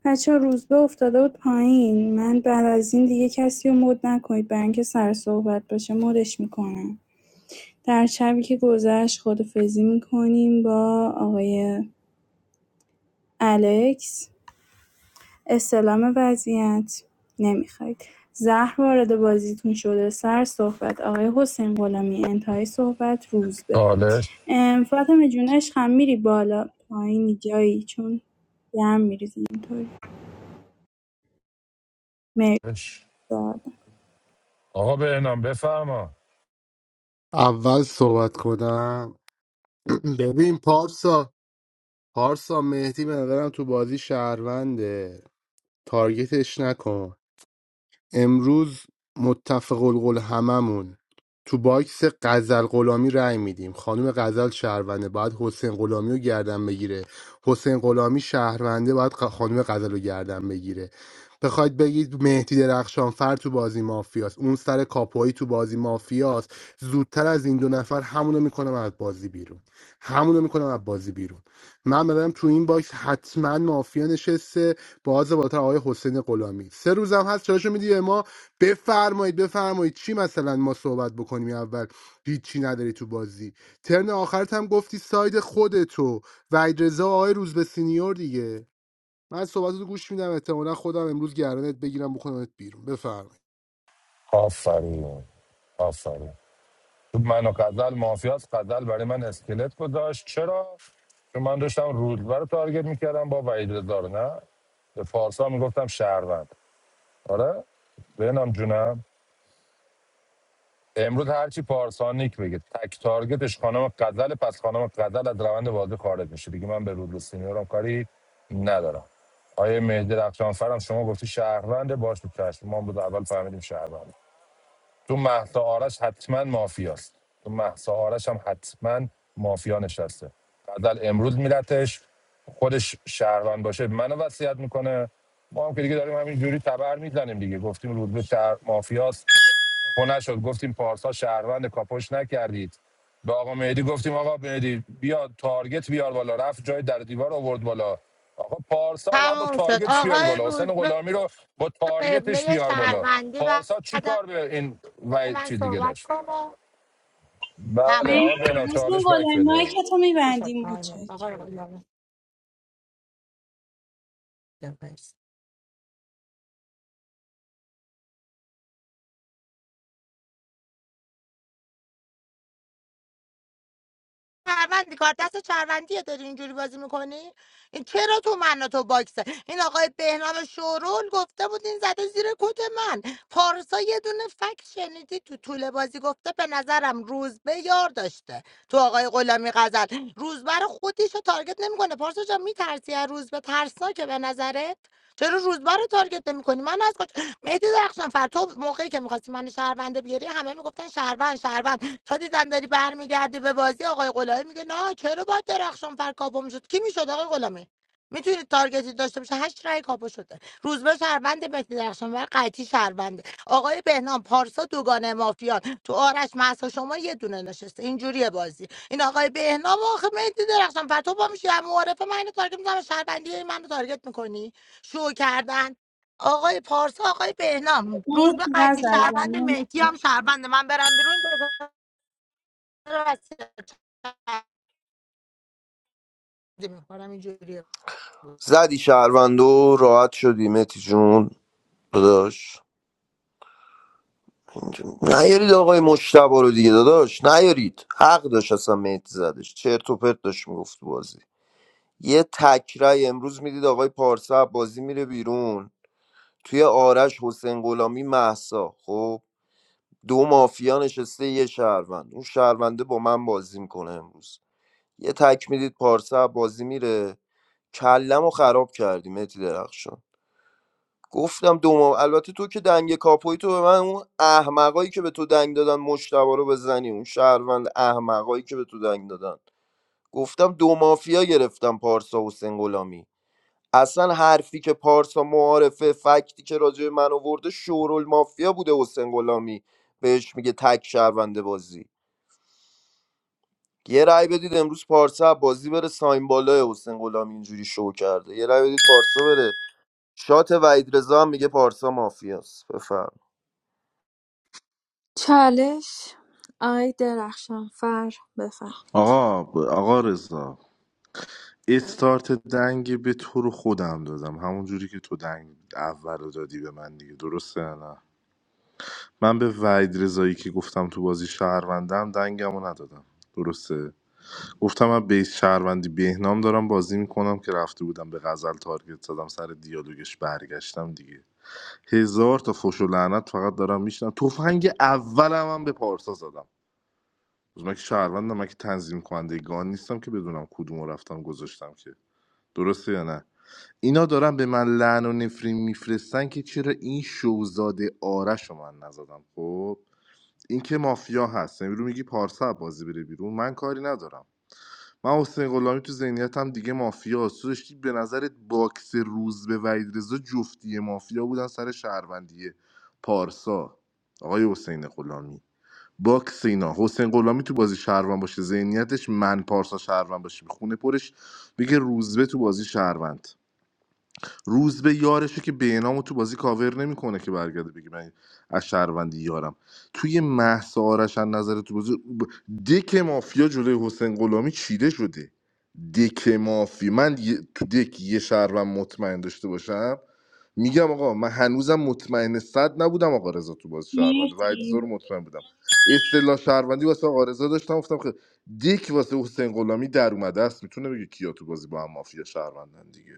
[SPEAKER 10] بچه ها روز به افتاده بود پایین من بعد از این دیگه کسی رو مد نکنید برای اینکه سر صحبت باشه مدش میکنم در شبی که گذشت خدافزی می‌کنیم با آقای الکس استلام وضعیت نمیخواید زهر وارد بازیتون شده سر صحبت آقای حسین غلامی انتهای صحبت روزبه
[SPEAKER 13] چالش
[SPEAKER 10] ام، فاطمه جون عشقم میری بالا پایینی جایی چون گرم میریزی اینطوری مرسی
[SPEAKER 13] آقا به نام بفرما
[SPEAKER 9] اول صحبت کنم [CLEARS THROAT] ببین پارسا پارسا مهدی به نظرم تو بازی شهرونده تارگتش نکن امروز متفق القول هممون تو باکس غزل غلامی رأی میدیم خانم غزل شهرونده باید حسین غلامی رو گردن بگیره حسین غلامی شهرونده باید خ- خانم غزل رو گردن بگیره بخواید بگید مهدی درخشان فر تو بازی مافیاست اون سر کاپویی تو بازی مافیاست زودتر از این دو نفر همونو میکنم از بازی بیرون همونو میکنم از بازی بیرون من بدم تو این باکس حتما مافیا نشسته باز بالاتر آقای حسین غلامی سه روزم هست چاشو میدی به ما بفرمایید بفرمایید چی مثلا ما صحبت بکنیم اول هیچی نداری تو بازی ترن آخرت هم گفتی ساید خودتو و رضا و آقای روز به سینیور دیگه من صحبتتو گوش میدم احتمالا خودم امروز گردنت بگیرم بکنمت بیرون بفرمایید
[SPEAKER 13] آفرین آفرین تو من و قزل مافیاس قزل برای من اسکلت گذاشت چرا چون من داشتم رودبه رو تارگت میکردم با وحید رضا نه به پارسا میگفتم شهروند آره به بهنام جونم امروز هرچی پارسانیک بگه تک تارگتش خانم غزل پس خانم غزل از روند بازی خارج میشه دیگه من به رودلو سینیورم کاری ندارم آیه مهدی رفشانفرم شما گفتی شهروند باش تو چشم ما بود اول فهمیدیم شهروند تو مهسا آرش حتما مافیاست تو مهسا آرش هم حتما مافیا نشسته غزل امروز میرتش خودش شهروند باشه منو وصیت میکنه ما هم که دیگه داریم همین جوری تبر میزنیم دیگه گفتیم رودلو شهر مافیاست خب نشد گفتیم پارسا شهروند کاپوش نکردید به آقا مهدی گفتیم آقا مهدی بیا تارگت بیار بالا رفت جای در دیوار آورد بالا آقا پارسا رو باید با
[SPEAKER 18] تموم شد
[SPEAKER 13] تارگتش بیاری
[SPEAKER 18] آقای
[SPEAKER 13] بالا حسین
[SPEAKER 18] روزبه
[SPEAKER 13] غلامی رو با تارگتش
[SPEAKER 18] قبله
[SPEAKER 13] بیار بالا
[SPEAKER 18] شهروندی
[SPEAKER 13] پارسا چی
[SPEAKER 18] بعد
[SPEAKER 13] کار به این و
[SPEAKER 18] من
[SPEAKER 13] چی دیگه
[SPEAKER 18] صحبت
[SPEAKER 13] داشت
[SPEAKER 18] کنم
[SPEAKER 13] بله
[SPEAKER 18] تموم
[SPEAKER 13] آقا
[SPEAKER 10] مرسی
[SPEAKER 13] بنا
[SPEAKER 10] حسین
[SPEAKER 13] چالش بک
[SPEAKER 10] غلامی ما
[SPEAKER 13] بده
[SPEAKER 10] که تو
[SPEAKER 18] شد
[SPEAKER 10] میبندی
[SPEAKER 18] تایم
[SPEAKER 10] مچک
[SPEAKER 18] آقای روزبه شهروندی کار دست شهروندیه داری اینجوری بازی میکنی این چرا تو من و تو باکسه این آقای بهنام شورول گفته بود این زده زیر کت من پارسا یه دونه فکت شنیدی تو طول بازی گفته به نظرم روزبه یار داشته تو آقای غلامی غزل روزبه رو خودش رو تارگت نمیکنه پارسا جان میترسی از روزبه ترسناکه به نظرت چرا روزبه رو تارگت نمیکنی من از کجا مهدی درخشان فر تو موقعی که میخواستی من شهرونده بیاری همه میگفتن شهروند شهروند تا دیدم داری برمیگردی به بازی آقای غلامی میگه نه چرا باید درخشان فر کاپو میشد کی میشد آقای غلامی میتونید تارگتی داشته باشه هشت رای کاپو شده روزبه شهروند مهدی درخشان فر قطعی شهرونده آقای بهنام پارسا دوگانه مافیان تو آرش مهسا شما یه دونه نشسته اینجوریه بازی این آقای بهنام آخه مهدی درخشان فر تو پا میشی هم معارفه من اینو تارگت میزنم شهروندی منو تارگت میکنی شو کردن آقای پارسا آقای بهنام روزبه به
[SPEAKER 10] مرسی غزل
[SPEAKER 18] قطعی شهروند
[SPEAKER 10] جان
[SPEAKER 18] مهدی هم شهروند من برم بیرون را تقدیم میکنم اینجوری
[SPEAKER 16] زدی شهروندو راحت شدی متی جون داداش نیارید آقای مشتبا رو دیگه داداش نیارید حق داشت اصلا مهدی زدش چرت و پرت داشت میگفت بازی یه تکرای امروز میدید آقای پارسا بازی میره بیرون توی آرش حسین غلامی محسا خب دو مافیا نشسته یه شهروند اون شهرونده با من بازی میکنه امروز یه تک میدید پارسا بازی میره کلم رو خراب کردی متی درخشان گفتم دو ما... البته تو که دنگ کاپوی تو به من اون احمقایی که به تو دنگ دادن مشتبا رو بزنی اون شهروند احمقایی که به تو دنگ دادن گفتم دو مافیا گرفتم پارسا و حسین غلامی اصلا حرفی که پارسا معارفه فکتی که راجع به من آورده شورول مافیا بوده حسین غلامی بهش میگه تک شهرونده بازی یه رأی بدید امروز پارسا بازی بره ساین بالا حسین غلامی اینجوری شو کرده یه رأی بدید پارسا بره شات وحید رضا هم میگه پارسا مافیاست بفرم
[SPEAKER 1] چالش آقای درخشانفر بفرمایید
[SPEAKER 4] آقا آقا رضا استارت دنگ به تو رو خودم دادم همون جوری که تو دنگ اول رو دادی به من دیگه درسته یا نه من به وحید رضایی که گفتم تو بازی شهروندم دنگم رو ندادم درسته گفتم من بیس شهروندی بهنام دارم بازی میکنم که رفته بودم به غزل تارگت زدم سر دیالوگش برگشتم دیگه هزار تا فش و لعنت فقط دارم میشنم تفنگ اولم هم به پارسا زدم من که شهروندم من که تنظیم کننده گان نیستم که بدونم کدوم رو رفتم گذاشتم که درسته یا نه اینا دارن به من لعن و نفرین میفرستن که چرا این شوزاده آرش رو من نزدم خب این که مافیا هست امرو میگی پارسا بازی بره بیرون من کاری ندارم من حسین غلامی تو ذهنیتم دیگه مافیا است. تو داشتی به نظرت باکس روز به وحید رضا جفتی مافیا بودن سر شهروندی پارسا آقای حسین غلامی باکس اینا حسین غلامی تو بازی شهروند باشه ذهنیتش من پارسا شهروند باشه خونه پرش بگه روزبه تو بازی شهروند روز به یارشه که بینامو تو بازی کاور نمیکنه که برگرده بگی من از شهروندی یارم توی مهسا آرش از نظر تو بازی ب- دک مافیا جلوی حسین غلامی چیده شده دک مافیا من یه- تو دک یه شهروند مطمئن داشته باشم میگم آقا من هنوزم مطمئن صد نبودم آقا رضا تو باز شهروند و رو
[SPEAKER 10] مرسی
[SPEAKER 4] مطمئن بودم اصطلاح شهروندی واسه آقا رضا داشتم گفتم خیلی دیک واسه حسین غلامی در اومده است میتونه بگه کیا تو بازی با هم مافیا شهروندن دیگه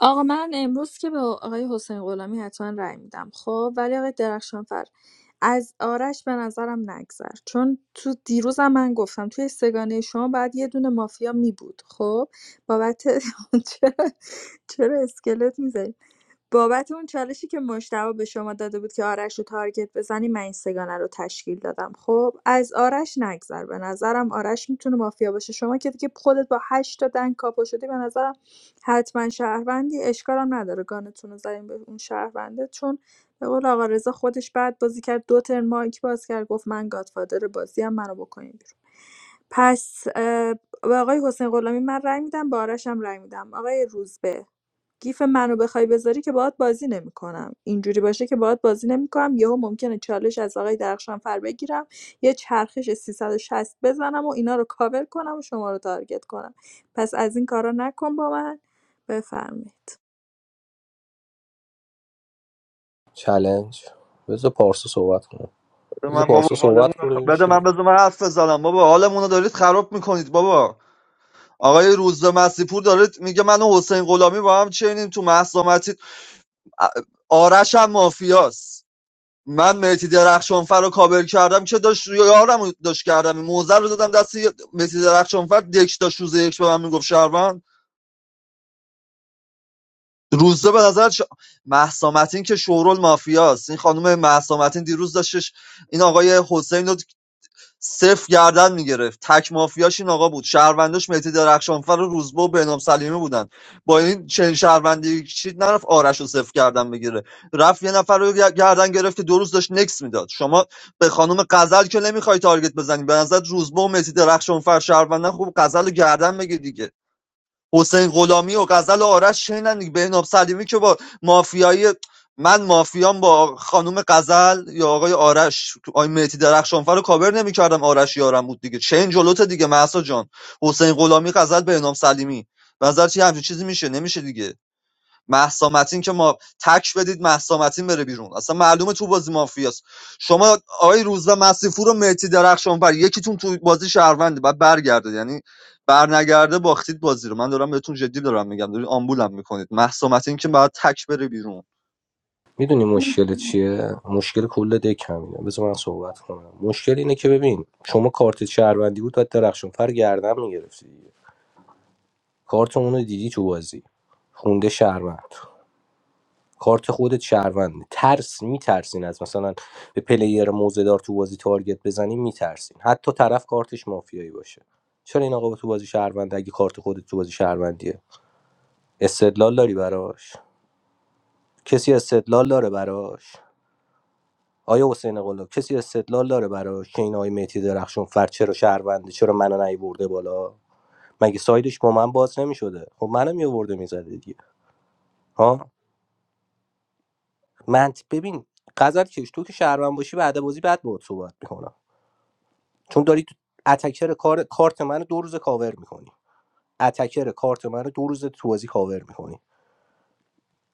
[SPEAKER 1] آقا من امروز که به آقای حسین غلامی حتما رأی میدم خب ولی آقای درخشانفر از آرش به نظرم نگذر چون تو دیروزم من گفتم توی سگانه شما باید یه دونه مافیا می بود خب بابت [LAUGHS] چرا چرا اسکلت می‌ذاری؟ بابت اون چالشی که مجتبی به شما داده بود که آرش رو تارگت بزنی من این سگانه رو تشکیل دادم خب از آرش نگذر به نظرم آرش میتونه مافیا باشه شما که دیگه خودت با هشت تا دنگ کاپو شدی به نظرم حتما شهروندی اشکالم نداره گانتون رو زدیم به اون شهرونده چون به قول آقا رضا خودش بعد بازی کرد دو ترن مایک باز کرد گفت من گادفادر بازی هم منو بکنین بیرون پس اه، به آقای حسین غلامی من رای میدم به آرشم رأی میدم آقای روزبه گیف منو بخوای بذاری که باهات بازی نمیکنم. اینجوری باشه که باهات بازی نمی‌کنم یهو ممکنه چالش از آقای درخشانفر بگیرم یه چرخش 360 بزنم و اینا رو کاور کنم و شما رو تارگت کنم پس از این کارا نکن با من بفرمایید
[SPEAKER 3] چالش بذار پارسا صحبت کنه
[SPEAKER 8] من
[SPEAKER 3] بذار پارسا
[SPEAKER 8] بابا حالمون
[SPEAKER 3] صحبت
[SPEAKER 8] رو
[SPEAKER 3] کنه
[SPEAKER 8] خ- بده
[SPEAKER 3] چی
[SPEAKER 8] من بذار من حرف بزنم بابا حالمون رو دارید خراب میکنید بابا آقای روزبه مسیپور داره میگه من و حسین غلامی با هم چینیم تو مهسا متین آرش هم مافیاست من مهدی درخشانفر رو کابل کردم که داشت یارم رو داشت کردم موزه رو دادم دست یه- مهدی درخشانفر دکش داشت روز یک به من میگفت شهروند روزه به نظر ش... مهسا متین که شورول مافیاست این خانم مهسا متین دیروز داشتش این آقای حسین رو صفر گردن میگرفت تک مافیاش این آقا بود شهرونداش مهدی درخشانفر و روزبه و بهنام سلیمی بودن با این چنین شهروندی چید نرفت آرش رو صفر گردن بگیره رفت یه نفر رو گردن گرفت که دو روز داشت نکس میداد شما به خانم غزل که نمیخوای تارگت بزنی به نظر روزبه و مهدی درخشانفر شهروندن خوب غزل رو گردن بگیر دیگه حسین غلامی و غزل و آرش شنیدن دیگه بهنام سلیمی که با مافیای من مافیام با خانم غزل یا آقای آرش آقای مهدی درخشانفر رو کاور نمیکردم آرش یارم بود دیگه چه این جلوت دیگه محسا جان حسین غلامی غزل بهنام سلیمی نظر چی همچین چیزی میشه نمیشه دیگه مهسا متین که ما تک بدید مهسا متین بره بیرون اصلا معلومه تو بازی مافیاست شما آقای روزبه مسیفور و مهدی درخشان بر یکیتون تو بازی شهرونده بعد برگرده یعنی برنگرده باختید بازی رو من دارم بهتون جدی دارم میگم دارید آمبولم میکنید مهسا متین که باید تک بره بیرون
[SPEAKER 3] میدونی مشکل چیه مشکل کل دک همینه بذار من صحبت کنم مشکل اینه که ببین شما کارت شهروندی بود باید درخشون فر گردن میگرفتی دیگه کارت اونو دیدی تو بازی خونده شهروند کارت خودت شهروند ترس میترسین از مثلا به پلیر موزدار تو بازی تارگت بزنی میترسین حتی طرف کارتش مافیایی باشه چرا این آقا تو بازی شهروند اگه کارت خودت تو بازی شهروندیه استدلال داری براش کسی استدلال داره براش آیا حسین قلاب کسی استدلال داره برای که این آقای مهدی درخشان فر چرا شهرونده چرا منو برده بالا مگه سایدش با من باز نمیشده خب منو میآورده میزده دیگه ها من ببین غزل کش تو که شهروند باشی بعد بازی بعد باهات صحبت میکنم چون داری تو اتکر کار کارت منو دو روز کاور میکنی اتکر کارت منو دو روز تو بازی کاور میکنی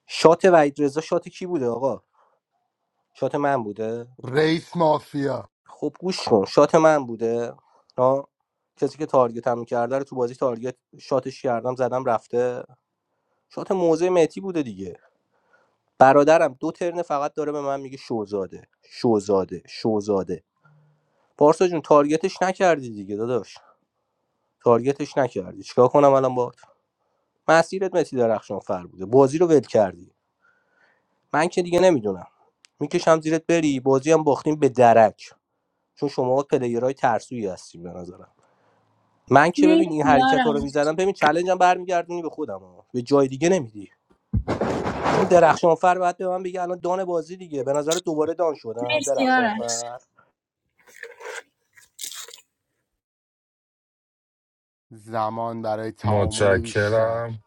[SPEAKER 3] شات وحید رضا شات کی بوده آقا شات من بوده
[SPEAKER 9] رئیس مافیا
[SPEAKER 3] خب گوش کن شات من بوده ها کسی که تارگت هم کرده رو تو بازی تارگت شاتش کردم زدم رفته شات موزه متی بوده دیگه برادرم دو ترن فقط داره به من میگه شوزاده شوزاده شوزاده پارسا جون تارگتش نکردی دیگه داداش تارگتش نکردی چیکار کنم الان با مسیرت متی درخشان فر بوده بازی رو ول کردی من که دیگه نمیدونم میکشم زیرت بری بازی هم باختیم به درک چون شما پلیرهای ترسویی هستیم به نظرم من که ببین
[SPEAKER 10] مرسی
[SPEAKER 3] این حرکت ها رو
[SPEAKER 10] یارم
[SPEAKER 3] میزدم ببین چلنجم برمیگردونی به خودم ها. به جای دیگه نمیدی چون درخشانفر باید به من بگه الان دان بازی دیگه به نظر دوباره دان شدم
[SPEAKER 10] مرسی آرش
[SPEAKER 3] درخشانفر
[SPEAKER 9] زمان برای تعامل بیشتر
[SPEAKER 13] متشکرم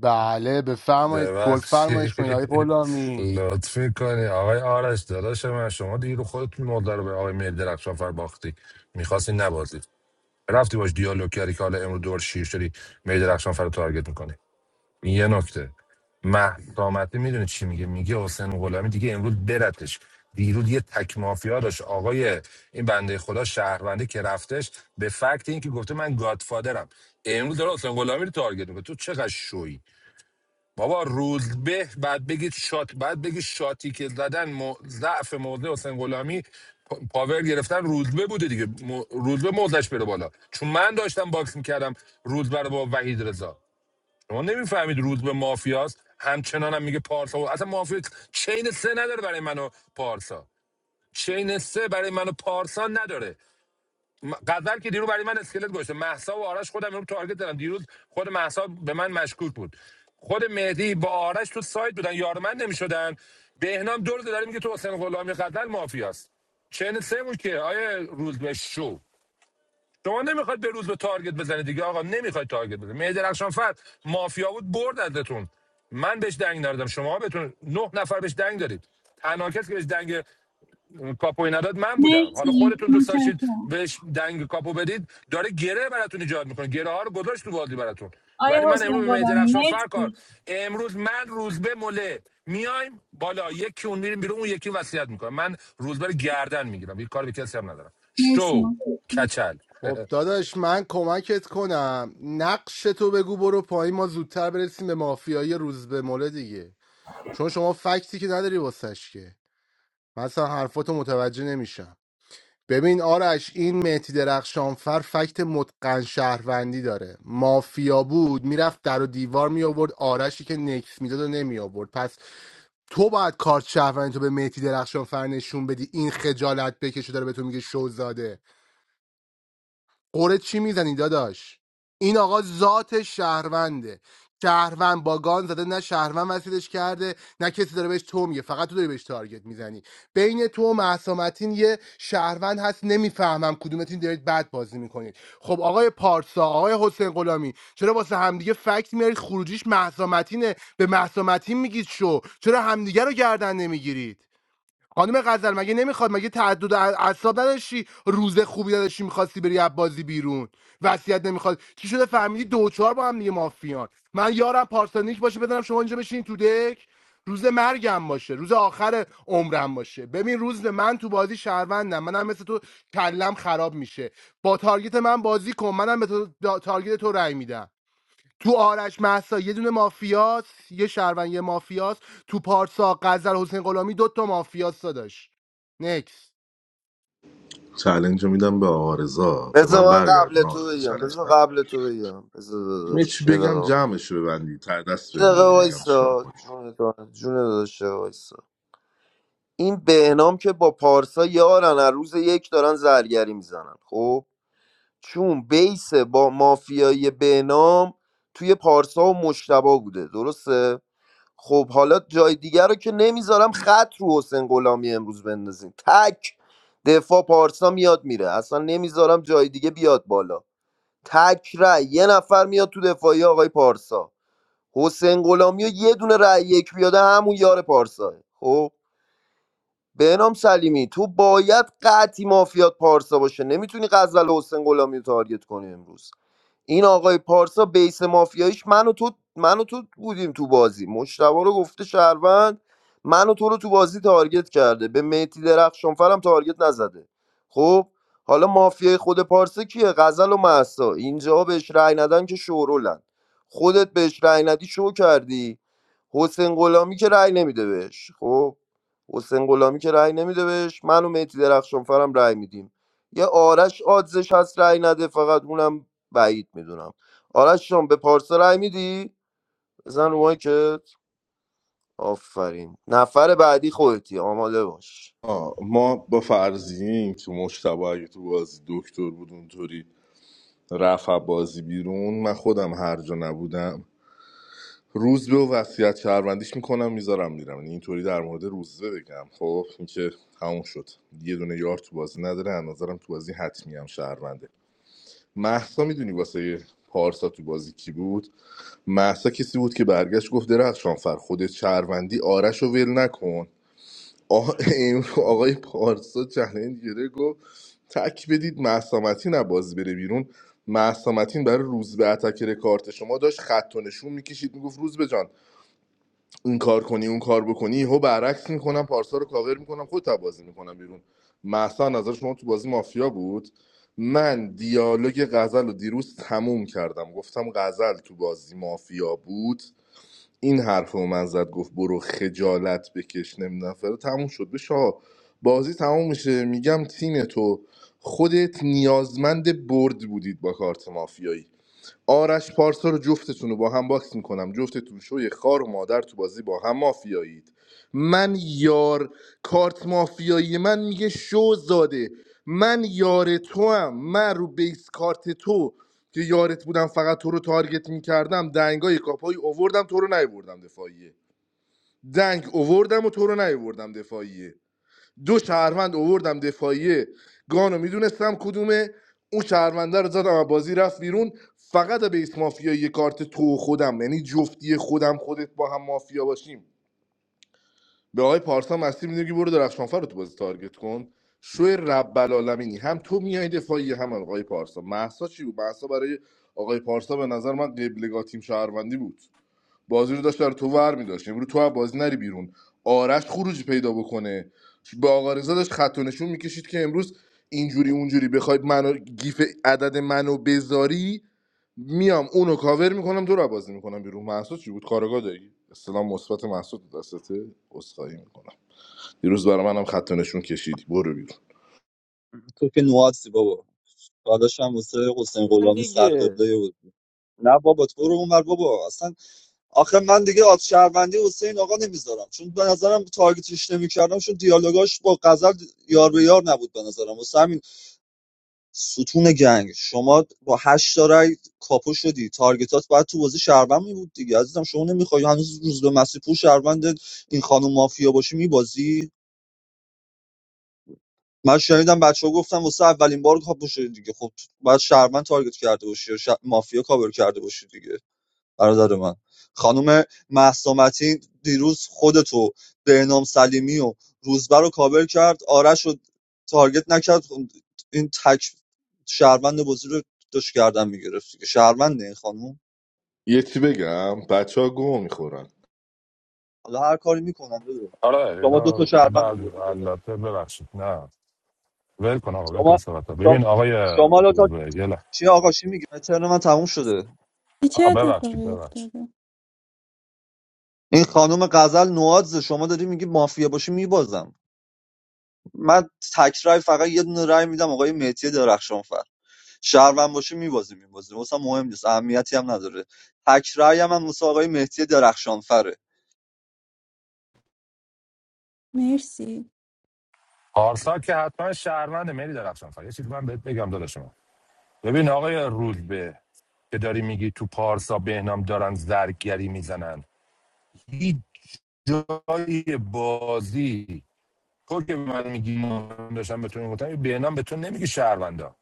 [SPEAKER 9] بله بفرمایید گل
[SPEAKER 13] ببخشید
[SPEAKER 9] فرمایش کنید آقای غلامی
[SPEAKER 13] لطف میکنی آقای آرش داداش من شما دیگه رو خودتون مدار به آقای مهدی رفشانفر باختی میخواستی نبازی رفتی باش دیالوگ کردی که حالا امروز دور شیر شدی می درخشان فر رو تارگت میکنی این یه نکته مهدامتی میدونه چی میگه میگه حسین غلامی دیگه امروز برتش دیروز یه تک مافیا داشت آقای این بنده خدا شهرونده که رفتش به فکت اینکه گفته من گادفادرم امروز داره حسین غلامی رو تارگت میکنه تو چقدر شویی بابا روز به بعد بگید شات بعد بگید شاتی که زدن مو- ضعف موضع حسین غلامی پا- پاور گرفتن روزبه بوده دیگه مو- روزبه موضعش بره بالا چون من داشتم باکس میکردم روزبه رو با وحید رضا شما نمیفهمید روزبه مافیاست همچنان هم میگه پارسا و اصلا مافیا چین سه نداره برای منو پارسا چین سه برای منو پارسا نداره م- غزل که دیروز برای من اسکلت گذاشته مهسا و آرش خودم رو تارگت دارم دیروز خود مهسا به من مشکوک بود خود مهدی با آرش تو سایت بودن یار من نمیشدن بهنام دور داره میگه تو حسین غلامی غزل مافیاست چه سه بود که آیا روز به شو شما نمیخواد به روز به تارگت بزنید دیگه آقا نمیخواد تارگت بزنید مهدی رخشان فرد مافیا بود برد ازتون من بهش دنگ ندادم شما بهتون نه نفر بهش دنگ دارید تنها کسی که بهش دنگ کاپو این من بودم حالا
[SPEAKER 10] مرسی
[SPEAKER 13] خودتون دوست داشتید
[SPEAKER 10] متشکرم
[SPEAKER 13] بهش دنگ کاپو بدید داره گره براتون ایجاد میکنه گره ها رو گذاشت تو بازی براتون
[SPEAKER 10] آیا
[SPEAKER 13] ولی من
[SPEAKER 10] حسین
[SPEAKER 13] امروز به
[SPEAKER 10] غلامی
[SPEAKER 13] درخشان فرکار
[SPEAKER 10] مرسی
[SPEAKER 13] امروز من روزبه مله میایم بالا یکی اون میریم بیرون اون یکی وصیت میکنه من روزبه رو گردن میگیرم یه کار به کسی هم ندارم
[SPEAKER 10] مرسی
[SPEAKER 13] شو
[SPEAKER 10] متشکرم
[SPEAKER 13] کچل [LAUGHS]
[SPEAKER 9] خب داداش من کمکت کنم نقش تو بگو برو پایین ما زودتر برسیم به مافیای روز به مله دیگه چون شما فکتی که نداری واسش که من اصلا حرفاتو متوجه نمیشم ببین آرش این مهدی درخشانفر فکت متقن شهروندی داره مافیا بود میرفت در و دیوار می آورد آرشی که نکس میداد و نمی آورد پس تو باید کارت شهروندی تو به مهدی درخشانفر نشون بدی این خجالت بکشه داره به تو میگه شوزاده قره چی میزنی داداش این آقا ذات شهرونده شهروند با گان زده نه شهروند وسیلش کرده نه کسی داره بهش تو میگه فقط تو داری بهش تارگت میزنی بین تو و محسامتین یه شهروند هست نمیفهمم کدومتین دارید بد بازی میکنید خب آقای پارسا آقای حسین غلامی چرا واسه همدیگه فکت میارید خروجیش محسامتینه به محسامتین میگید شو چرا همدیگه رو گردن نمیگیرید خانم غزل مگه نمیخواد مگه تعدد ا- اعصاب نداشتی روز خوبی نداشتی میخواستی بری از بازی بیرون وصیت نمیخواد چی شده فهمیدی دو و چهار با هم دیگه مافیان من یارم پارسانیک باشه بدنم شما اینجا بشین تو دک روز مرگم باشه روز آخر عمرم باشه ببین روز من تو بازی شهروندم منم مثل تو کلم خراب میشه با تارگت من بازی کن منم به تو- تارگت تو رأی میدم تو آرش محسا یه دونه مافیاس یه شهروند یه مافیاس تو پارسا غزل حسین غلامی دو تا مافیاس داداش نکس
[SPEAKER 4] چلنج رو میدم به آقا رضا. به
[SPEAKER 16] بذار
[SPEAKER 4] من
[SPEAKER 16] من قبل
[SPEAKER 4] برگردون آقا
[SPEAKER 16] تو
[SPEAKER 4] رضا
[SPEAKER 16] بگم
[SPEAKER 4] چلنج
[SPEAKER 16] بذار
[SPEAKER 4] نداره.
[SPEAKER 16] قبل تو بگم بذار
[SPEAKER 4] یه چی
[SPEAKER 16] داداش یه
[SPEAKER 4] بگم
[SPEAKER 16] دقیقه
[SPEAKER 4] جمعش رو ببندی تر دست
[SPEAKER 16] یه
[SPEAKER 4] بهم
[SPEAKER 16] دقیقه
[SPEAKER 4] بدی بگم چیکار
[SPEAKER 16] وایسا
[SPEAKER 4] کنی
[SPEAKER 16] جون تو- جون داداش وایسا این بهنام که با پارسا یارن از روز یک دارن زرگری میزنن خب چون بیس با مافیایی بهنام توی پارسا و مشتبا بوده درسته خب حالا جای دیگر رو که نمیذارم خط رو حسین غلامی امروز بندازین تک دفاع پارسا میاد میره اصلا نمیذارم جای دیگه بیاد بالا تک رای یه نفر میاد تو دفاعی آقای پارسا حسین غلامی و یه دونه رای یک بیاده همون یار پارساه خب بهنام سلیمی تو باید قطعی مافیات پارسا باشه نمیتونی غزل و حسین غلامی رو تارگت کنی امروز این آقای پارسا بیس مافیاییش من و تو من و تو بودیم تو بازی مشتبه رو گفته شهروند من و تو رو تو بازی تارگت کرده به میتی درخشانفرم تارگت نزده خب حالا مافیای خود پارسا کیه غزل و مهسا اینجا بهش رأی ندن که شورولن خودت بهش رأی ندی شو کردی حسین غلامی که رأی نمیده بهش خب حسین غلامی که رأی نمیده بهش من و مهدی درخشانفرم رأی میدیم یه آرش آدزش هست رأی نده فقط اونم بعید میدونم آرش جان به پارسا رای میدی بزن رو مایکت آفرین نفر بعدی خودتی آماده باش
[SPEAKER 4] آه، ما با فرضیه که مشتبه اگه تو بازی دکتر بود اونطوری رفت بازی بیرون من خودم هر جا نبودم روز به و وصیت شهروندیش میکنم میذارم میرم یعنی اینطوری در مورد روزبه بگم خب اینکه همون شد یه دونه یار تو بازی نداره از نظرم تو بازی حتمی هم شهرونده محسا میدونی واسه پارسا تو بازی کی بود محسا کسی بود که برگشت گفت درخشان فر خودت شهروندی آرش رو ول نکن آقا [LAUGHS] آقای پارسا چلنج گره گفت تک بدید محسامتین بازی بره بیرون محسامتین برای روز به اتکر کارت شما داشت خط و نشون میکشید میگفت روز به جان این کار کنی اون کار بکنی یهو برعکس میکنم پارسا رو کاور میکنم خودت هم بازی میکنم بیرون محسا نظر شما تو بازی مافیا بود من دیالوگ غزل رو دیروز تموم کردم گفتم غزل تو بازی مافیا بود این حرف رو من زد گفت برو خجالت بکش نمیدونم فردا تموم شد بشه آقا. بازی تموم میشه میگم تیم تو خودت نیازمند برد بودید با کارت مافیایی آرش پارسا رو جفتتون رو با هم باکس میکنم جفتتون شوی خار و مادر تو بازی با هم مافیایید من یار کارت مافیایی من میگه شو زاده من یار تو هم من رو بیس کارت تو که یارت بودم فقط تو رو تارگت میکردم دنگای کاپایی اووردم تو رو نیوردم دفاعیه دنگ اووردم و تو رو نیوردم دفاعیه دو شهروند اووردم دفاعیه گانو میدونستم کدومه اون شهرونده رو زدم و بازی رفت بیرون فقط بیس مافیا یه کارت تو خودم یعنی جفتی خودم خودت با هم مافیا باشیم به آقای پارسا مستی میدونی که برو درخشانفر رو تو بازی تارگت کن شو رب العالمینی هم تو میای دفاعی هم آقای پارسا محسا چی بود محسا برای آقای پارسا به نظر من قبلگاه تیم شهروندی بود بازی رو داشت برای تو ور میداشت امروز تو از بازی نری بیرون آرش خروجی پیدا بکنه با آقا رضا داشت خط و نشون میکشید که امروز اینجوری اونجوری بخواید منو گیف عدد منو بذاری میام اونو کاور میکنم دور بازی میکنم بیرون محسوس چی بود کارگاه داری اسلام مثبت محسوس دستته اسخایی میکنم دیروز برای منم خط و نشون کشیدی برو بیرون
[SPEAKER 8] تو که نوازی بابا داداشم واسه حسین
[SPEAKER 3] من
[SPEAKER 8] غلامی
[SPEAKER 3] دیگه
[SPEAKER 8] سرقبله بود نه بابا تو برو اونور بابا اصلا آخه من دیگه آت شهروندی حسین آقا نمیذارم چون به نظرم تارگتش نمیکردم چون دیالوگاش با غزل یار به یار نبود به نظرم واسه همین ستون گنگ شما با هشت تا رای کاپو شدی تارگتات باید تو بازی شهروند می بود دیگه عزیزم شما نمیخوای هنوز روز به مسیح پور شهروند این خانم مافیا باشی میبازی من شنیدم بچه ها گفتم واسه اولین بار کاپو شدی دیگه خب بعد شهروند تارگت کرده باشی یا شه- مافیا کاور کرده باشی دیگه برادر من خانم مهسا متین دیروز خودتو بهنام سلیمی و روزبه رو کاور کرد آرش رو تارگت نکرد این تک شهروند بازی رو داشت کردن میگرفت دیگه شهروند این خانم
[SPEAKER 4] یه چی بگم بچه ها گوه میخورن
[SPEAKER 8] حالا هر کاری میکنن بده
[SPEAKER 13] آره
[SPEAKER 8] شما دو
[SPEAKER 13] اینا
[SPEAKER 8] تا شهروند
[SPEAKER 13] بله
[SPEAKER 8] آوردی بالا
[SPEAKER 13] البته ببخشید نه ول کن آقا ول کن
[SPEAKER 8] شما
[SPEAKER 13] صحبت
[SPEAKER 8] شما
[SPEAKER 13] ببین آقای
[SPEAKER 8] شما الان تا
[SPEAKER 13] روزبه یه لحظه
[SPEAKER 8] چی آقا چی میگی ترن من تموم شده
[SPEAKER 10] چه
[SPEAKER 13] آه، ببخشید
[SPEAKER 10] اتفاقی
[SPEAKER 13] ببخشید
[SPEAKER 10] افتاده
[SPEAKER 8] این خانم غزل نوازه شما داری میگی مافیا باشی میبازم من تک رای فقط یه دونه رای میدم آقای مهدی درخشانفر شهروند باشه میبازیم میبازیم واسه مهم نیست اهمیتی هم نداره تک رأی هم, هم واسه آقای مهدی درخشانفره
[SPEAKER 10] مرسی
[SPEAKER 13] پارسا که حتما شهرونده مری درخشان فر یه چیزی من بهت بگم داداش من ببین آقای رودبه که داری میگی تو پارسا بهنام دارن زرگری میزنن هیچ جای بازی تو که به من میگی من داشتم به تو میگفتم این بهنام به تو نمیگی شهروندا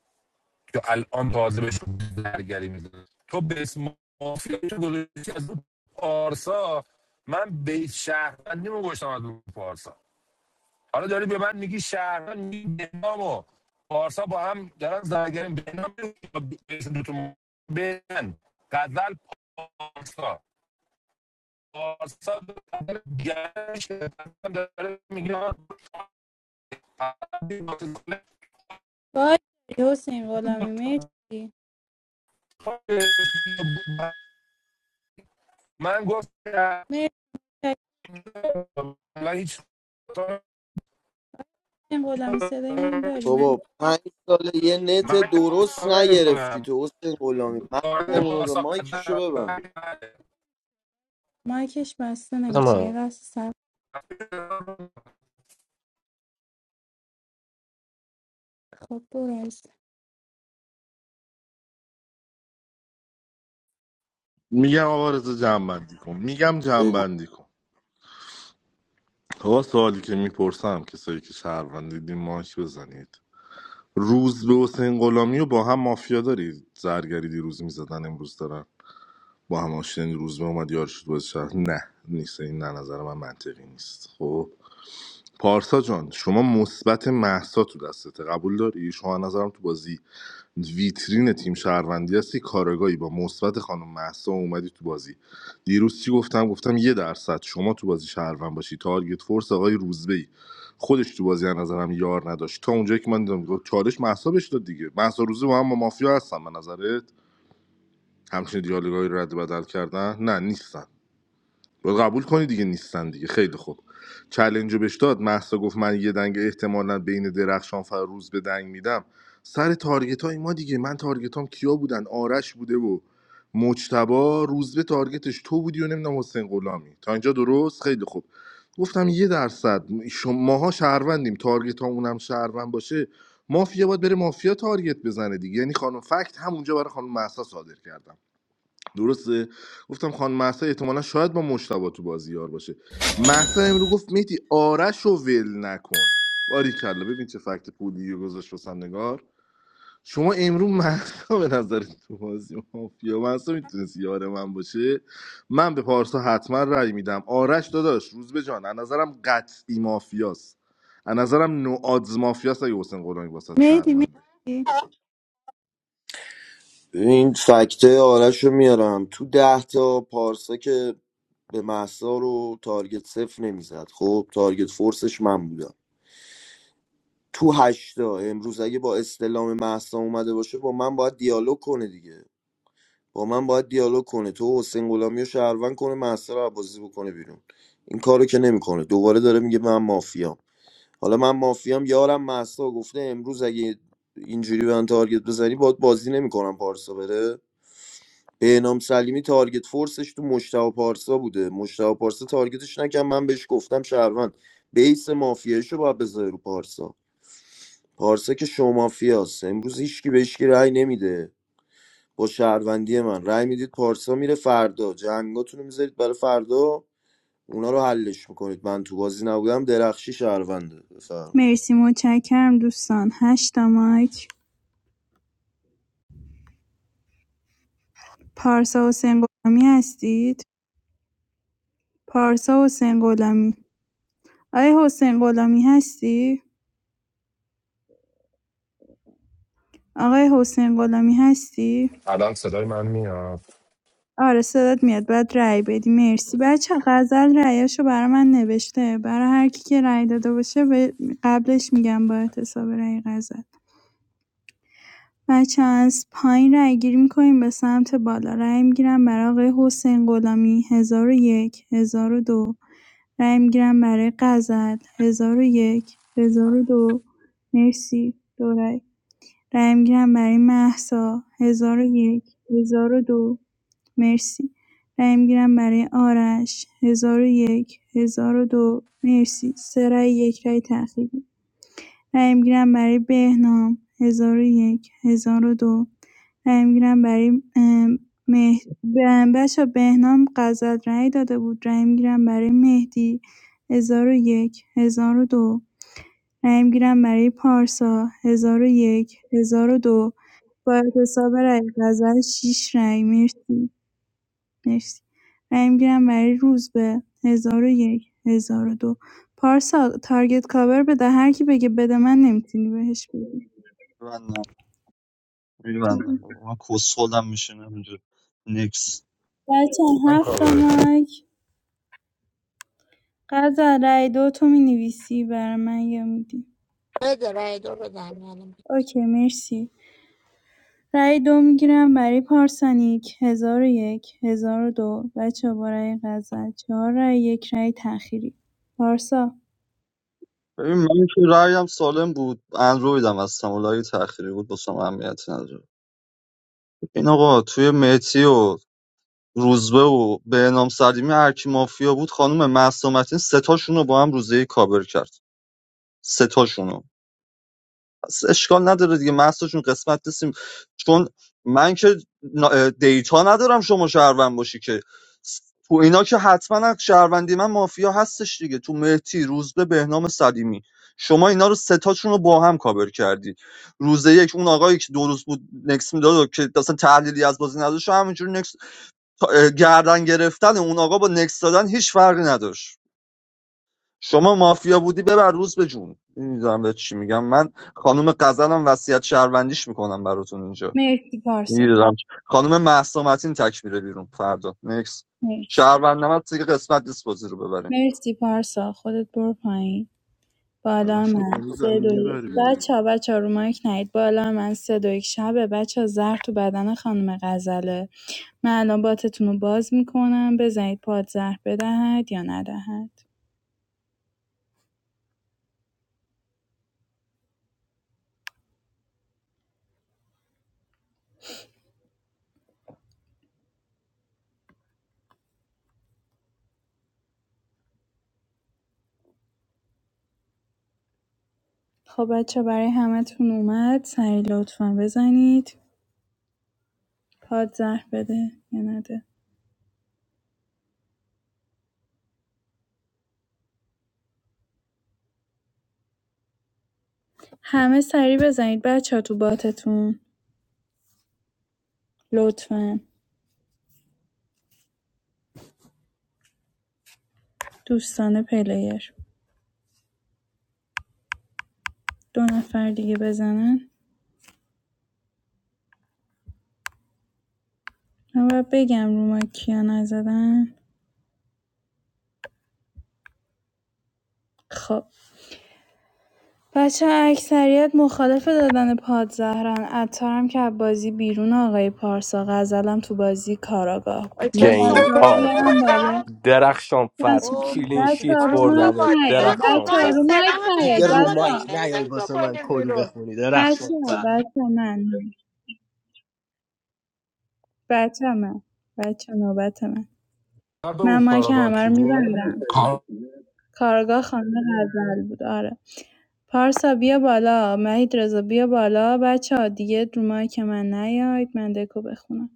[SPEAKER 13] که الان تازه بهش زرگری میزنه تو به اسم مافیا تو گذاشتی از اون پارسا من به شهروندی گذاشتم از اون پارسا حالا داری به من میگی شهران میگی بهنام و پارسا با هم دارن زنگرین بهنام بهشون دوتون بهن غزل پارسا پارسا داره گرش داره میگه آقا،
[SPEAKER 10] وای حسین غلامی مرسی
[SPEAKER 13] من گفت
[SPEAKER 10] مرسی
[SPEAKER 13] من هیچ
[SPEAKER 10] حسین غلامی صدای من داری من
[SPEAKER 16] بابا پنج ساله یه
[SPEAKER 13] من
[SPEAKER 16] نت درست نگرفتی تو حسین غلامی
[SPEAKER 10] بر...
[SPEAKER 16] مغزمونو به
[SPEAKER 13] پارسا
[SPEAKER 16] مایکشو
[SPEAKER 13] قدم
[SPEAKER 16] ببند
[SPEAKER 10] مایکش بسته نمیشه یه
[SPEAKER 3] خودم.
[SPEAKER 10] لحظه سب خب برو از
[SPEAKER 4] میگم آقا رضا جنبندی کن میگم
[SPEAKER 16] بگو
[SPEAKER 4] جنبندی کن آقا سوالی که میپرسم کسایی که شهروند دیدین ماک بزنید روز به حسین غلامی و با هم مافیا دارید زرگری دیروز میزدن امروز دارن با هم آشنین روز به اومد یار شد باز شهر نه نیست این نه نظر من منطقی نیست خب پارسا جان شما مثبت محسا تو دستته قبول داری شما از نظرم تو بازی ویترین تیم شهروندی هستی کارگاهی با مثبت خانم مهسا اومدی تو بازی دیروز چی گفتم گفتم یه درصد شما تو بازی شهروند باشی تارگت فورس آقای روزبه خودش تو بازی از نظرم یار نداشت تا اونجایی که من دیدم چالش مهسا بهش داد دیگه مهسا روزبه با هم با مافیا هستن به نظرت همچین دیالوگایی رو رد و بدل کردن نه نیستن و قبول کنی دیگه نیستن دیگه خیلی خوب چلنج رو بهش داد محسا گفت من یه دنگ احتمالا بین درخشان فروز به دنگ میدم سر تارگت های ما دیگه من تارگت هم کیا بودن آرش بوده و مجتبا روز به تارگتش تو بودی و نمیدونم حسین غلامی تا اینجا درست خیلی خوب گفتم یه درصد شما- ماها شهروندیم تارگت ها اونم شهروند باشه مافیا باید بره مافیا تارگت بزنه دیگه یعنی خانم فکت همونجا برای خانم مهسا صادر کردم درسته گفتم خان مهسا احتمالا شاید با مشتبه تو بازی یار باشه مهسا امرو گفت میتی آرش رو ول نکن کلا ببین چه فکت پولی گذاشت واسم نگار شما امرو مهسا به نظر تو بازی مافیا مهسا میتونست یار من باشه من به پارسا حتما رأی میدم آرش داداش روز به جان از نظرم قطعی مافیاست از نظرم نوآدز مافیاست اگه حسین قرآنی واسه
[SPEAKER 10] مهدی مرسی
[SPEAKER 4] چرونده
[SPEAKER 16] این فکته آرش رو میارم تو ده تا پارسا که به محسا رو تارگت صفر نمیزد خب تارگت فورسش من بودم تو هشتا امروز اگه با استلام محسا اومده باشه با من باید دیالوگ کنه دیگه با من باید دیالوگ کنه تو حسین غلامی رو شهروند کنه محسا رو بازی بکنه بیرون این کارو که نمیکنه دوباره داره میگه من مافیام حالا من مافیام یارم محسا گفته امروز اگه اینجوری به من تارگت بزنی باید بازی نمیکنم پارسا بره بهنام سلیمی تارگت فورسش تو مشتاق پارسا بوده مشتاق پارسا تارگتش نکن من بهش گفتم شهروند بیس مافیایشو باید بذاره رو پارسا پارسا که شو مافیاست امروز هیچکی بهش کی رأی نمیده با شهروندی من رأی میدید پارسا میره فردا جنگاتون رو میذارید برای فردا اونا رو حلش میکنید من تو بازی نبودم درخشی شهرونده بفرم
[SPEAKER 10] مرسی متشکرم دوستان هشتا مایک پارسا حسین غلامی هستید پارسا حسین غلامی آیا حسین غلامی هستی؟ آقای حسین غلامی هستی؟
[SPEAKER 13] الان صدای من میاد
[SPEAKER 10] آره صدات میاد باید رأی بدی مرسی بچه غزل رأیاشو برا من نوشته برای هر کی که رأی داده باشه به قبلش میگم با حساب رأی غزل بچه از پایین رأی گیری میکنیم به سمت بالا رأی میگیرم برای آقای حسین غلامی هزار و یک هزار و دو رأی میگیرم برای غزل هزار و یک هزار و دو مرسی دو رأی رأی میگیرم برای مهسا هزار و یک هزار و دو مرسی رای میگیرم برای آرش ۱۰۰۱ ۱۰۰۲ مرسی ۳ رای یک رای تأخیری رای میگیرم برای بهنام ۱۰۰۱ ۱۰۰۲ رای میگیرم برای ام، مه... ب- بچه بهنام غزل رای داده بود رای میگیرم برای مهدی ۱۰۰۱ ۱۰۰۲ رای میگیرم برای پارسا ۱۰۰۱ ۱۰۰۲ با اعتصاب رای غزل ۶ رای مرسی مرسی رای میگیرم برای روزبه 1001 دو پارسا تارگت کاور بده هر کی بگه بده من نمیتونی بهش بدی
[SPEAKER 8] ببندم میبندم بابا، من کسخلم میشینم اینجا نکس
[SPEAKER 10] بچه
[SPEAKER 13] من
[SPEAKER 10] هفت تا
[SPEAKER 13] کاورت
[SPEAKER 10] مایک قزل رای دو تو مینویسی برای من یا میدی
[SPEAKER 18] بده رای دو رو دمیانم
[SPEAKER 10] اوکی مرسی رای دو میگیرم برای پارسانیک 1001 دو بچه با رای غزل چهار رای یک رای تأخیری پارسا
[SPEAKER 8] ببین من که رأیم سالم بود اندرویدم از سمولای تأخیری بود واسه اهمیتی نداره این آقا توی مهدی و روزبه و به نام سلیمی هرکی مافیا بود خانم معصومتین سه تاشون رو با هم روزه کابر کرد سه تاشون. پس اشکال نداره دیگه مهسا قسمت نیستیم چون من که نا- دیتا ندارم شما شهروند باشی که س- تو اینا که حتما از شهروندی من مافیا هستش دیگه تو مهتی روزبه بهنام سلیمی شما اینا رو ستاشون رو با هم کابر کردید روز یک اون آقایی که دو روز بود نکس میداد که اصلا تحلیلی از بازی نداشت و همینجور نکس تا- اه، گردن گرفتن اون آقا با نکس دادن هیچ فرقی نداشت شما مافیا بودی ببر روز به جون نمیدونم به چی میگم من خانم غزلم وصیت شهروندیش میکنم براتون اینجا
[SPEAKER 10] مرسی پارسا
[SPEAKER 8] میدونم خانم مهسا متین تک میره بیرون فردا نکس
[SPEAKER 10] مرسی
[SPEAKER 8] شهروند نمد دیگه قسمت نیست بازی رو ببریم
[SPEAKER 10] مرسی پارسا خودت برو پایین
[SPEAKER 4] الان
[SPEAKER 10] بالا
[SPEAKER 4] شد
[SPEAKER 10] من سه
[SPEAKER 4] میزنیم
[SPEAKER 10] دو یک
[SPEAKER 4] میبریم
[SPEAKER 10] بچه ها بچه ها رو مایک نید بالا من سه دو یک شبه بچه ها زهر تو بدن خانم غزله من الان باتتون رو باز میکنم بزنید پاد زهر بدهد یا ندهد خب بچه ها برای همه همتون اومد سریع لطفا بزنید پاد زهر بده یا نده همه سریع بزنید بچه ها تو باتتون لطفا دوستان پلیر دو نفر دیگه بزنن من باید بگم رو مایک کیا نزدن خب بچه اکثریت مخالف دادن پادزهرن عطارم که بازی بیرون آقای پارسا غزلم تو بازی کاراگاه بود من
[SPEAKER 18] چه
[SPEAKER 10] باید
[SPEAKER 3] گیم
[SPEAKER 18] سوپر
[SPEAKER 10] بیارم
[SPEAKER 3] آور
[SPEAKER 10] بالا
[SPEAKER 18] بودم
[SPEAKER 3] درخشانفر
[SPEAKER 10] بچه
[SPEAKER 18] اوه.
[SPEAKER 3] کلین
[SPEAKER 10] بچه ها
[SPEAKER 3] شیت
[SPEAKER 10] رو
[SPEAKER 18] پاشا جان
[SPEAKER 10] مایک
[SPEAKER 3] بردم
[SPEAKER 18] بازی
[SPEAKER 10] نیایید
[SPEAKER 18] نکن
[SPEAKER 10] بچه
[SPEAKER 18] ما
[SPEAKER 10] ها
[SPEAKER 18] این
[SPEAKER 10] رو
[SPEAKER 3] درخشانفر
[SPEAKER 10] مایک
[SPEAKER 18] سلام به
[SPEAKER 10] نیایید
[SPEAKER 3] دیگه
[SPEAKER 18] ما
[SPEAKER 3] رو
[SPEAKER 10] بچه
[SPEAKER 18] داریم
[SPEAKER 3] مایک
[SPEAKER 10] ها
[SPEAKER 3] نیای
[SPEAKER 18] نمیذاریم تو
[SPEAKER 3] واسه من
[SPEAKER 18] کنیم
[SPEAKER 3] کلی
[SPEAKER 18] بیرون
[SPEAKER 3] بخونی
[SPEAKER 10] بچه ها
[SPEAKER 3] درخشانفر
[SPEAKER 10] بچه ها من بچه ها من بچه ها نوبت من
[SPEAKER 13] مرد
[SPEAKER 10] من
[SPEAKER 13] او
[SPEAKER 10] مایک
[SPEAKER 13] کاراگاه
[SPEAKER 10] همه
[SPEAKER 13] کی
[SPEAKER 10] رو
[SPEAKER 13] بود
[SPEAKER 10] میبندم
[SPEAKER 13] کار
[SPEAKER 10] کارگاه خانم غزل بود آره پارسا بیا بالا مهید رضا بیا بالا بچه ها دیگه رو مایک من نیاید من دکو بخونم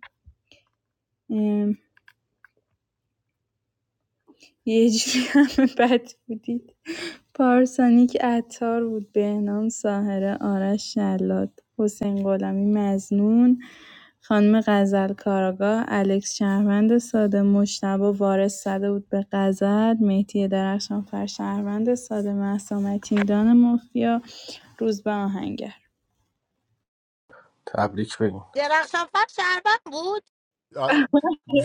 [SPEAKER 10] ام، یه جوری همه بد بودید پارسانیک عطار بود بهنام ساهره آرش شلاد حسین غلامی مزنون خانم غزل کاراگاه الکس شهروند ساده مشتبه وارث زده بود به غزل مهدی درخشان فر شهروند ساده مهسا متین دان مافیا روز به آهنگر
[SPEAKER 3] تبریک بگین
[SPEAKER 18] درخشان فر شربت بود
[SPEAKER 9] آ،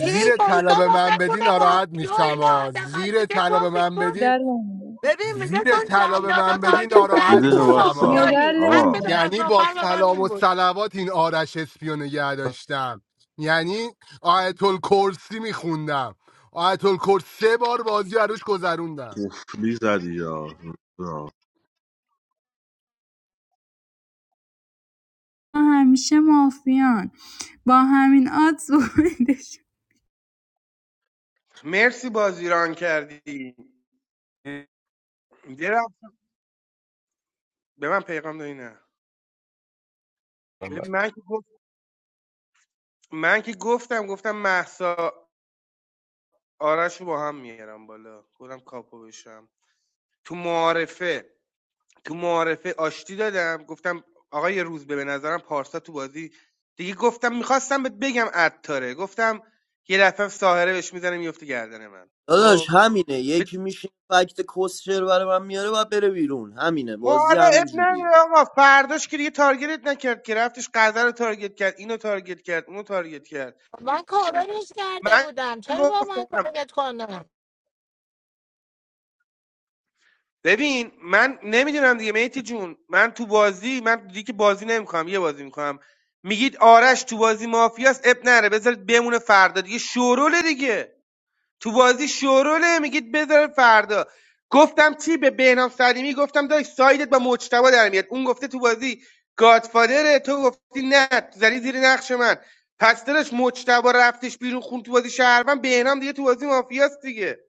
[SPEAKER 18] هی
[SPEAKER 9] طلا
[SPEAKER 18] بایستا
[SPEAKER 9] به
[SPEAKER 18] با
[SPEAKER 9] من بدی
[SPEAKER 18] بخونه
[SPEAKER 9] ناراحت
[SPEAKER 18] مافیا
[SPEAKER 9] میشم
[SPEAKER 18] اینو
[SPEAKER 9] آ.
[SPEAKER 18] حداقل
[SPEAKER 9] زیر
[SPEAKER 18] میگه
[SPEAKER 9] طلا
[SPEAKER 18] تون
[SPEAKER 9] به من
[SPEAKER 18] بیتون
[SPEAKER 9] بدی
[SPEAKER 10] مدال نمی‌دم.
[SPEAKER 18] ببین میگه
[SPEAKER 9] زیر
[SPEAKER 18] چون
[SPEAKER 9] طلا به
[SPEAKER 18] جلادا
[SPEAKER 9] من بدی
[SPEAKER 18] تارگت
[SPEAKER 4] یه
[SPEAKER 9] ناراحت
[SPEAKER 18] کردی
[SPEAKER 4] دقیقه
[SPEAKER 18] تو
[SPEAKER 9] میشم آ.
[SPEAKER 4] واسا
[SPEAKER 10] مدال
[SPEAKER 18] مافیایی حرف
[SPEAKER 4] آقا
[SPEAKER 10] نمیدم
[SPEAKER 9] یعنی
[SPEAKER 18] درخشان
[SPEAKER 9] با
[SPEAKER 18] فر به من
[SPEAKER 9] سلام
[SPEAKER 18] این
[SPEAKER 9] و
[SPEAKER 18] بود
[SPEAKER 9] صلوات این آرش اسپیو نگه داشتم یعنی آیت الکرسی میخوندم آیت الکرسی سه بار بازی عروش گذروندم
[SPEAKER 4] قفلی زدی یا یا.
[SPEAKER 10] همیشه مافیان با همین آدز بودش.
[SPEAKER 12] مرسی بازی ران کردی درم رفت به من پیغام دادی نه ببین من که گفت من که گفتم گفتم محسا آرش رو با هم میارم بالا خودم کاپو بشم تو معارفه تو معارفه آشتی دادم گفتم آقای یه روز به به نظرم پارسا تو بازی دیگه گفتم میخواستم بهت بگم عطاره گفتم یه دفعه ساهره بهش میزنه میفته گردن من
[SPEAKER 16] داداش
[SPEAKER 12] خب
[SPEAKER 16] همینه یکی میشه فکت کسچر برای من میاره و بره بیرون همینه
[SPEAKER 12] ما
[SPEAKER 16] بازی
[SPEAKER 12] حالا
[SPEAKER 16] همین
[SPEAKER 12] اب
[SPEAKER 16] جوریه
[SPEAKER 12] نداره آقا فرداش که دیگه تارگتت نکرد که رفتش قذر رو تارگت کرد اینو تارگت کرد اونو تارگت کرد
[SPEAKER 18] من کارانش کرده
[SPEAKER 12] من
[SPEAKER 18] بودم چرا با من
[SPEAKER 12] گفتم
[SPEAKER 18] تارگت کنه
[SPEAKER 12] ببین من نمیدونم دیگه میتی جون من تو بازی من دیگه که بازی نمیکنم یه بازی میکنم میگید آرش تو بازی مافیاست اب نره بذارید بمونه فردا دیگه شوروله دیگه تو بازی شوروله میگید بذار فردا گفتم چی به بهنام سلیمی گفتم داش سایدت با مجتبا در میاد اون گفته تو بازی گادفادره تو گفتی نه زدی زیر نقش من پس دلش مجتبا رفتش بیرون خون تو بازی شهروند بهنام دیگه تو بازی مافیاست دیگه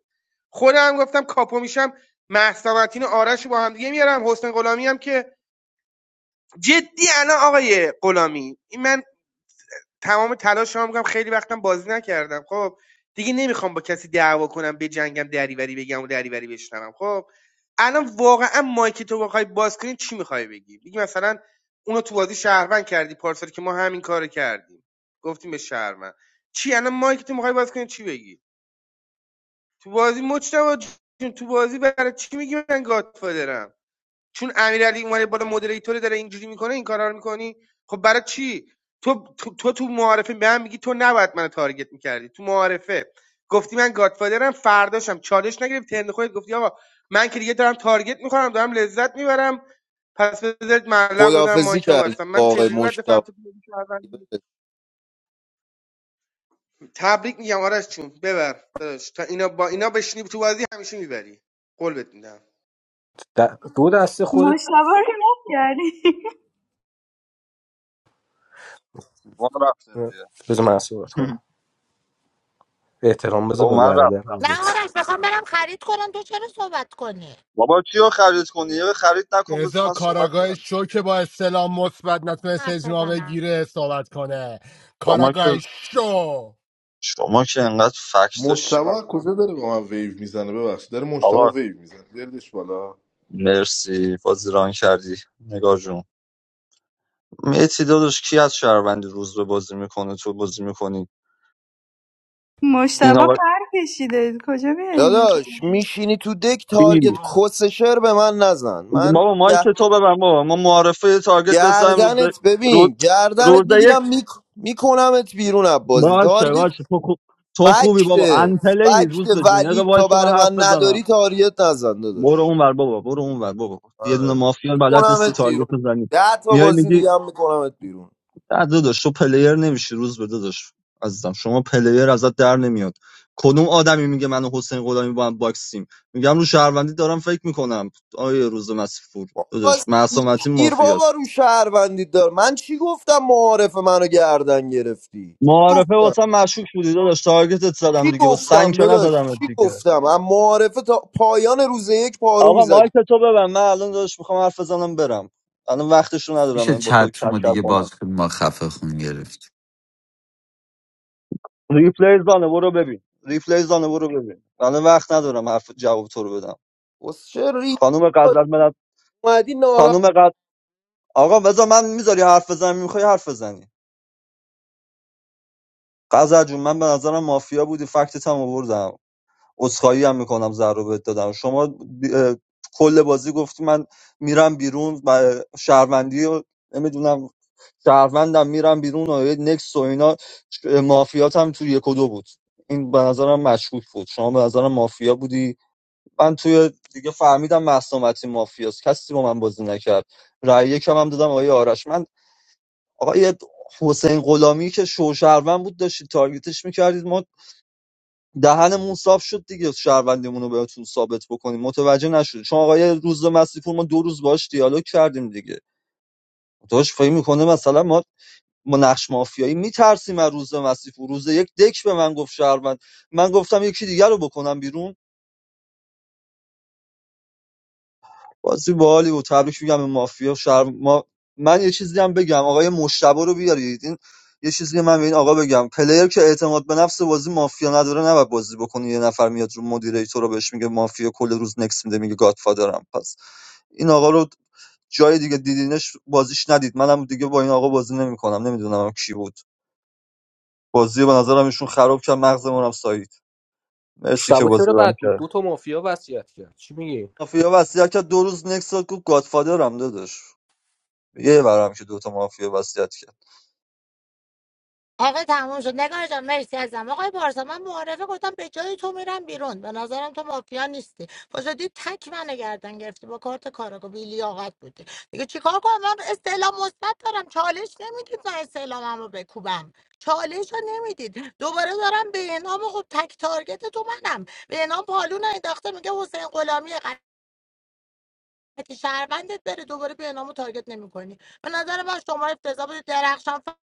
[SPEAKER 12] خودم گفتم کاپو میشم مهسا متین و آرش رو با هم دیگه میارم حسین غلامی هم که جدی الان آقای غلامی این من تمام تلاشمو میکنم خیلی وقتم بازی نکردم خب دیگه نمیخوام با کسی دعوا کنم بجنگم دریوری بگم و دریوری بشنوم خب الان واقعا مایک تو بخوای باز کنی چی میخوای بگی بگی مثلا اونو تو بازی شهروند کردی پارسال که ما همین کارو کردیم گفتیم به شهروند چی الان مایک تو میخوای باز کنی چی بگی تو بازی مجتبی جون تو بازی برای چی میگی من گادفادرم چون امیرعلی اومده بالا مدریتوری داره اینجوری میکنه این کارا رو میکنی خب برای چی تو تو تو, تو معارفه به من میگی تو نباید منو تارگت میکردی تو معارفه گفتی من گادفادرم فرداشم چالش نگرفتی ترند خودت گفتی آقا من که دیگه دارم تارگت میخورم دارم لذت میبرم پس بذارید معلق بزنم
[SPEAKER 16] خدافزی
[SPEAKER 12] مایکم
[SPEAKER 16] کردی
[SPEAKER 12] بستم
[SPEAKER 16] با
[SPEAKER 12] من
[SPEAKER 16] آقای
[SPEAKER 12] چجوری باید بفهم
[SPEAKER 16] مشتبه
[SPEAKER 12] تو بازی شهروندی؟ تبریک میگم آرش چون ببر داداش تا اینا با اینا بشینی تو بازی همیشه میبری قول بهت میدم
[SPEAKER 3] د- دو دسته خودت
[SPEAKER 10] مشتبه رو نگاه کردی
[SPEAKER 8] ما رفتیم دیگه
[SPEAKER 3] بذار من صحبت
[SPEAKER 8] [LAUGHS]
[SPEAKER 3] کنم احترام بذار
[SPEAKER 8] او
[SPEAKER 3] به
[SPEAKER 8] من رفتم
[SPEAKER 18] نه
[SPEAKER 3] برادر
[SPEAKER 18] آرش میخوام برم خرید کنم تو چرا صحبت کنی
[SPEAKER 8] بابا کیو خرید کنی یه خرید نکن بذار
[SPEAKER 9] رضا
[SPEAKER 8] من صحبت
[SPEAKER 9] کاراگاه
[SPEAKER 8] کنم
[SPEAKER 9] شو که با استلام مثبت نتونست
[SPEAKER 18] حرف
[SPEAKER 9] اجماع
[SPEAKER 18] بزنم
[SPEAKER 9] بگیره صحبت کنه
[SPEAKER 8] شما که
[SPEAKER 9] کاراگاه شو
[SPEAKER 8] شما که انقدر فکت داشتی
[SPEAKER 4] مجتبا از
[SPEAKER 8] مثلا
[SPEAKER 4] کجا داره با من ویو میزنه ببخشید داره مجتبا
[SPEAKER 8] آقا
[SPEAKER 4] ویو میزنه بیاردش بالا
[SPEAKER 8] مرسی بازی ران کردی نگار جون میتی داداش کی از شهروند روز به بازی میکنه تو بازی میکنی اینا
[SPEAKER 10] مشتبه
[SPEAKER 8] و
[SPEAKER 10] پر کشیده کجا میاریمش
[SPEAKER 16] داداش میشینی تو دک تارگت
[SPEAKER 8] کی
[SPEAKER 16] کسشر به من نزن من
[SPEAKER 8] بابا مایک
[SPEAKER 16] گ-
[SPEAKER 8] تو ببن بابا ما معارفه یه تارگت بزنیم روز
[SPEAKER 16] گردنت
[SPEAKER 8] روز
[SPEAKER 16] ببین گردنت
[SPEAKER 8] روز یک
[SPEAKER 16] میگیرم میک... میکنمت بیرون از بازی
[SPEAKER 8] باشه
[SPEAKER 16] تارگت
[SPEAKER 8] باشه تو خوب تو خوبی
[SPEAKER 16] فکت
[SPEAKER 8] بابا انتله
[SPEAKER 16] فکت
[SPEAKER 8] روز به جون
[SPEAKER 16] ولی
[SPEAKER 8] یه
[SPEAKER 16] تا
[SPEAKER 8] وایس من
[SPEAKER 16] برای من
[SPEAKER 8] حرف
[SPEAKER 16] نداری
[SPEAKER 8] بزنم
[SPEAKER 16] تاریت نزن
[SPEAKER 8] برو
[SPEAKER 16] داداش
[SPEAKER 8] اون ور بابا برو اون ور بابا یه دونه
[SPEAKER 16] آره
[SPEAKER 8] مافیا بلد نیستی
[SPEAKER 16] میکنمت بیرون
[SPEAKER 8] تارگت بزنی
[SPEAKER 16] ده تا
[SPEAKER 8] میای
[SPEAKER 16] بازی
[SPEAKER 8] میگی
[SPEAKER 16] دیگه هم میکنمت بیرون
[SPEAKER 8] نه داداش تو پلیر نمیشی روز به داداش عزیزم شما پلیر ازت در نمیاد کدوم آدمی میگه من و حسین غلامی با هم باکسیم میگم رو شهروندی دارم فکر میکنم آیه روز مسیفور
[SPEAKER 16] بابا
[SPEAKER 8] داداش معصومتی
[SPEAKER 16] سیکتیر بابا
[SPEAKER 8] مافیاست
[SPEAKER 16] رو شهروندی دار من چی گفتم معارف منو گردن گرفتی
[SPEAKER 8] معارفه واسه مشکوک بودی داداش تارگتت زدم
[SPEAKER 16] چی
[SPEAKER 8] دیگه با سنگ
[SPEAKER 16] گفتم
[SPEAKER 8] که
[SPEAKER 16] داداش
[SPEAKER 8] نزدمت
[SPEAKER 16] چی
[SPEAKER 8] دیگه
[SPEAKER 16] گفتم از معارفه تا پایان روز یک پارو
[SPEAKER 8] آقا
[SPEAKER 16] میزدی
[SPEAKER 8] مایک تو ببن من الان داداش میخوام حرف بزنم برم الان وقتشو ندارم
[SPEAKER 21] میشه
[SPEAKER 8] من با تو
[SPEAKER 21] چت
[SPEAKER 8] کل
[SPEAKER 21] رو
[SPEAKER 8] کل
[SPEAKER 21] دیگه باز
[SPEAKER 8] کنم
[SPEAKER 21] کنی؟ ما خفه خون گرفت
[SPEAKER 8] ریپلی زانه برو ببین ریپلی زانه برو ببین الان وقت ندارم حرف جواب تو رو بدم
[SPEAKER 16] چه ری
[SPEAKER 8] خانم غزل
[SPEAKER 16] اومدی
[SPEAKER 8] خانم قد آقا بذار من میذاری حرف بزنم میخوای حرف بزنی قذر جون من به نظرم مافیا بودی فکتت هم آوردم عذرخواهی هم میکنم ضرر رو بهت دادم شما بی- اه، کل بازی گفتی من میرم بیرون و شهروندی و نمیدونم شهروندم میرم بیرون و یه نکس و اینا اه، مافیات هم توی یک و دو بود این به نظرم مشکوک بود شما به نظرم مافیا بودی من توی دیگه فهمیدم محسومتی مافیاست کسی با من بازی نکرد رأی یکم هم دادم آقای آرش آقای حسین غلامی که شوشهروند بود داشتید تارگتش میکردید ما دهنمون صاف شد دیگه شهروندیمون رو بهتون ثابت بکنیم متوجه نشد چون آقای روز مسیپور ما دو روز باش دیالوگ کردیم دیگه داشت فکر میکنه مثلا ما ما نقش مافیایی میترسیم از روز مسیپور روز یک دک به من گفت شهروند من گفتم یکی دیگر رو بکنم بیرون بازی باحالی بود تبریک میگم به مافیا شهر ما من یه چیزی هم بگم آقای مشتبه رو بیارید این یه چیزی من به این آقا بگم پلیر که اعتماد به نفس بازی مافیا نداره نباید بازی بکنه یه نفر میاد رو مدیریتور رو بهش میگه مافیا کل روز نکس میده میگه گادفادرم پس این آقا رو جای دیگه دیدینش بازیش ندید منم دیگه با این آقا بازی نمیکنم نمیدونم هم کی بود بازی به نظرم ایشون خراب کرد مغزمون هم سایید مرسی که
[SPEAKER 3] مشتبه
[SPEAKER 8] بازی
[SPEAKER 3] چرا
[SPEAKER 8] رام
[SPEAKER 3] بد بود
[SPEAKER 8] کرد
[SPEAKER 3] دو تا مافیا وصیت کرد چی میگی
[SPEAKER 8] مافیا وصیت کرد دو روز نکس داد گفت گادفادرم داداش یه ورم که دوتا مافیا وصیت کرد
[SPEAKER 18] آقا تموم شد نگار جان مرسی ازم آقای بارسا من معارفه گفتم به جای تو میرم بیرون به نظرم تو مافیا نیستی بازدی تک منو گردن گرفتی با کارت کاراگو بی لیاقت بودی دیگه چیکار کنم من استعلام مثبت دارم چالش نمیدید من استعلامم رو بکوبم چالش رو نمیدید دوباره دارم به انام خب تک تارگت تو منم به انام پالون رو انداخته میگه حسین غلامی که شهروندت بره دوباره به نامو تارگت نمیکنی به نظر من شما افتضاح بودی درخشان فر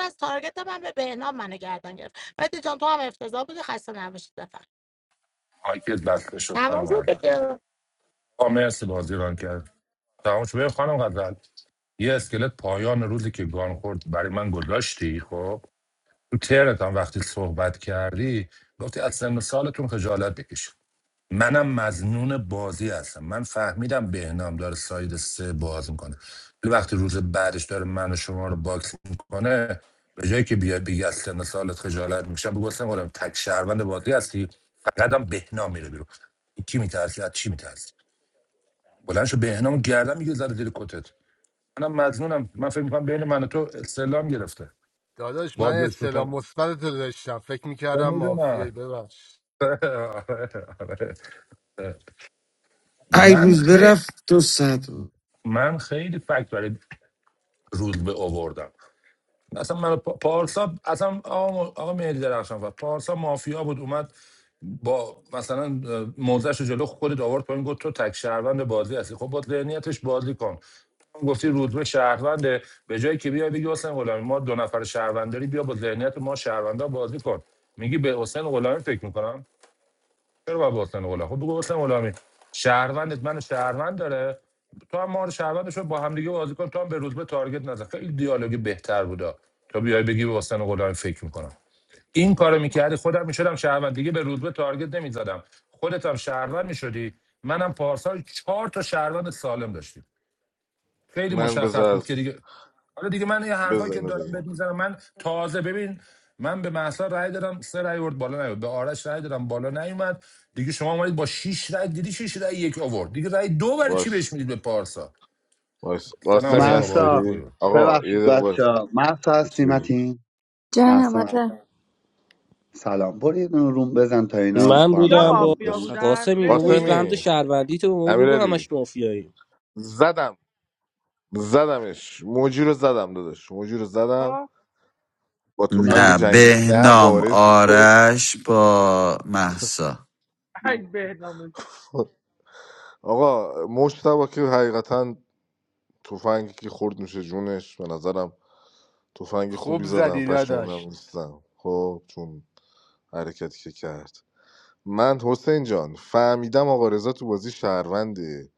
[SPEAKER 18] از تارگت من به بهنام منو گردن گرفت مهدی جان تو هم افتضاح بودی خسته نباشید بفر
[SPEAKER 13] مایکت بسته شد
[SPEAKER 18] تمام
[SPEAKER 13] خانم
[SPEAKER 18] شد
[SPEAKER 13] غزل
[SPEAKER 18] دیگه.
[SPEAKER 13] آه مرسی بازی ران کرد تمام شد ببین خانم غزل یه اسکلت پایان روزی که گان خورد برای من گذاشتی خب تو ترنت هم وقتی صحبت کردی گفتی از سن و سالتون خجالت بکشید منم مزنون بازی هستم من فهمیدم بهنام داره ساید سه باز میکنه ولی وقتی روز بعدش داره من و شما رو باکس میکنه به جایی که بیاد بگی از سن سالت خجالت میکشم بگو اصلا قرآن، تک شهروند بازی هستی فقط هم بهنام میره بیرون کی میترسی از چی میترسی بلند شو بهنام گردن میگه زده زیر کتت منم مزنونم من فکر میکنم بین من و تو استعلام گرفته
[SPEAKER 9] داداش من
[SPEAKER 13] باز بهش
[SPEAKER 9] استلام
[SPEAKER 13] گفتم
[SPEAKER 9] مثبت تو داشتم فکر میکردم
[SPEAKER 13] آره
[SPEAKER 9] مافیایی
[SPEAKER 13] میدونم
[SPEAKER 9] ببخش
[SPEAKER 13] [LAUGHS] آره، آره، آره.
[SPEAKER 21] ای
[SPEAKER 13] من
[SPEAKER 21] روز
[SPEAKER 13] خیلی
[SPEAKER 21] برفت دو ساعت
[SPEAKER 13] من خیلی فکت برای رود به آوردم اصلا من پارسا اصلا آقا, آقا مهدی درخشان و پارسا مافیا بود اومد با مثلا موزش جلو خودت آورد پایین گفت تو تک شهروند بازی هستی خب با ذهنیتش بازی کن تو هم گفتی روزبه شهرونده به جایی که بیای بگی حسین غلامی ما دو نفر شهرونداری بیا با ذهنیت ما شهروندا بازی کن میگی به حسین غلامی فکر میکنم چرا باید با حسین غلامی خب بگو حسین غلامی شهروندت منو شهروند داره تو هم ما رو شهروند شو با هم دیگه بازی کن تو هم به روزبه تارگت نزن خیلی دیالوگ بهتر بودا تا بیای بگی به حسین غلامی فکر میکنم این کارو میکردی خودم میشدم شهروند دیگه به روزبه تارگت نمیزدم خودت هم شهروند میشدی منم پارسال چهار تا شهروند سالم داشتیم خیلی
[SPEAKER 4] من
[SPEAKER 13] مشخص
[SPEAKER 4] بذار
[SPEAKER 13] بود که دیگه حالا دیگه من یه حرفایی
[SPEAKER 4] بذار
[SPEAKER 13] که
[SPEAKER 4] اینو
[SPEAKER 13] دارم
[SPEAKER 4] بگم
[SPEAKER 13] بهت میزنم من تازه ببین من به محسا رأی دادم سه رأی آورد بالا نیومد به آرش رأی دادم بالا نیومد دیگه شما اومدید با شش رأی دیدی شش رأی یک آورد دیگه رأی دو برای چی
[SPEAKER 4] باش
[SPEAKER 13] بهش میدید به پارسا
[SPEAKER 4] باش
[SPEAKER 13] سه
[SPEAKER 4] قاسمی
[SPEAKER 13] نباشه آقا بهادر
[SPEAKER 2] محسا
[SPEAKER 4] هستی
[SPEAKER 13] خود
[SPEAKER 4] آقا یه
[SPEAKER 2] ببخشید
[SPEAKER 4] دقیقه
[SPEAKER 2] بچه
[SPEAKER 4] باش
[SPEAKER 2] ها محسا هستی
[SPEAKER 4] چی بگیم
[SPEAKER 2] متین
[SPEAKER 1] جانم
[SPEAKER 2] محسا
[SPEAKER 1] آره
[SPEAKER 2] سلام برو یه دونه روم بزن تا اینا
[SPEAKER 3] من
[SPEAKER 2] با هم
[SPEAKER 17] کیا
[SPEAKER 3] بودم
[SPEAKER 2] دعوا
[SPEAKER 3] با
[SPEAKER 17] مافیا
[SPEAKER 4] باش
[SPEAKER 2] میکنن
[SPEAKER 17] بودن
[SPEAKER 3] قاسمی بابا این
[SPEAKER 17] متی
[SPEAKER 3] رمز
[SPEAKER 4] قاسمی
[SPEAKER 3] شهروندی تو به ما بگو
[SPEAKER 4] امیرعلی
[SPEAKER 3] همش مافیایی
[SPEAKER 4] زدم زدمش موجی رو زدم داداش موجی رو زدم با تفنگ
[SPEAKER 2] نه
[SPEAKER 21] نه
[SPEAKER 4] جنگی نه
[SPEAKER 21] بهنام
[SPEAKER 4] وارث
[SPEAKER 21] آرش با محسا
[SPEAKER 2] نه
[SPEAKER 17] ای
[SPEAKER 4] آقا مشتبه که حقیقتا تفنگی که خورد میشه جونش به نظرم تفنگ خوبی
[SPEAKER 9] خوب
[SPEAKER 4] زدم
[SPEAKER 9] زدی
[SPEAKER 4] پشیمونم
[SPEAKER 9] داداش
[SPEAKER 4] نیستم خب چون حرکتی که کرد من حسین جان فهمیدم آقا رضا تو بازی شهرونده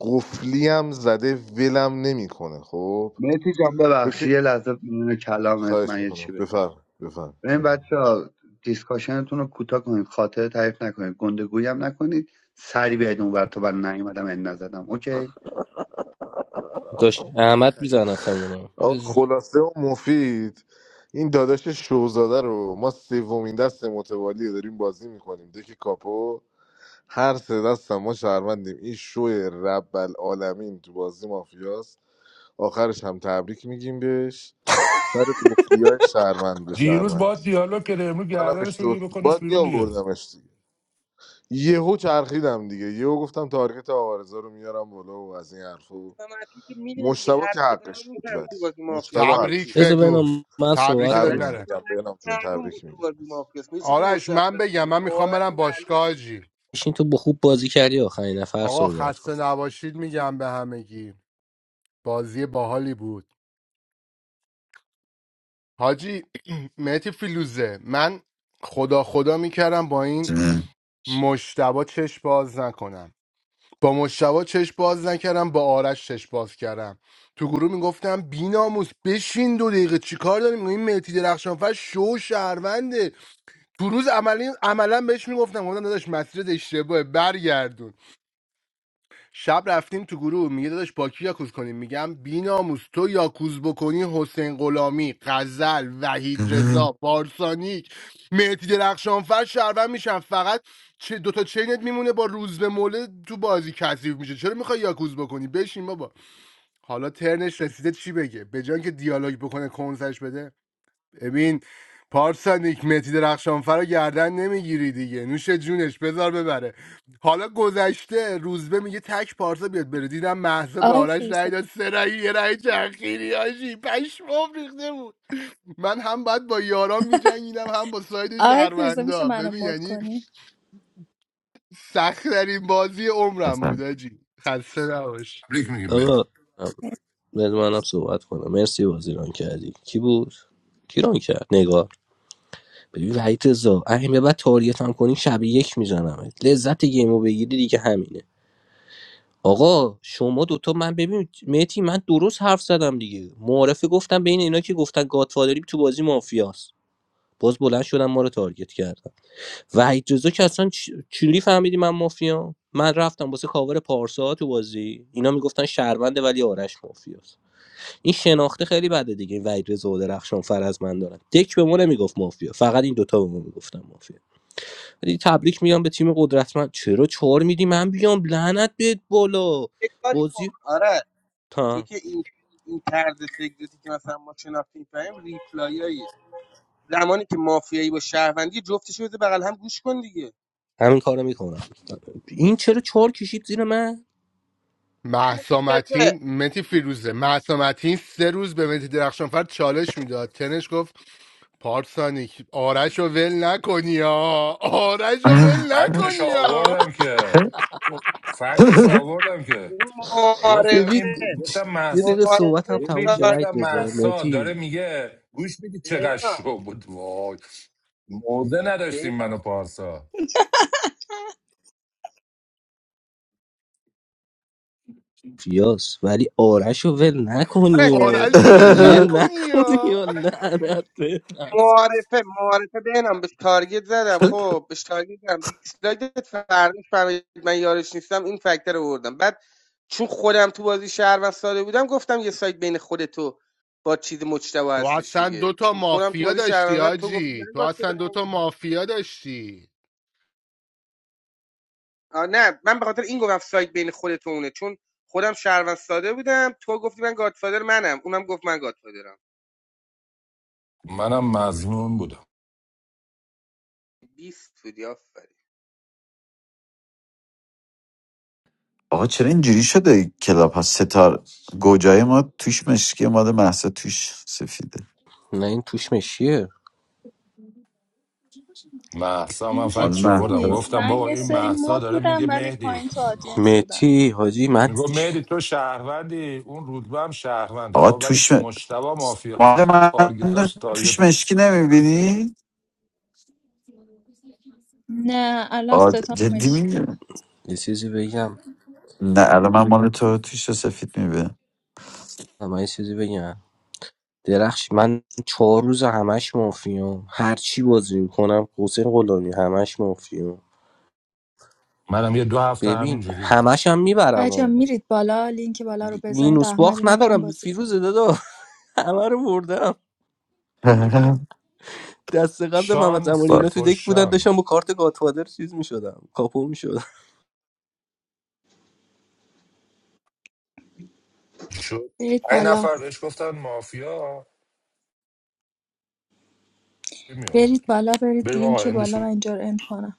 [SPEAKER 4] قفلی هم زده ولم نمیکنه خب
[SPEAKER 2] مهدی جان
[SPEAKER 4] تو
[SPEAKER 2] ببخشید
[SPEAKER 4] که
[SPEAKER 2] یه لحظه میونه کلامت
[SPEAKER 4] خواهش
[SPEAKER 2] من یه
[SPEAKER 4] میکنم
[SPEAKER 2] چی بگم
[SPEAKER 4] بفرم بفرم
[SPEAKER 2] این
[SPEAKER 4] بفرم
[SPEAKER 2] بچه ها دیسکاشنتون رو کوتاه کنید خاطره تعریف نکنید گندگویی هم نکنید سری بیاید اون ور تا من نیومدم این نزدم اوکی
[SPEAKER 3] داشت
[SPEAKER 2] با
[SPEAKER 3] احمد
[SPEAKER 2] تشکر
[SPEAKER 3] میزنتمونا
[SPEAKER 4] آقا خلاصه و مفید این داداش شوزاده رو ما سومین دست متوالی رو داریم بازی میکنیم دک کاپو هر سه دست هم ما شهروندیم این شوی رب العالمین تو بازی مافیاست آخرش هم تبریک میگیم بهش سر قفلی های شهروند به
[SPEAKER 13] دیروز با
[SPEAKER 4] شهروند
[SPEAKER 13] دیالوگ کرده امروز
[SPEAKER 4] منم
[SPEAKER 13] گردنش بگی
[SPEAKER 4] اشتباه
[SPEAKER 13] بکنش
[SPEAKER 4] باید
[SPEAKER 13] بیرون دیگه
[SPEAKER 4] میآوردمش دیگه یهو چرخیدم دیگه یهو گفتم تارگت آقارزا رو میارم بالا و از این حرفا و
[SPEAKER 12] من که میدونی دیگه
[SPEAKER 4] مشتبه که
[SPEAKER 12] حرف بزنم
[SPEAKER 4] حقش بود
[SPEAKER 12] میفهمی
[SPEAKER 4] ولی
[SPEAKER 12] تو بازی مافیاس
[SPEAKER 4] مشتبه
[SPEAKER 12] متی
[SPEAKER 9] تبریک
[SPEAKER 4] حقش بود.
[SPEAKER 3] بذار بنا
[SPEAKER 9] بگو
[SPEAKER 3] من
[SPEAKER 9] تبریک
[SPEAKER 3] صحبت
[SPEAKER 9] داد
[SPEAKER 4] تبریک
[SPEAKER 3] کنم
[SPEAKER 9] نره
[SPEAKER 4] میگم
[SPEAKER 12] مهدی
[SPEAKER 4] بینم جون
[SPEAKER 12] معلوم بود
[SPEAKER 4] تبریک
[SPEAKER 12] تو بازی
[SPEAKER 4] میگم
[SPEAKER 12] مافیاس یه چیزی
[SPEAKER 9] آرش
[SPEAKER 12] مشخص
[SPEAKER 9] من بگم
[SPEAKER 12] بود
[SPEAKER 9] من میخوام
[SPEAKER 12] کارت
[SPEAKER 9] برم
[SPEAKER 12] معلوم
[SPEAKER 9] باشگاه
[SPEAKER 12] بود
[SPEAKER 9] جی
[SPEAKER 3] این تو خوب بازی کردی آخرین نفر
[SPEAKER 9] آقا
[SPEAKER 3] صحبت کن
[SPEAKER 9] خسته نباشید میگم به همگی بازی باحالی بود حاجی [CLEARS THROAT] مهتی فیلوزه من خدا خدا میکردم با این مشتبا چشم باز نکنم با مشتبا چشم باز نکردم با آرش چشم باز کردم تو گروه میگفتم بیناموس بشین دو دقیقه چیکار داریم این مهدی درخشانفر شو شهرونده تو روز عملی عملا بهش میگفتم گفتم داداش مسیرت اشتباهه برگردون شب رفتیم تو گروه میگه داداش با کی یاکوز کنیم میگم بیناموس تو یاکوز بکنی حسین غلامی غزل وحید رضا پارسانیک مهدی درخشانفر شهروند میشن فقط چه دوتا چینت میمونه با روز به موله تو بازی کثیف میشه چرا میخوای یاکوز بکنی بشین بابا حالا ترنش رسیده چی بگه به جای که دیالوگ بکنه کنسش بده ببین پارسانیک متی درخشانفر رو گردن نمیگیری دیگه نوش جونش بذار ببره حالا گذشته روزبه میگه تک پارسا بیاد بره دیدم مهسا به
[SPEAKER 1] آقای
[SPEAKER 9] آرش رای
[SPEAKER 1] فیروزه
[SPEAKER 9] داد سه رای یه رای چرخیری آجی پشمام ریخته بود من هم باید با یاران میجنگیدم هم با ساید
[SPEAKER 1] آقای فیروزه میشه
[SPEAKER 9] شهروندا
[SPEAKER 1] منو
[SPEAKER 9] ببین
[SPEAKER 1] مد
[SPEAKER 9] یعنی
[SPEAKER 1] کنی
[SPEAKER 9] سخت در این بازی عمرم بود آجی خسته نباش
[SPEAKER 13] تبریک میگیم بهت
[SPEAKER 3] آقا بذار منم صحبت کنم مرسی بازی ران کردی کی بود کی ران کرد نگار ببین وحید رضا اگه به بعد تاریت هم کنی شب یک میزنمت لذت گیمو بگیری دیگه همینه آقا شما دوتا من ببین مهتی من درست حرف زدم دیگه معارفه گفتم بین اینا که گفتن گادفادری تو بازی مافیاست باز بلند شدم ما رو تارگت کردم و رضا که اصلا چ- چجوری فهمیدی من مافیا من رفتم واسه کاور پارسا تو بازی اینا میگفتن شهرونده ولی آرش مافیاست این شناخته خیلی بده دیگه این وحید رضا و درخشان فر از من دارن دک به ما نمیگفت مافیا فقط این دوتا به ما میگفتن مافیا ولی تبریک میگم به تیم قدرتمند چرا چهار میدی من بیام لعنت بهت بالا
[SPEAKER 12] یه کاری کن
[SPEAKER 3] بازی
[SPEAKER 12] آره تو
[SPEAKER 3] تا
[SPEAKER 12] که این این طرز فکرتی که مثلا ما شناختیم فهمیم ریپلاییه زمانی که مافیایی با شهروندی جفتش بده بغل هم گوش کن دیگه
[SPEAKER 3] همین کارو میکنم این چرا چهار کشید زیر من
[SPEAKER 9] مهسا
[SPEAKER 12] خلاصه،
[SPEAKER 9] متین متی فیروزه مهسا متین سه روز به متی درخشانفر چالش میداد تنش گفت پارسانیک آرش رو ول نکنی ها آرش رو ول
[SPEAKER 13] فکتش
[SPEAKER 9] نکنی ها
[SPEAKER 13] آوردم که
[SPEAKER 12] آقا،
[SPEAKER 13] فکتش آوردم که
[SPEAKER 12] اون
[SPEAKER 13] گفتم
[SPEAKER 3] ببین
[SPEAKER 12] معارفه
[SPEAKER 13] این گفتم
[SPEAKER 3] یه دقیقه
[SPEAKER 13] محسا
[SPEAKER 3] صحبت هم
[SPEAKER 12] معارفه
[SPEAKER 3] تموم
[SPEAKER 13] ببین
[SPEAKER 3] شه وید
[SPEAKER 12] سارگی
[SPEAKER 13] گفتم
[SPEAKER 3] رضا
[SPEAKER 12] دارم
[SPEAKER 13] محسا
[SPEAKER 12] که من
[SPEAKER 3] مهدی
[SPEAKER 13] داره میگه گوش میدی چقدر
[SPEAKER 12] بهنا
[SPEAKER 13] شو بود وای موزه نداشتیم منو پارسا
[SPEAKER 3] فیاس ولی آرش رو ول
[SPEAKER 12] آرش،
[SPEAKER 3] نکنی
[SPEAKER 12] یه
[SPEAKER 3] و
[SPEAKER 12] لحظه
[SPEAKER 9] آرش رو
[SPEAKER 12] گوش
[SPEAKER 9] ول
[SPEAKER 12] کن.
[SPEAKER 3] ول
[SPEAKER 9] نکنی
[SPEAKER 3] نکنی
[SPEAKER 9] ها
[SPEAKER 3] و لعنت به
[SPEAKER 12] معارفه معارفه بهنم بهش تارگت زدم خب بهش تارگت زدم دیسلایک فرنش فهمید من یارش نیستم این فکتر رو بردم بعد چون خودم تو بازی شهروند ساده بودم گفتم یه سایت بین خودتو تو با چیز مجتبی
[SPEAKER 9] تو
[SPEAKER 12] هستش
[SPEAKER 9] اصلا
[SPEAKER 12] دیگه
[SPEAKER 9] دوتا
[SPEAKER 12] چون خودم تو
[SPEAKER 9] مافیا
[SPEAKER 12] بازی
[SPEAKER 9] داشتی
[SPEAKER 12] شهروند زدم تو گفتی من
[SPEAKER 9] آجی تو
[SPEAKER 12] گاد
[SPEAKER 9] اصلا
[SPEAKER 12] شدم
[SPEAKER 9] دوتا مافیا داشتی
[SPEAKER 12] آه، نه من به خاطر این گفتم سایت بین خود اونه چون خودم شهروند ساده بودم تو گفتی من گادفادر منم اونم گفت من گادفادرم
[SPEAKER 13] منم مظنون بودم
[SPEAKER 12] 20 بودی آفرین.
[SPEAKER 21] آقا چرا اینجوری شده کلاب ها ستار گوجای ما توش مشکی مال محسا توش سفیده
[SPEAKER 3] نه این توش مشیه
[SPEAKER 13] محسا من
[SPEAKER 1] این
[SPEAKER 13] فکر
[SPEAKER 1] که
[SPEAKER 21] مال
[SPEAKER 1] چیزی
[SPEAKER 13] چاوردم
[SPEAKER 21] محسا
[SPEAKER 1] نیست
[SPEAKER 13] گفتم
[SPEAKER 1] من
[SPEAKER 13] بابا
[SPEAKER 1] یه
[SPEAKER 13] این
[SPEAKER 1] سری
[SPEAKER 13] محسا
[SPEAKER 1] مد
[SPEAKER 13] داره
[SPEAKER 1] بودم
[SPEAKER 13] میگه
[SPEAKER 1] ولی
[SPEAKER 13] مهدی
[SPEAKER 1] پایین تو آدینس بودم
[SPEAKER 3] مهدی حاجی من
[SPEAKER 13] میگو مهدی
[SPEAKER 3] چ-
[SPEAKER 13] تو شهروندی اون رودبه هم شهرونده
[SPEAKER 21] آقا
[SPEAKER 13] خب ولی
[SPEAKER 21] توش م...
[SPEAKER 13] مشتبه مافیا
[SPEAKER 21] مال من
[SPEAKER 13] تارگتاش
[SPEAKER 21] توش
[SPEAKER 13] تارگت نمی-
[SPEAKER 21] مشکی نمیبینی
[SPEAKER 1] نه الان
[SPEAKER 21] آقا جدی
[SPEAKER 1] ستام
[SPEAKER 21] میگه
[SPEAKER 3] یه چیزی بگم
[SPEAKER 21] نه الان من مال [LAUGHS] تو تیش سفید میبینم
[SPEAKER 3] من یه چیزی بگم درخش من چهار روز همش مافیام هر چی بازی میکنم حسین غلامی همش مافیام
[SPEAKER 13] منم یه دو هفته همین
[SPEAKER 3] ببین
[SPEAKER 13] جوری بودم
[SPEAKER 3] همش هم
[SPEAKER 1] بچه‌ها
[SPEAKER 3] میبرم
[SPEAKER 1] میرید بالا لینک بالا رو بزنید
[SPEAKER 3] مینوس
[SPEAKER 1] احمد
[SPEAKER 3] باخت
[SPEAKER 1] اینا میخوان
[SPEAKER 3] ندارم
[SPEAKER 1] بازی
[SPEAKER 3] فیروز
[SPEAKER 1] کنه
[SPEAKER 3] دادا [LAUGHS] همه رو بردم دست قبل محمد زمانی
[SPEAKER 21] [LAUGHS]
[SPEAKER 13] شانسی
[SPEAKER 3] اینا تو دک
[SPEAKER 13] خوش
[SPEAKER 3] بودن
[SPEAKER 13] شانس
[SPEAKER 3] داشتم با کارت گاتفادر چیز میشدم کاپو میشدم
[SPEAKER 13] شد
[SPEAKER 1] برید
[SPEAKER 13] این
[SPEAKER 1] بالا
[SPEAKER 13] نفر بهش گفتن مافیا می آورد
[SPEAKER 1] برید بالا برید
[SPEAKER 13] بریم آقا
[SPEAKER 1] لینک بالا
[SPEAKER 13] اندشو
[SPEAKER 1] من اینجا رو اند کنم